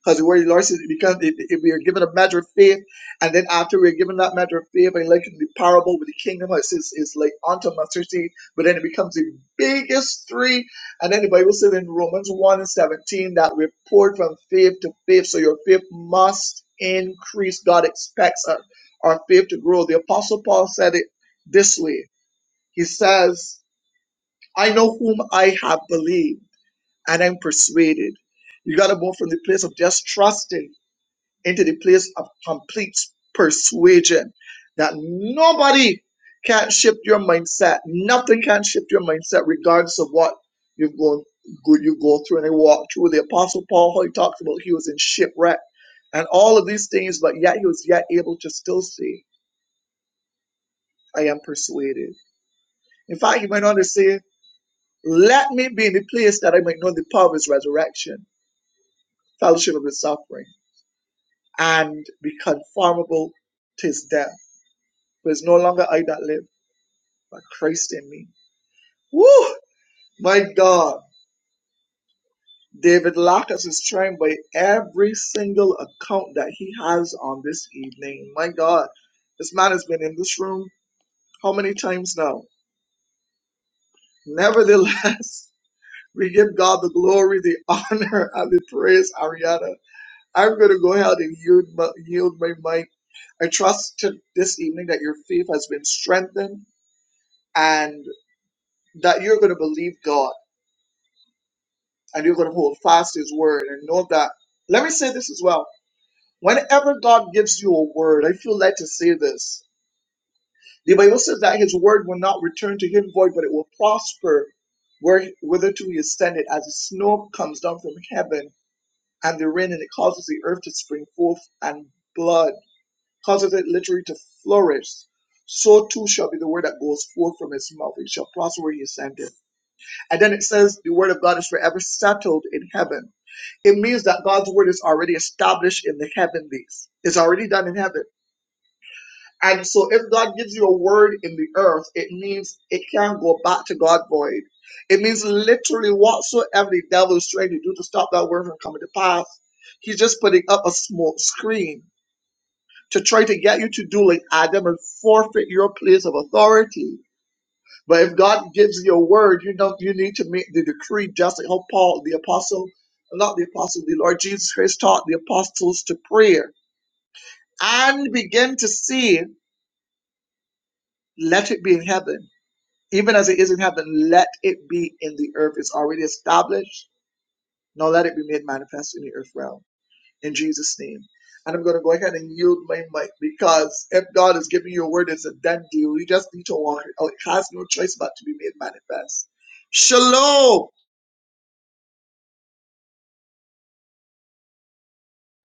Speaker 4: Because the word of the Lord says, because if, if we are given a measure of faith, and then after we're given that measure of faith, and like in the parable with the kingdom, how it says it's like unto mustard seed, but then it becomes the biggest tree and then the Bible says in Romans 1 and 17 that we poured from faith to faith. So your faith must increase. God expects our, our faith to grow. The Apostle Paul said it this way He says, I know whom I have believed, and I'm persuaded. You got to move from the place of just trusting into the place of complete persuasion that nobody can shift your mindset. Nothing can shift your mindset, regardless of what you go go- you go through and they walk through. The Apostle Paul, how he talks about he was in shipwreck and all of these things, but yet he was yet able to still say, I am persuaded. In fact, he went on to say, Let me be in the place that I might know the power of his resurrection, fellowship of his suffering, and be conformable to his death. For it's no longer I that live, but Christ in me. Woo! My God. David Lacus is trying by every single account that he has on this evening. My God. This man has been in this room how many times now? Nevertheless, we give God the glory, the honor, and the praise, Ariana. I'm going to go ahead and yield my, yield my mic. I trust to this evening that your faith has been strengthened and that you're going to believe God. and you're going to hold fast to his word and know that. Let me say this as well. Whenever God gives you a word, I feel led to say this. The Bible says that his word will not return to him void, but it will prosper where whitherto he is sent it, as the snow comes down from heaven and the rain, and it causes the earth to spring forth and blood, causes it literally to flourish. So too shall be the word that goes forth from his mouth. It shall prosper where he is sent it. And then it says the word of God is forever settled in heaven. it means that God's word is already established in the heavenlies. It's already done in heaven. And so if God gives you a word in the earth, it means it can't go back to God void. It means literally whatsoever the devil is trying to do to stop that word from coming to pass, he's just putting up a smoke screen to try to get you to do like Adam and forfeit your place of authority but if God gives you a word, you know you need to make the decree just like how Paul, the apostle, not the apostle, the Lord Jesus Christ taught the apostles to prayer and begin to see, let it be in heaven. Even as it is in heaven, let it be in the earth. It's already established. Now let it be made manifest in the earth realm. In Jesus' name. And I'm going to go ahead and yield my mic because if God is giving you a word, it's a done deal. You just need to walk it out. It has no choice but to be made manifest. Shalom.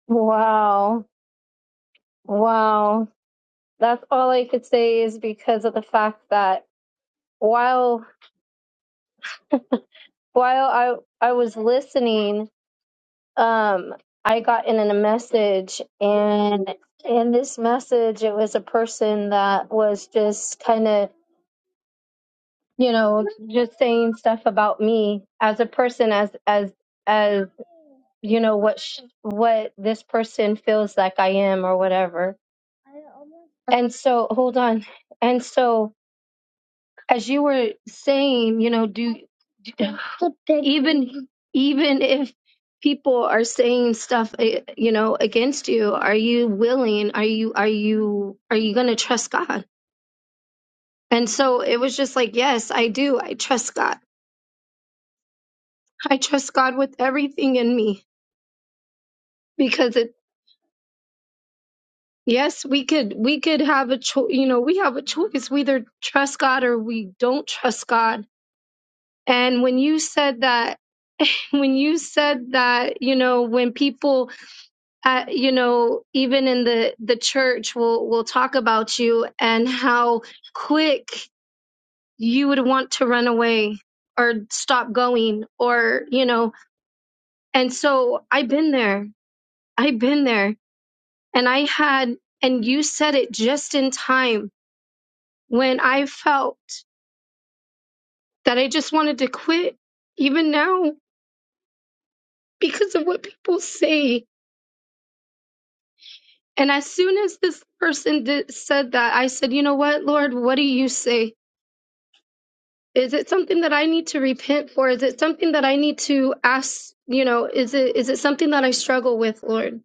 Speaker 2: Wow. Wow. That's all I could say is because of the fact that while while I I was listening um, I got in a message, and in this message, it was a person that was just kind of, you know, just saying stuff about me as a person, as as as you know what sh- what this person feels like I am or whatever. And so, hold on. And so, as you were saying, you know, do even even if people are saying stuff, eh, you know, against you, are you willing? Are you are you are you going to trust God? And so it was just like, yes, I do. I trust God. I trust God with everything in me because it. Yes, we could we could have a choice. You know, we have a choice. We either trust God or we don't trust God And when you said that, when you said that, you know, when people, uh, you know, even in the the church will will talk about you and how quick you would want to run away or stop going or you know, and so I've been there. I've been there, and I had, and you said it just in time when I felt that I just wanted to quit, even now because of what people say And as soon as this person did, said that, I said, You know what, Lord, what do you say? Is it something that I need to repent for? Is it something that I need to ask? You know, is it is it something that I struggle with, Lord?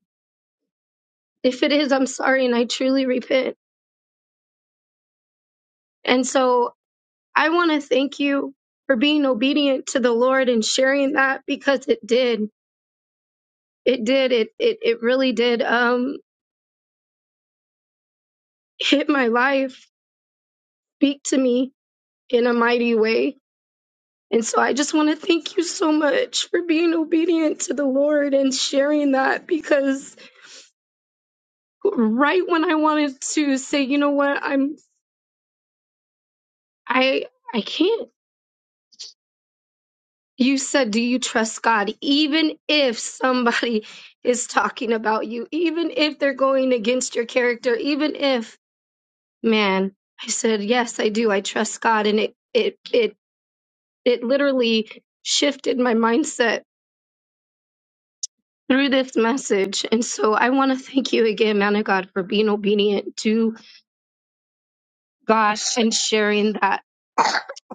Speaker 2: If it is, I'm sorry and I truly repent. And so I want to thank you for being obedient to the Lord and sharing that because it did. It did. It it it really did um hit my life, speak to me in a mighty way And so I just want to thank you so much for being obedient to the Lord and sharing that because right when I wanted to say, you know what, I'm I I can't. You said, do you trust God even if somebody is talking about you, even if they're going against your character, even if man, I said, yes, I do. I trust God and it it it it literally shifted my mindset through this message. And so I want to thank you again, man of God, for being obedient to God and sharing that.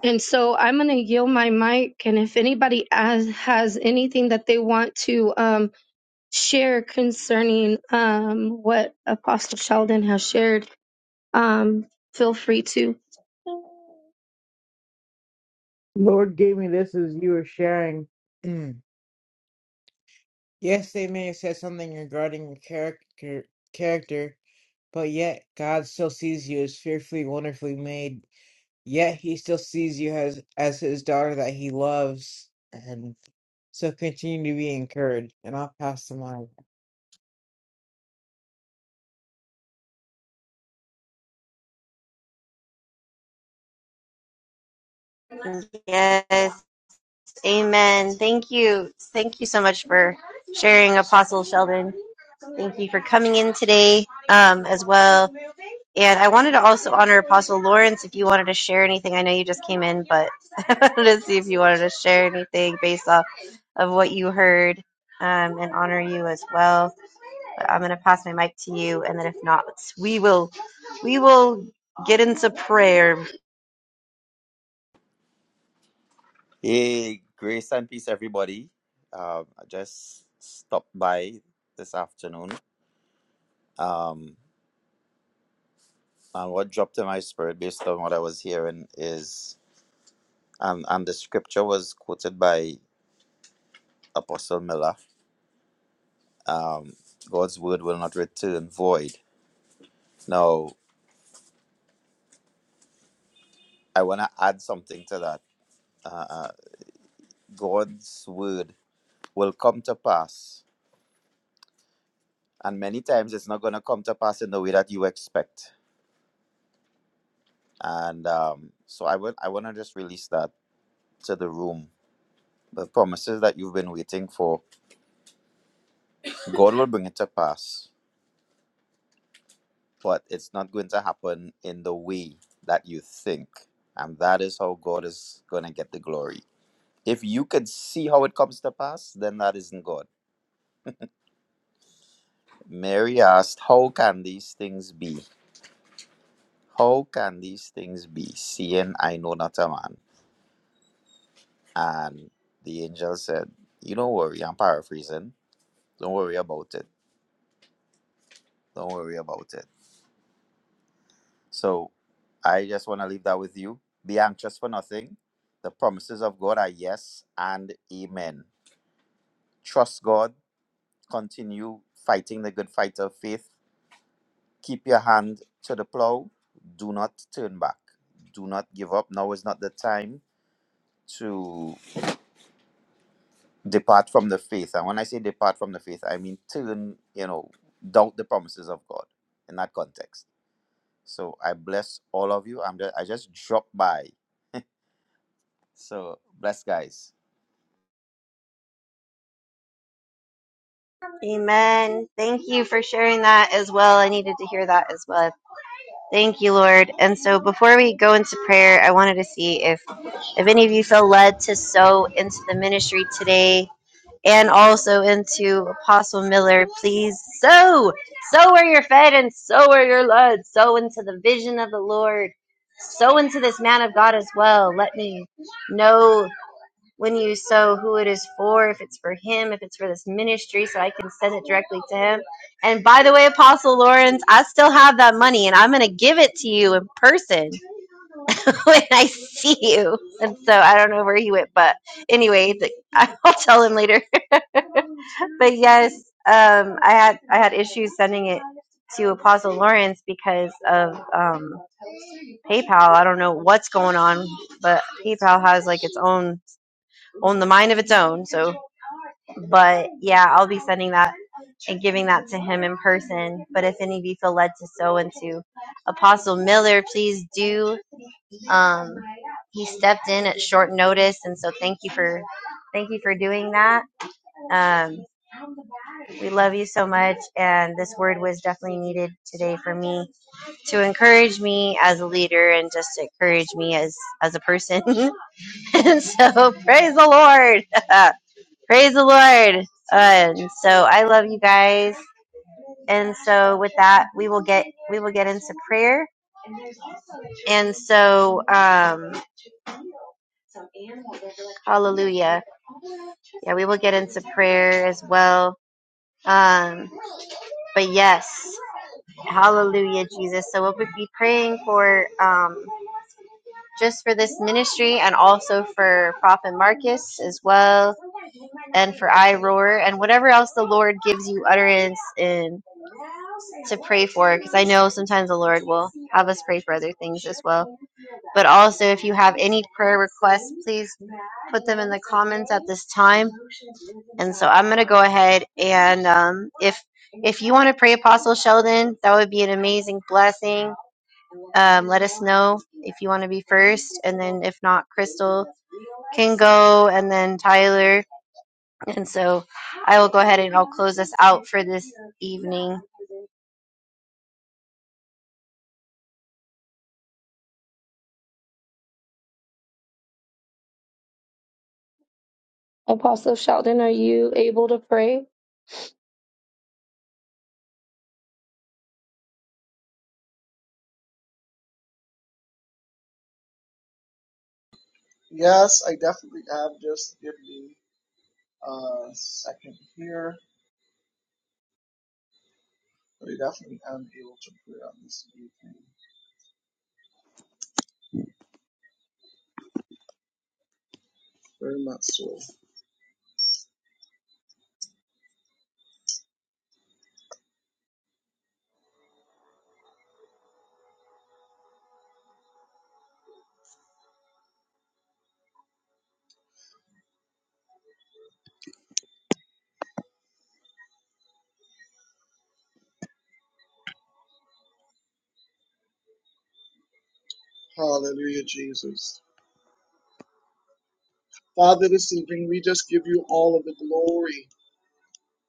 Speaker 2: And so I'm going to yield my mic. And if anybody has, has anything that they want to um, share concerning um, what Apostle Sheldon has shared, um, feel free to.
Speaker 5: Lord gave me this as you were sharing. Mm. Yes, they may have said something regarding your character, character, but yet God still sees you as fearfully, wonderfully made. Yet He still sees you as as His daughter that He loves, and so continue to be encouraged. And I'll pass the mic.
Speaker 3: Yes, amen. Thank you. Thank you so much for sharing, Apostle Sheldon. Thank you for coming in today um, as well. And I wanted to also honor Apostle Lawrence if you wanted to share anything. I know you just came in, but I wanted to see if you wanted to share anything based off of what you heard um, and honor you as well. I'm going to pass my mic to you, and then if not, we will we will get into prayer.
Speaker 6: Hey, grace and peace, everybody. Um, I just stopped by this afternoon. Um, and what dropped in my spirit based on what I was hearing is, and, and the scripture was quoted by Apostle Miller um, God's word will not return void. Now, I want to add something to that. Uh, uh, God's word will come to pass, and many times it's not going to come to pass in the way that you expect. And um, so I would I want to just release that to the room. The promises that you've been waiting for, God will bring it to pass, but it's not going to happen in the way that you think. And that is how God is going to get the glory. If you could see how it comes to pass, then that isn't God. Mary asked, How can these things be? How can these things be, seeing I know not a man? And the angel said, You don't worry, I'm paraphrasing. Don't worry about it. Don't worry about it So I just want to leave that with you. Be anxious for nothing. The promises of God are yes and amen. Trust God. Continue fighting the good fight of faith. Keep your hand to the plow. Do not turn back. Do not give up. Now is not the time to depart from the faith. And when I say depart from the faith, I mean turn, you know, doubt the promises of God in that context. So I bless all of you. I'm just, I just dropped by. So bless guys.
Speaker 3: Amen. Thank you for sharing that as well. I needed to hear that as well. Thank you, Lord. And so before we go into prayer, I wanted to see if if any of you feel led to sow into the ministry today and also into Apostle Miller, please. Sow, sow where you're fed and sow where you're led. Sow into the vision of the Lord. Sow into this man of God as well. Let me know when you sow who it is for, if it's for him, if it's for this ministry, so I can send it directly to him. And by the way, Apostle Lawrence, I still have that money and I'm going to give it to you in person when I see you. And so I don't know where he went, but anyway, the, I'll tell him later. but yes, um, I had I had issues sending it to Apostle Lawrence because of um, PayPal. I don't know what's going on, but PayPal has like its own own the mind of its own. So, but yeah, I'll be sending that and giving that to him in person. But if any of you feel led to sow into Apostle Miller, please do. Um, he stepped in at short notice, and so thank you for thank you for doing that. Um, We love you so much. And this word was definitely needed today for me to encourage me as a leader and just to encourage me as, as a person. and so praise the Lord. praise the Lord. And so I love you guys. And so with that, we will get, we will get into prayer. And so, um, hallelujah. Yeah, we will get into prayer as well. Um, but yes, hallelujah, Jesus. So we'll be praying for, um, just for this ministry and also for Prophet Marcus as well, and for I Roar, and whatever else the Lord gives you utterance in to pray for, because I know sometimes the Lord will have us pray for other things as well. But also, if you have any prayer requests, please put them in the comments at this time. And so I'm going to go ahead and um, if if you want to pray Apostle Sheldon, that would be an amazing blessing. Um, let us know if you want to be first, and then if not, Crystal Kingo, and then Tyler. And so I will go ahead and I'll close us out for this evening.
Speaker 2: Apostle Sheldon, are you able to pray?
Speaker 4: Yes, I definitely am. Just give me a second here. But I definitely am able to pray on this evening. Very much so. Hallelujah, Jesus. Father, this evening we just give you all of the glory.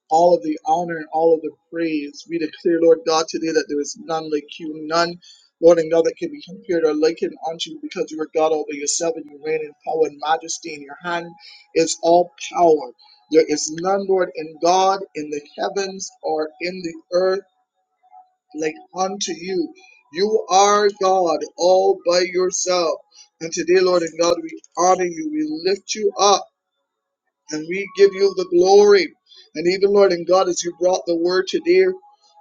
Speaker 4: all of the honor and all of the praise. We declare, Lord God, today that there is none like you, none, Lord and God, that can be compared or likened unto you because you are God all by yourself and you reign in power and majesty. In your hand is all power. There is none, Lord, in God, in the heavens or in the earth, like unto you. You are God all by yourself. And today, Lord and God, we honor you. We lift you up and we give you the glory. And even, Lord and God, as you brought the word to dear,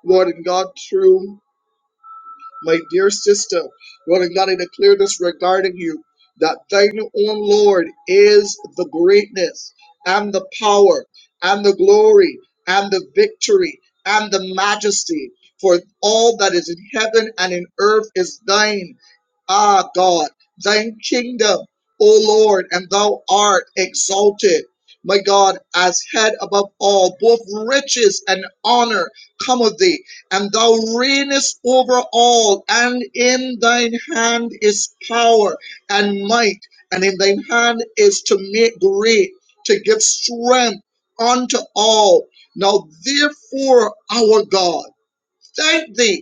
Speaker 4: Lord and God, through. My dear sister, Lord God, I declare this regarding you that thine own Lord is the greatness and the power and the glory and the victory and the majesty. For all that is in heaven and in earth is thine. Ah, God, thine kingdom, O Lord, and thou art exalted. My God, as head above all, both riches and honor come of thee and thou reignest over all, and in thine hand is power and might, and in thine hand is to make great, to give strength unto all. Now, therefore, our God, thank thee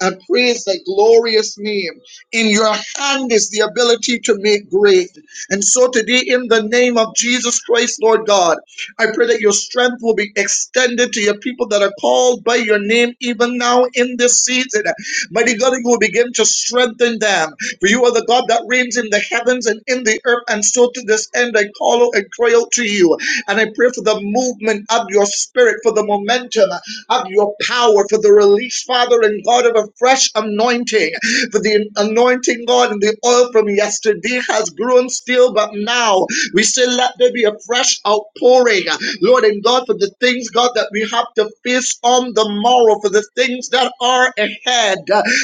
Speaker 4: and praise thy glorious name. In your hand is the ability to make great. And so today, in the name of Jesus Christ, Lord God, I pray that your strength will be extended to your people that are called by your name even now in this season. Mighty God, you will begin to strengthen them. For you are the God that reigns in the heavens and in the earth. And so to this end, I call out and cry out to you. And I pray for the movement of your spirit, for the momentum of your power, for the release, Father and God, of a fresh anointing. For the anointing, God, and the oil from yesterday has grown still, but now we say, let there be a fresh outpouring, Lord and God, for the things, God, that we have to face on the morrow, for the things that are ahead.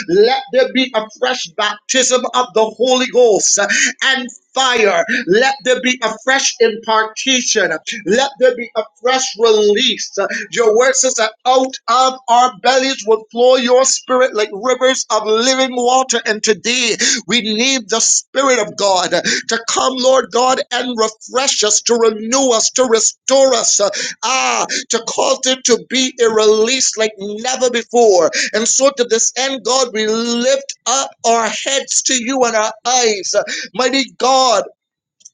Speaker 4: Let there be a fresh baptism of the Holy Ghost and fire. Let there be a fresh impartation. Let there be a fresh release. Your word says that out of our bellies will flow your spirit like rivers of living water. And today we need the spirit of God to come, Lord God, and refresh us, to renew us, to restore us. Ah, to cause it to be a release like never before. And so to this end, God, we lift up our heads to you and our eyes. Mighty God,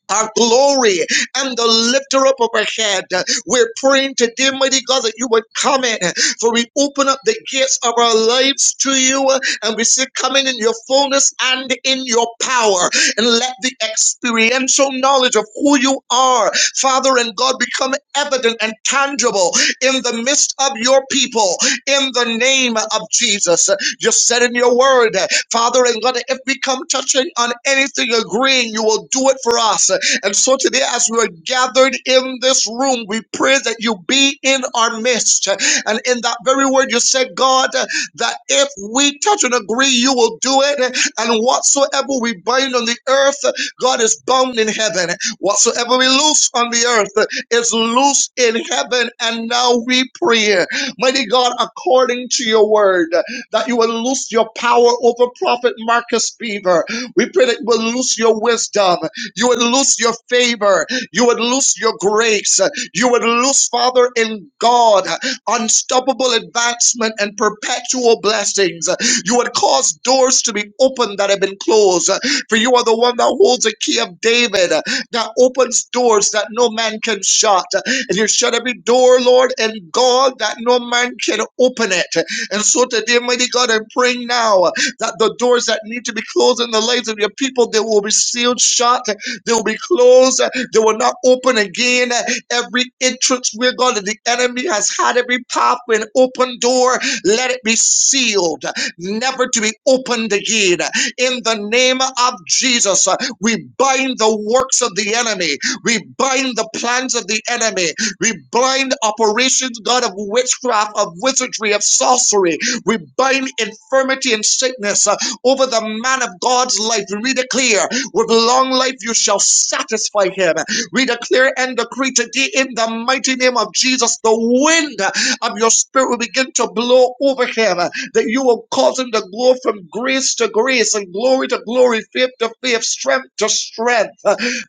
Speaker 4: our glory and the lifter up of our head. We're praying today, mighty God, that you would come in, for we open up the gates of our lives to you, and we say, Come in in your fullness and in your power, and let the experiential knowledge of who you are, Father and God, become evident and tangible in the midst of your people, in the name of Jesus. You said in your word, Father and God, if we come touching on anything agreeing, you will do it for us. And so today, as we are gathered in this room, we pray that you be in our midst. And in that very word, you said, God, that if we touch and agree, you will do it. And whatsoever we bind on the earth, God is bound in heaven. Whatsoever we loose on the earth is loose in heaven. And now we pray, mighty God, according to your word, that you will loose your power over Prophet Marcus Beaver. We pray that you will loose your wisdom. You would lose your favor. You would lose your grace. You would lose, Father, in God, unstoppable advancement and perpetual blessings. You would cause doors to be opened that have been closed. For you are the one that holds the key of David, that opens doors that no man can shut. And you shut every door, Lord, and God, that no man can open it. And so today, mighty God, I'm praying now that the doors that need to be closed in the lives of your people, they will be sealed shut they will be closed. They will not open again. Every entrance, we're going to, the enemy has had every pathway and open door. Let it be sealed, never to be opened again. In the name of Jesus, uh, we bind the works of the enemy. We bind the plans of the enemy. We bind operations, God, of witchcraft, of wizardry, of sorcery. We bind infirmity and sickness uh, over the man of God's life. We read it clear. With long life you shall satisfy him. We declare and decree today in the mighty name of Jesus, the wind of your spirit will begin to blow over him, that you will cause him to go from grace to grace and glory to glory, faith to faith, strength to strength.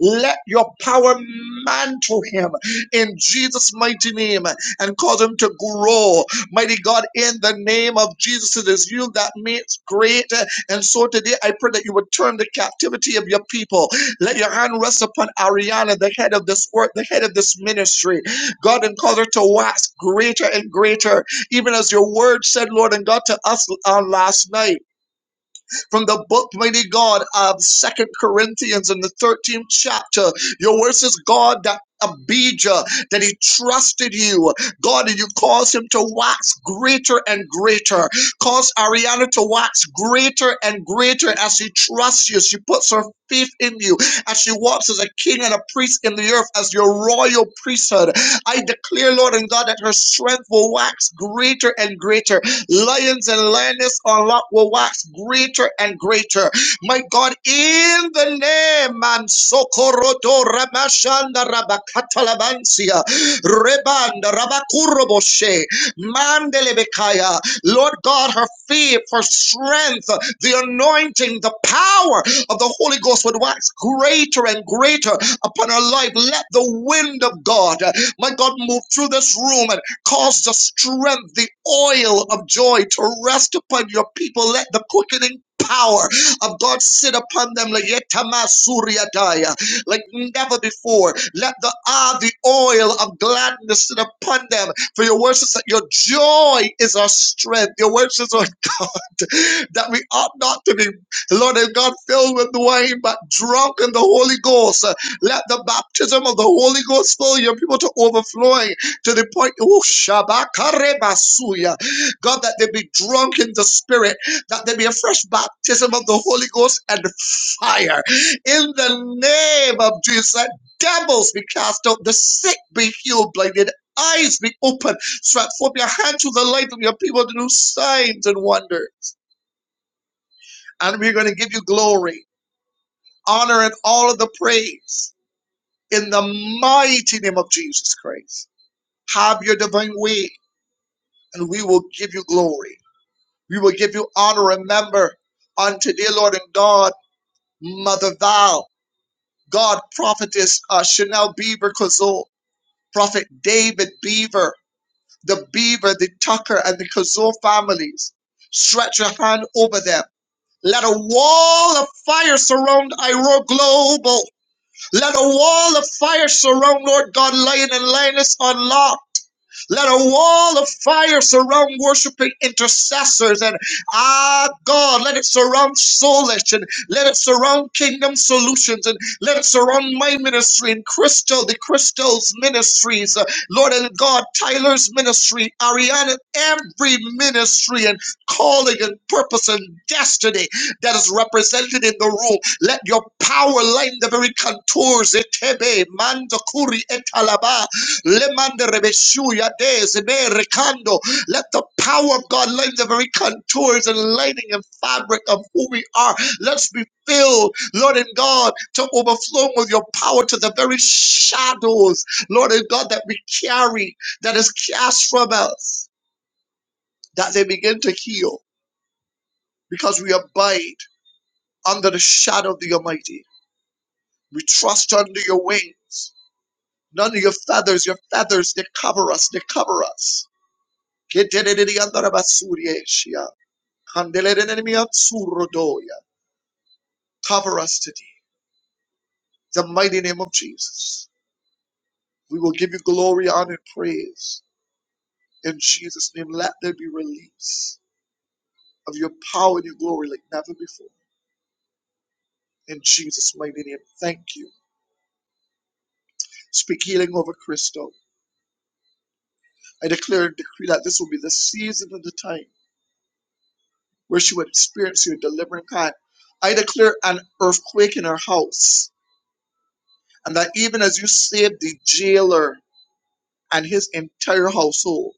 Speaker 4: Let your power mantle him in Jesus' mighty name and cause him to grow. Mighty God, in the name of Jesus, it is you that makes great. And so today I pray that you would turn the captivity of your people. Let your hand rest upon Ariana, the head of this work, the head of this ministry. God, and cause her to wax greater and greater, even as your word said, Lord and God, to us on last night from the book, mighty God, of Second Corinthians in the 13th chapter. Your word says, God, that Abijah, that he trusted you, God, and you caused him to wax greater and greater. Cause Ariana to wax greater and greater as she trusts you. She puts her faith in you as she walks as a king and a priest in the earth, as your royal priesthood. I declare, Lord and God, that her strength will wax greater and greater Lions and lioness unlock will wax greater and greater. My God, in the name and Sokorodo Ramashanda Rabakatalabansia Rebanda Rabakuroboshe Mandelebekaya. Lord God, her fear, her strength, the anointing, the power of the Holy Ghost would wax greater and greater upon her life. Let the wind of God, my God, move through this room. and Cause the strength, the oil of joy to rest upon your people. Let the quickening power of God sit upon them like yetamasuriadaya, like never before. Let the ah, the oil of gladness sit upon them. For your words is that your joy is our strength. Your words is that we ought not to be, Lord and God, filled with wine, but drunk in the Holy Ghost. Let the baptism of the Holy Ghost fill your people to overflowing to the point, oh, shabakarebasuya. God, that they be drunk in the Spirit, that there be a fresh baptism of the Holy Ghost and fire. In the name of Jesus, let devils be cast out, the sick be healed, blinded eyes be opened, stretch forth your hand to the light of your people to do signs and wonders and we're going to give you glory, honor, and all of the praise in the mighty name of Jesus Christ. Have your divine way, and we will give you glory. We will give you honor. Remember, on today, Lord and God, Mother Val, God, Prophetess uh, Chanel Beaver Kazoo, Prophet David Beaver, the Beaver, the Tucker, and the Kazoo families. Stretch your hand over them. Let a wall of fire surround Iro Global Let a wall of fire surround, Lord God, Lion and Lioness on Lot. Let a wall of fire surround worshiping intercessors. And ah, God, let it surround Soulish and let it surround Kingdom Solutions and let it surround my ministry and Crystal, the Crystal's ministries. uh, Lord and God, Tyler's ministry, Ariana, every ministry and calling and purpose and destiny that is represented in the room. Let your power line the very contours. Etebe, mandakuri, etalaba, Lemande rebeshuya dezebe rekando. Let the power of God light the very contours and lighting and fabric of who we are. Let's be filled, Lord and God, to overflowing with your power to the very shadows, Lord and God, that we carry, that is cast from us, that they begin to heal because we abide under the shadow of the Almighty. We trust under your wings. None of your feathers, your feathers, they cover us, they cover us. Keteleleliyandarabasuriyeshia. surrodoya. Cover us today. The mighty name of Jesus. We will give you glory, honor, and praise. In Jesus' name, let there be release of your power and your glory like never before. In Jesus' mighty name, thank you. Speak healing over Crystal. I declare and decree that this will be the season and the time where she would experience your delivering hand. I declare an earthquake in her house, and that even as you saved the jailer and his entire household.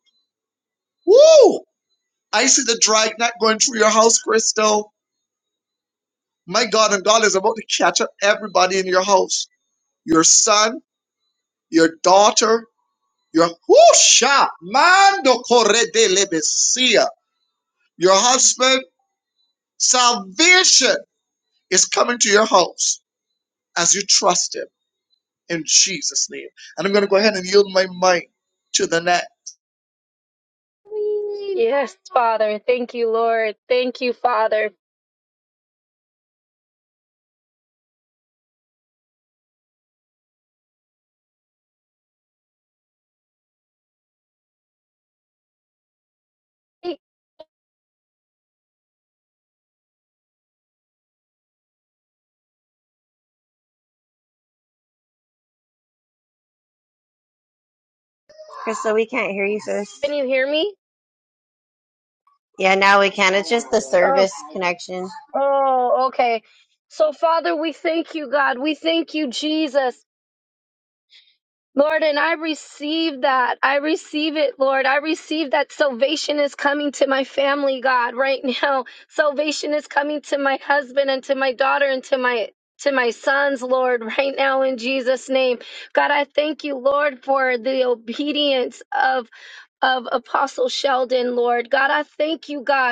Speaker 4: Woo! I see the dragnet going through your house, Crystal. My God, and God is about to catch up everybody in your house. Your son, your daughter, your whoosha, mando corre de lebesia. Your husband, salvation is coming to your house as you trust him in Jesus' name. And I'm going to go ahead and yield my mic to the net.
Speaker 2: Yes, Father. Thank you, Lord. Thank you, Father. Can
Speaker 3: Crystal, we can't hear you, sis.
Speaker 2: you hear me?
Speaker 3: Yeah, now we can. It's just the service connection.
Speaker 2: Oh, okay. So, Father, we thank you, God. We thank you, Jesus. Lord, and I receive that. I receive it, Lord. I receive that salvation is coming to my family, God, right now. Salvation is coming to my husband and to my daughter and to my to my sons, Lord, right now in Jesus' name. God, I thank you, Lord, for the obedience of of Apostle Sheldon, Lord. God, I thank you, God.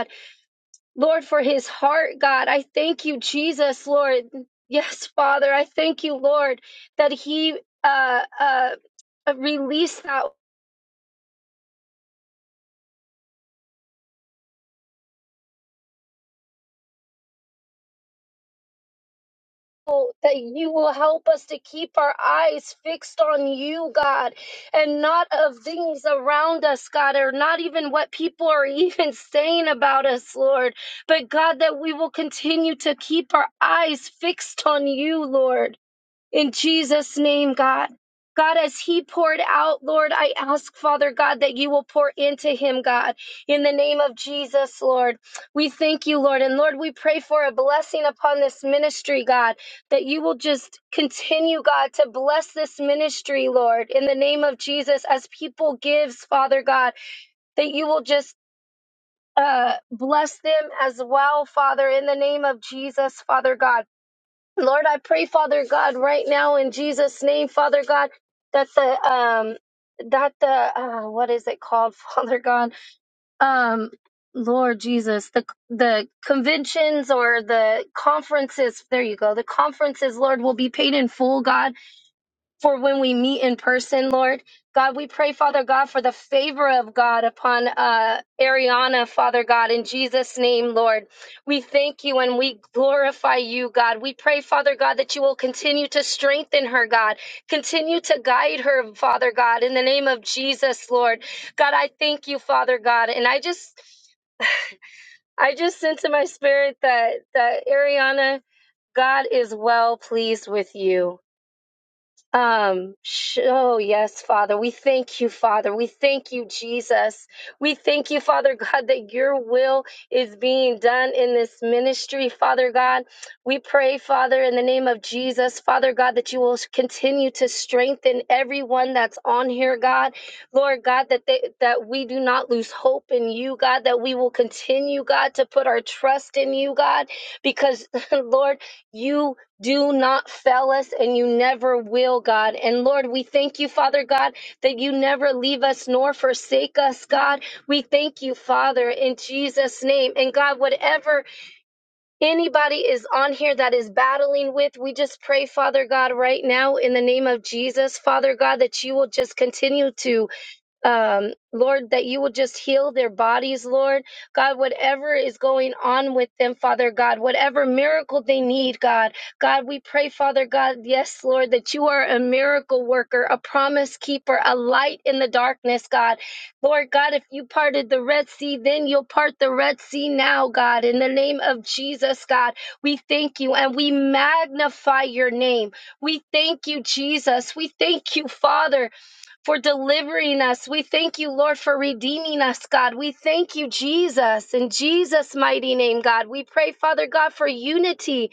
Speaker 2: Lord, for his heart, God. I thank you, Jesus, Lord. Yes, Father, I thank you, Lord, that he uh, uh, released that hope from you, God, and not of things around us, God. People saying about us, Lord, but God, that we will continue to keep our eyes fixed on you, Lord. In Jesus' name, God. God, as he poured out, Lord, I ask, Father God, that you will pour into him, God, in the name of Jesus, Lord. We thank you, Lord. And Lord, we pray for a blessing upon this ministry, God, that you will just continue, God, to bless this ministry, Lord, in the name of Jesus, as people gives, Father God, that you will just uh, bless them as well, Father, in the name of Jesus, Father God. Lord, I pray, Father God, right now in Jesus' name, Father God, that the um that the uh, what is it called, Father God? Um, Lord Jesus, the the conventions or the conferences, there you go, the conferences, Lord, will be paid in full, God for when we meet in person, Lord. God, we pray, Father God, for the favor of God upon uh, Ariana, Father God, in Jesus' name, Lord. We thank you and we glorify you, God. We pray, Father God, that you will continue to strengthen her, God. Continue to guide her, Father God, in the name of Jesus, Lord. God, I thank you, Father God. And I just. I just sense in my spirit that that Ariana, God is well pleased with you. Um, sh- oh, yes, Father. We thank you, Father. We thank you, Jesus. We thank you, Father God, that your will is being done in this ministry, Father God. We pray, Father, in the name of Jesus, Father God, that you will continue to strengthen everyone that's on here, God. Lord God, that they, that we do not lose hope in you, God, that we will continue, God, to put our trust in you, God, because Lord, you do not fail us and you never will, God. And Lord, we thank you, Father God, that you never leave us nor forsake us, God. We thank you, Father, in Jesus' name. And God, whatever anybody is on here that is battling with, we just pray, Father God, right now in the name of Jesus, Father God, that you will just continue to um, Lord, that you would just heal their bodies, Lord. God, whatever is going on with them, Father God, whatever miracle they need, God, God, we pray, Father God, yes, Lord, that you are a miracle worker, a promise keeper, a light in the darkness, God. Lord God, if you parted the Red Sea, then you'll part the Red Sea now, God. In the name of Jesus, God, we thank you and we magnify your name. We thank you, Jesus. We thank you, Father for delivering us. We thank you, Lord, for redeeming us, God. We thank you, Jesus. In Jesus' mighty name, God, we pray, Father God, for unity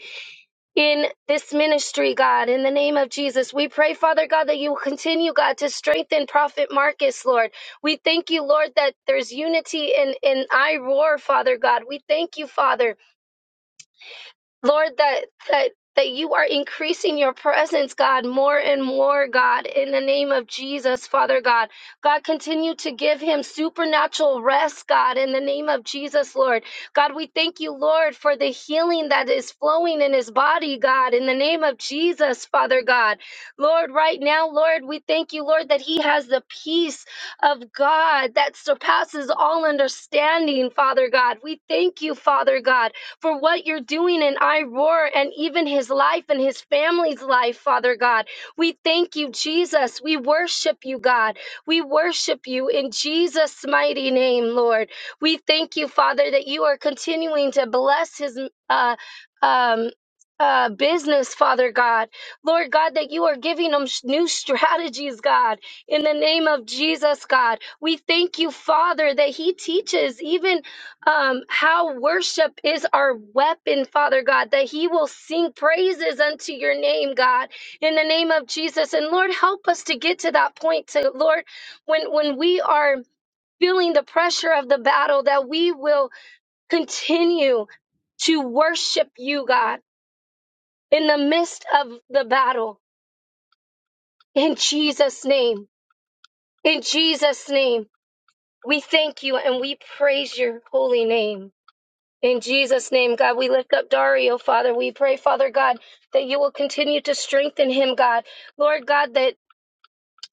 Speaker 2: in this ministry, God, in the name of Jesus. We pray, Father God, that you will continue, God, to strengthen Prophet Marcus, Lord. We thank you, Lord, that there's unity in, in I Roar, Father God. We thank you, Father. Lord, that that that you are increasing your presence, God, more and more, God, in the name of Jesus, Father God. God, continue to give him supernatural rest, God, in the name of Jesus, Lord. God, we thank you, Lord, for the healing that is flowing in his body, God, in the name of Jesus, Father God. Lord, right now, Lord, we thank you, Lord, that he has the peace of God that surpasses all understanding, Father God. We thank you, Father God for what you're doing in I Roar and even his life and his family's life, Father God. We thank you, Jesus. We worship you, God. We worship you in Jesus' mighty name, Lord. We thank you, Father, that you are continuing to bless his uh, um, uh, business, Father God. Lord God, that you are giving them sh- new strategies, God, in the name of Jesus, God. We thank you, Father, that He teaches even um, how worship is our weapon, Father God, that He will sing praises unto your name, God, in the name of Jesus. And Lord, help us to get to that point to Lord, when when we are feeling the pressure of the battle, that we will continue to worship you, God, in the midst of the battle. In Jesus' name. In Jesus' name. We thank you and we praise your holy name. In Jesus' name, God, we lift up Dario, Father. We pray, Father God, that you will continue to strengthen him, God. Lord God, that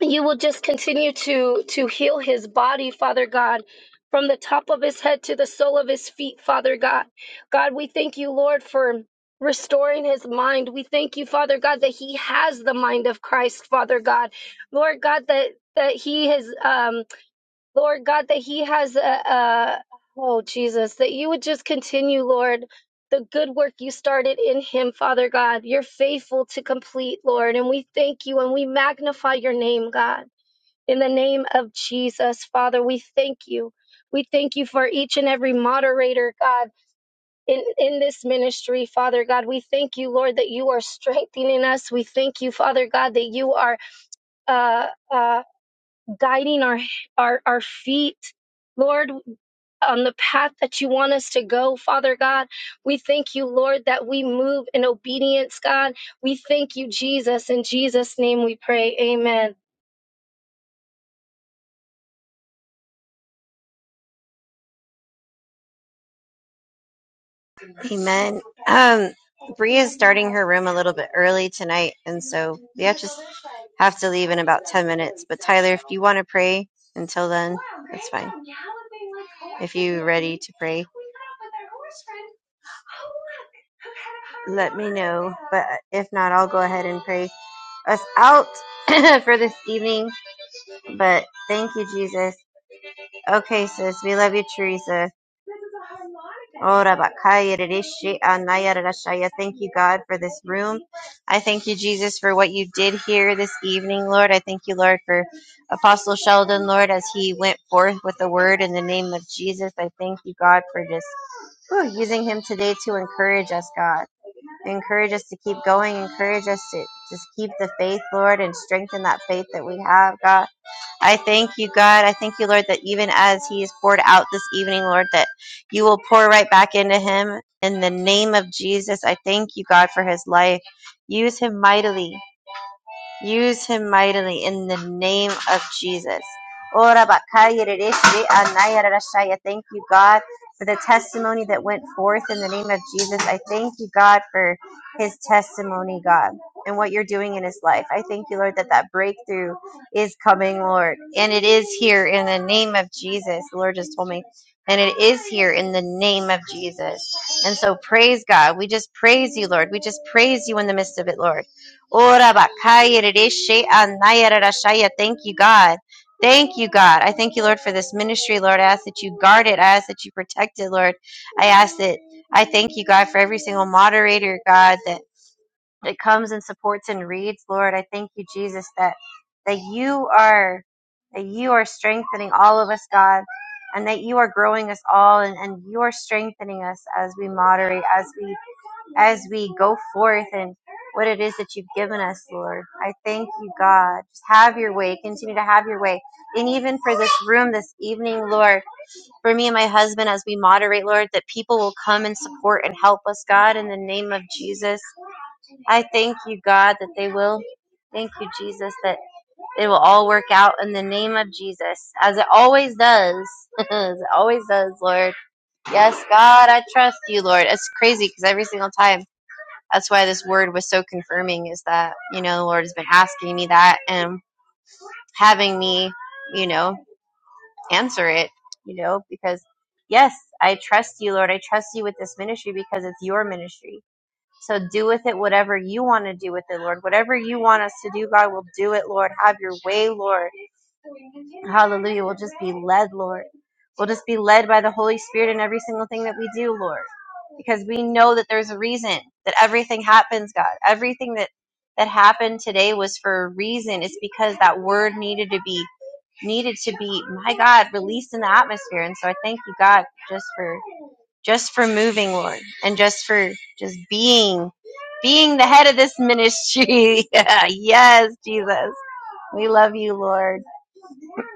Speaker 2: you will just continue to to heal his body, Father God. From the top of his head to the sole of his feet, Father God. God, we thank you, Lord, for restoring his mind. We thank you, Father God, that he has the mind of Christ, Father God. Lord God, that that he has um. Lord God, that He has a, a oh Jesus, that you would just continue, Lord, the good work you started in Him, Father God. You're faithful to complete, Lord, and we thank you and we magnify your name, God. In the name of Jesus, Father, we thank you. We thank you for each and every moderator, God, in, in this ministry, Father God. We thank you, Lord, that you are strengthening us. We thank you, Father God, that you are uh, uh, guiding our, our, our feet. Lord, on the path that you want us to go, Father God. We thank you, Lord, that we move in obedience, God. We thank you, Jesus. In Jesus' name we pray. Amen.
Speaker 3: Amen. Um, Bree is starting her room a little bit early tonight, and so we have just have to leave in about ten minutes. But Tyler, if you want to pray until then, that's fine. If you're ready to pray, let me know. But if not, I'll go ahead and pray. us out for this evening. But thank you, Jesus. Okay, sis. We love you, Teresa. Ora bakaya rishi anaya rashaya. Thank you, God, for this room. I thank you, Jesus, for what you did here this evening, Lord. I thank you, Lord, for Apostle Sheldon, Lord, as he went forth with the word in the name of Jesus. I thank you, God, for just whew, using him today to encourage us, God. Encourage us to keep going. Encourage us to just keep the faith, Lord, and strengthen that faith that we have, God. I thank you, God. I thank you, Lord, that even as He is poured out this evening, Lord, that you will pour right back into Him in the name of Jesus. I thank you, God, for His life. Use Him mightily. Use him mightily in the name of Jesus. Thank you, God, for the testimony that went forth in the name of Jesus. I thank you, God, for his testimony, God, and what you're doing in his life. I thank you, Lord, that that breakthrough is coming, Lord, and it is here in the name of Jesus. The Lord just told me. And it is here in the name of Jesus. And so praise God. We just praise you, Lord. We just praise you in the midst of it, Lord. Ora bakaya rereshe anaya rerashaya. Thank you, God. Thank you, God. I thank you, Lord, for this ministry, Lord. I ask that you guard it. I ask that you protect it, Lord. I ask that I thank you, God, for every single moderator, God, that, that comes and supports and reads, Lord. I thank you, Jesus, that that you are that you are strengthening all of us, God, and that you are growing us all and, and you are strengthening us as we moderate, as we as we go forth and what it is that you've given us, Lord. I thank you, God. Just have your way. Continue to have your way. And even for this room this evening, Lord, for me and my husband as we moderate, Lord, that people will come and support and help us, God, in the name of Jesus. I thank you, God, that they will. Thank you, Jesus, that it will all work out in the name of Jesus, as it always does. as it always does, Lord. Yes, God, I trust you, Lord. It's crazy because every single time that's why this word was so confirming is that you know the lord has been asking me that and having me you know answer it you know because yes i trust you lord i trust you with this ministry because it's your ministry so do with it whatever you want to do with it, Lord. Whatever you want us to do, God, we'll do it, Lord. Have your way, Lord. Hallelujah. We'll just be led, Lord. We'll just be led by the Holy Spirit in every single thing that we do, Lord. Because we know that there's a reason that everything happens, God. Everything that that happened today was for a reason. It's because that word needed to be needed to be, my God, released in the atmosphere. And so I thank you, God, just for just for moving, Lord, and just for just being, being the head of this ministry. yes, Jesus. We love you, Lord.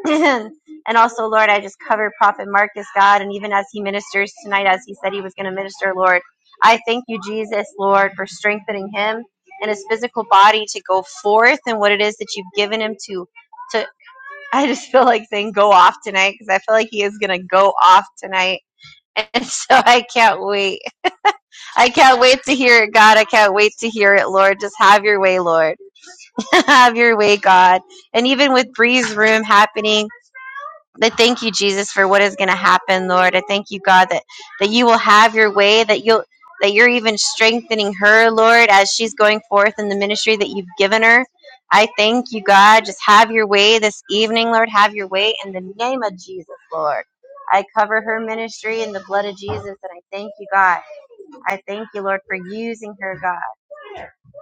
Speaker 3: and also, Lord, I just cover Prophet Marcus, God, and even as he ministers tonight, as he said he was going to minister, Lord, I thank you, Jesus, Lord, for strengthening him and his physical body to go forth and what it is that you've given him to. To I just feel like saying go off tonight because I feel like he is going to go off tonight. And so I can't wait. I can't wait to hear it, God. I can't wait to hear it, Lord. Just have your way, Lord. have your way, God. And even with Bree's room happening, I thank you, Jesus, for what is going to happen, Lord. I thank you, God, that, that you will have your way, that you'll that you're even strengthening her, Lord, as she's going forth in the ministry that you've given her. I thank you, God. Just have your way this evening, Lord. Have your way in the name of Jesus, Lord. I cover her ministry in the blood of Jesus, and I thank you, God I thank you, Lord, for using her, God,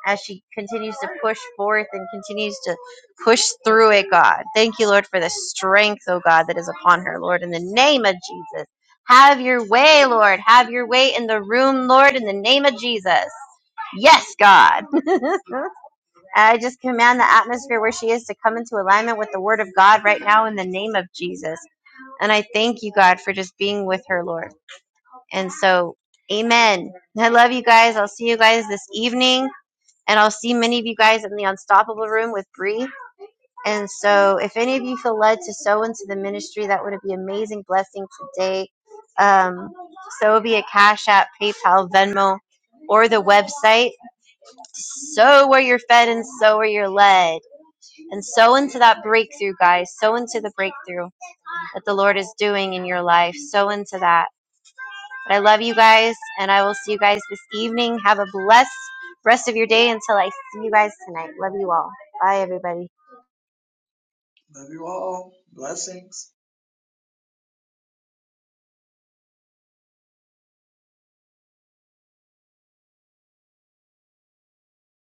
Speaker 3: as she continues to push forth and continues to push through it, God. Thank you, Lord, for the strength, oh God, that is upon her, Lord, in the name of Jesus. Have your way, Lord. Have your way in the room, Lord, in the name of Jesus. Yes, God. I just command the atmosphere where she is to come into alignment with the word of God right now in the name of Jesus. And I thank you, God, for just being with her, Lord. And so, amen. I love you guys. I'll see you guys this evening. And I'll see many of you guys in the Unstoppable Room with Bree. And so, if any of you feel led to sow into the ministry, that would be an amazing blessing today. Um, so it'll be a Cash App, PayPal, Venmo, or the website. Sow where you're fed and sow where you're led. And sow into that breakthrough, guys. Sow into the breakthrough that the Lord is doing in your life. Sow into that. But I love you guys, and I will see you guys this evening. Have a blessed rest of your day until I see you guys tonight. Love you all. Bye, everybody.
Speaker 4: Love you all. Blessings.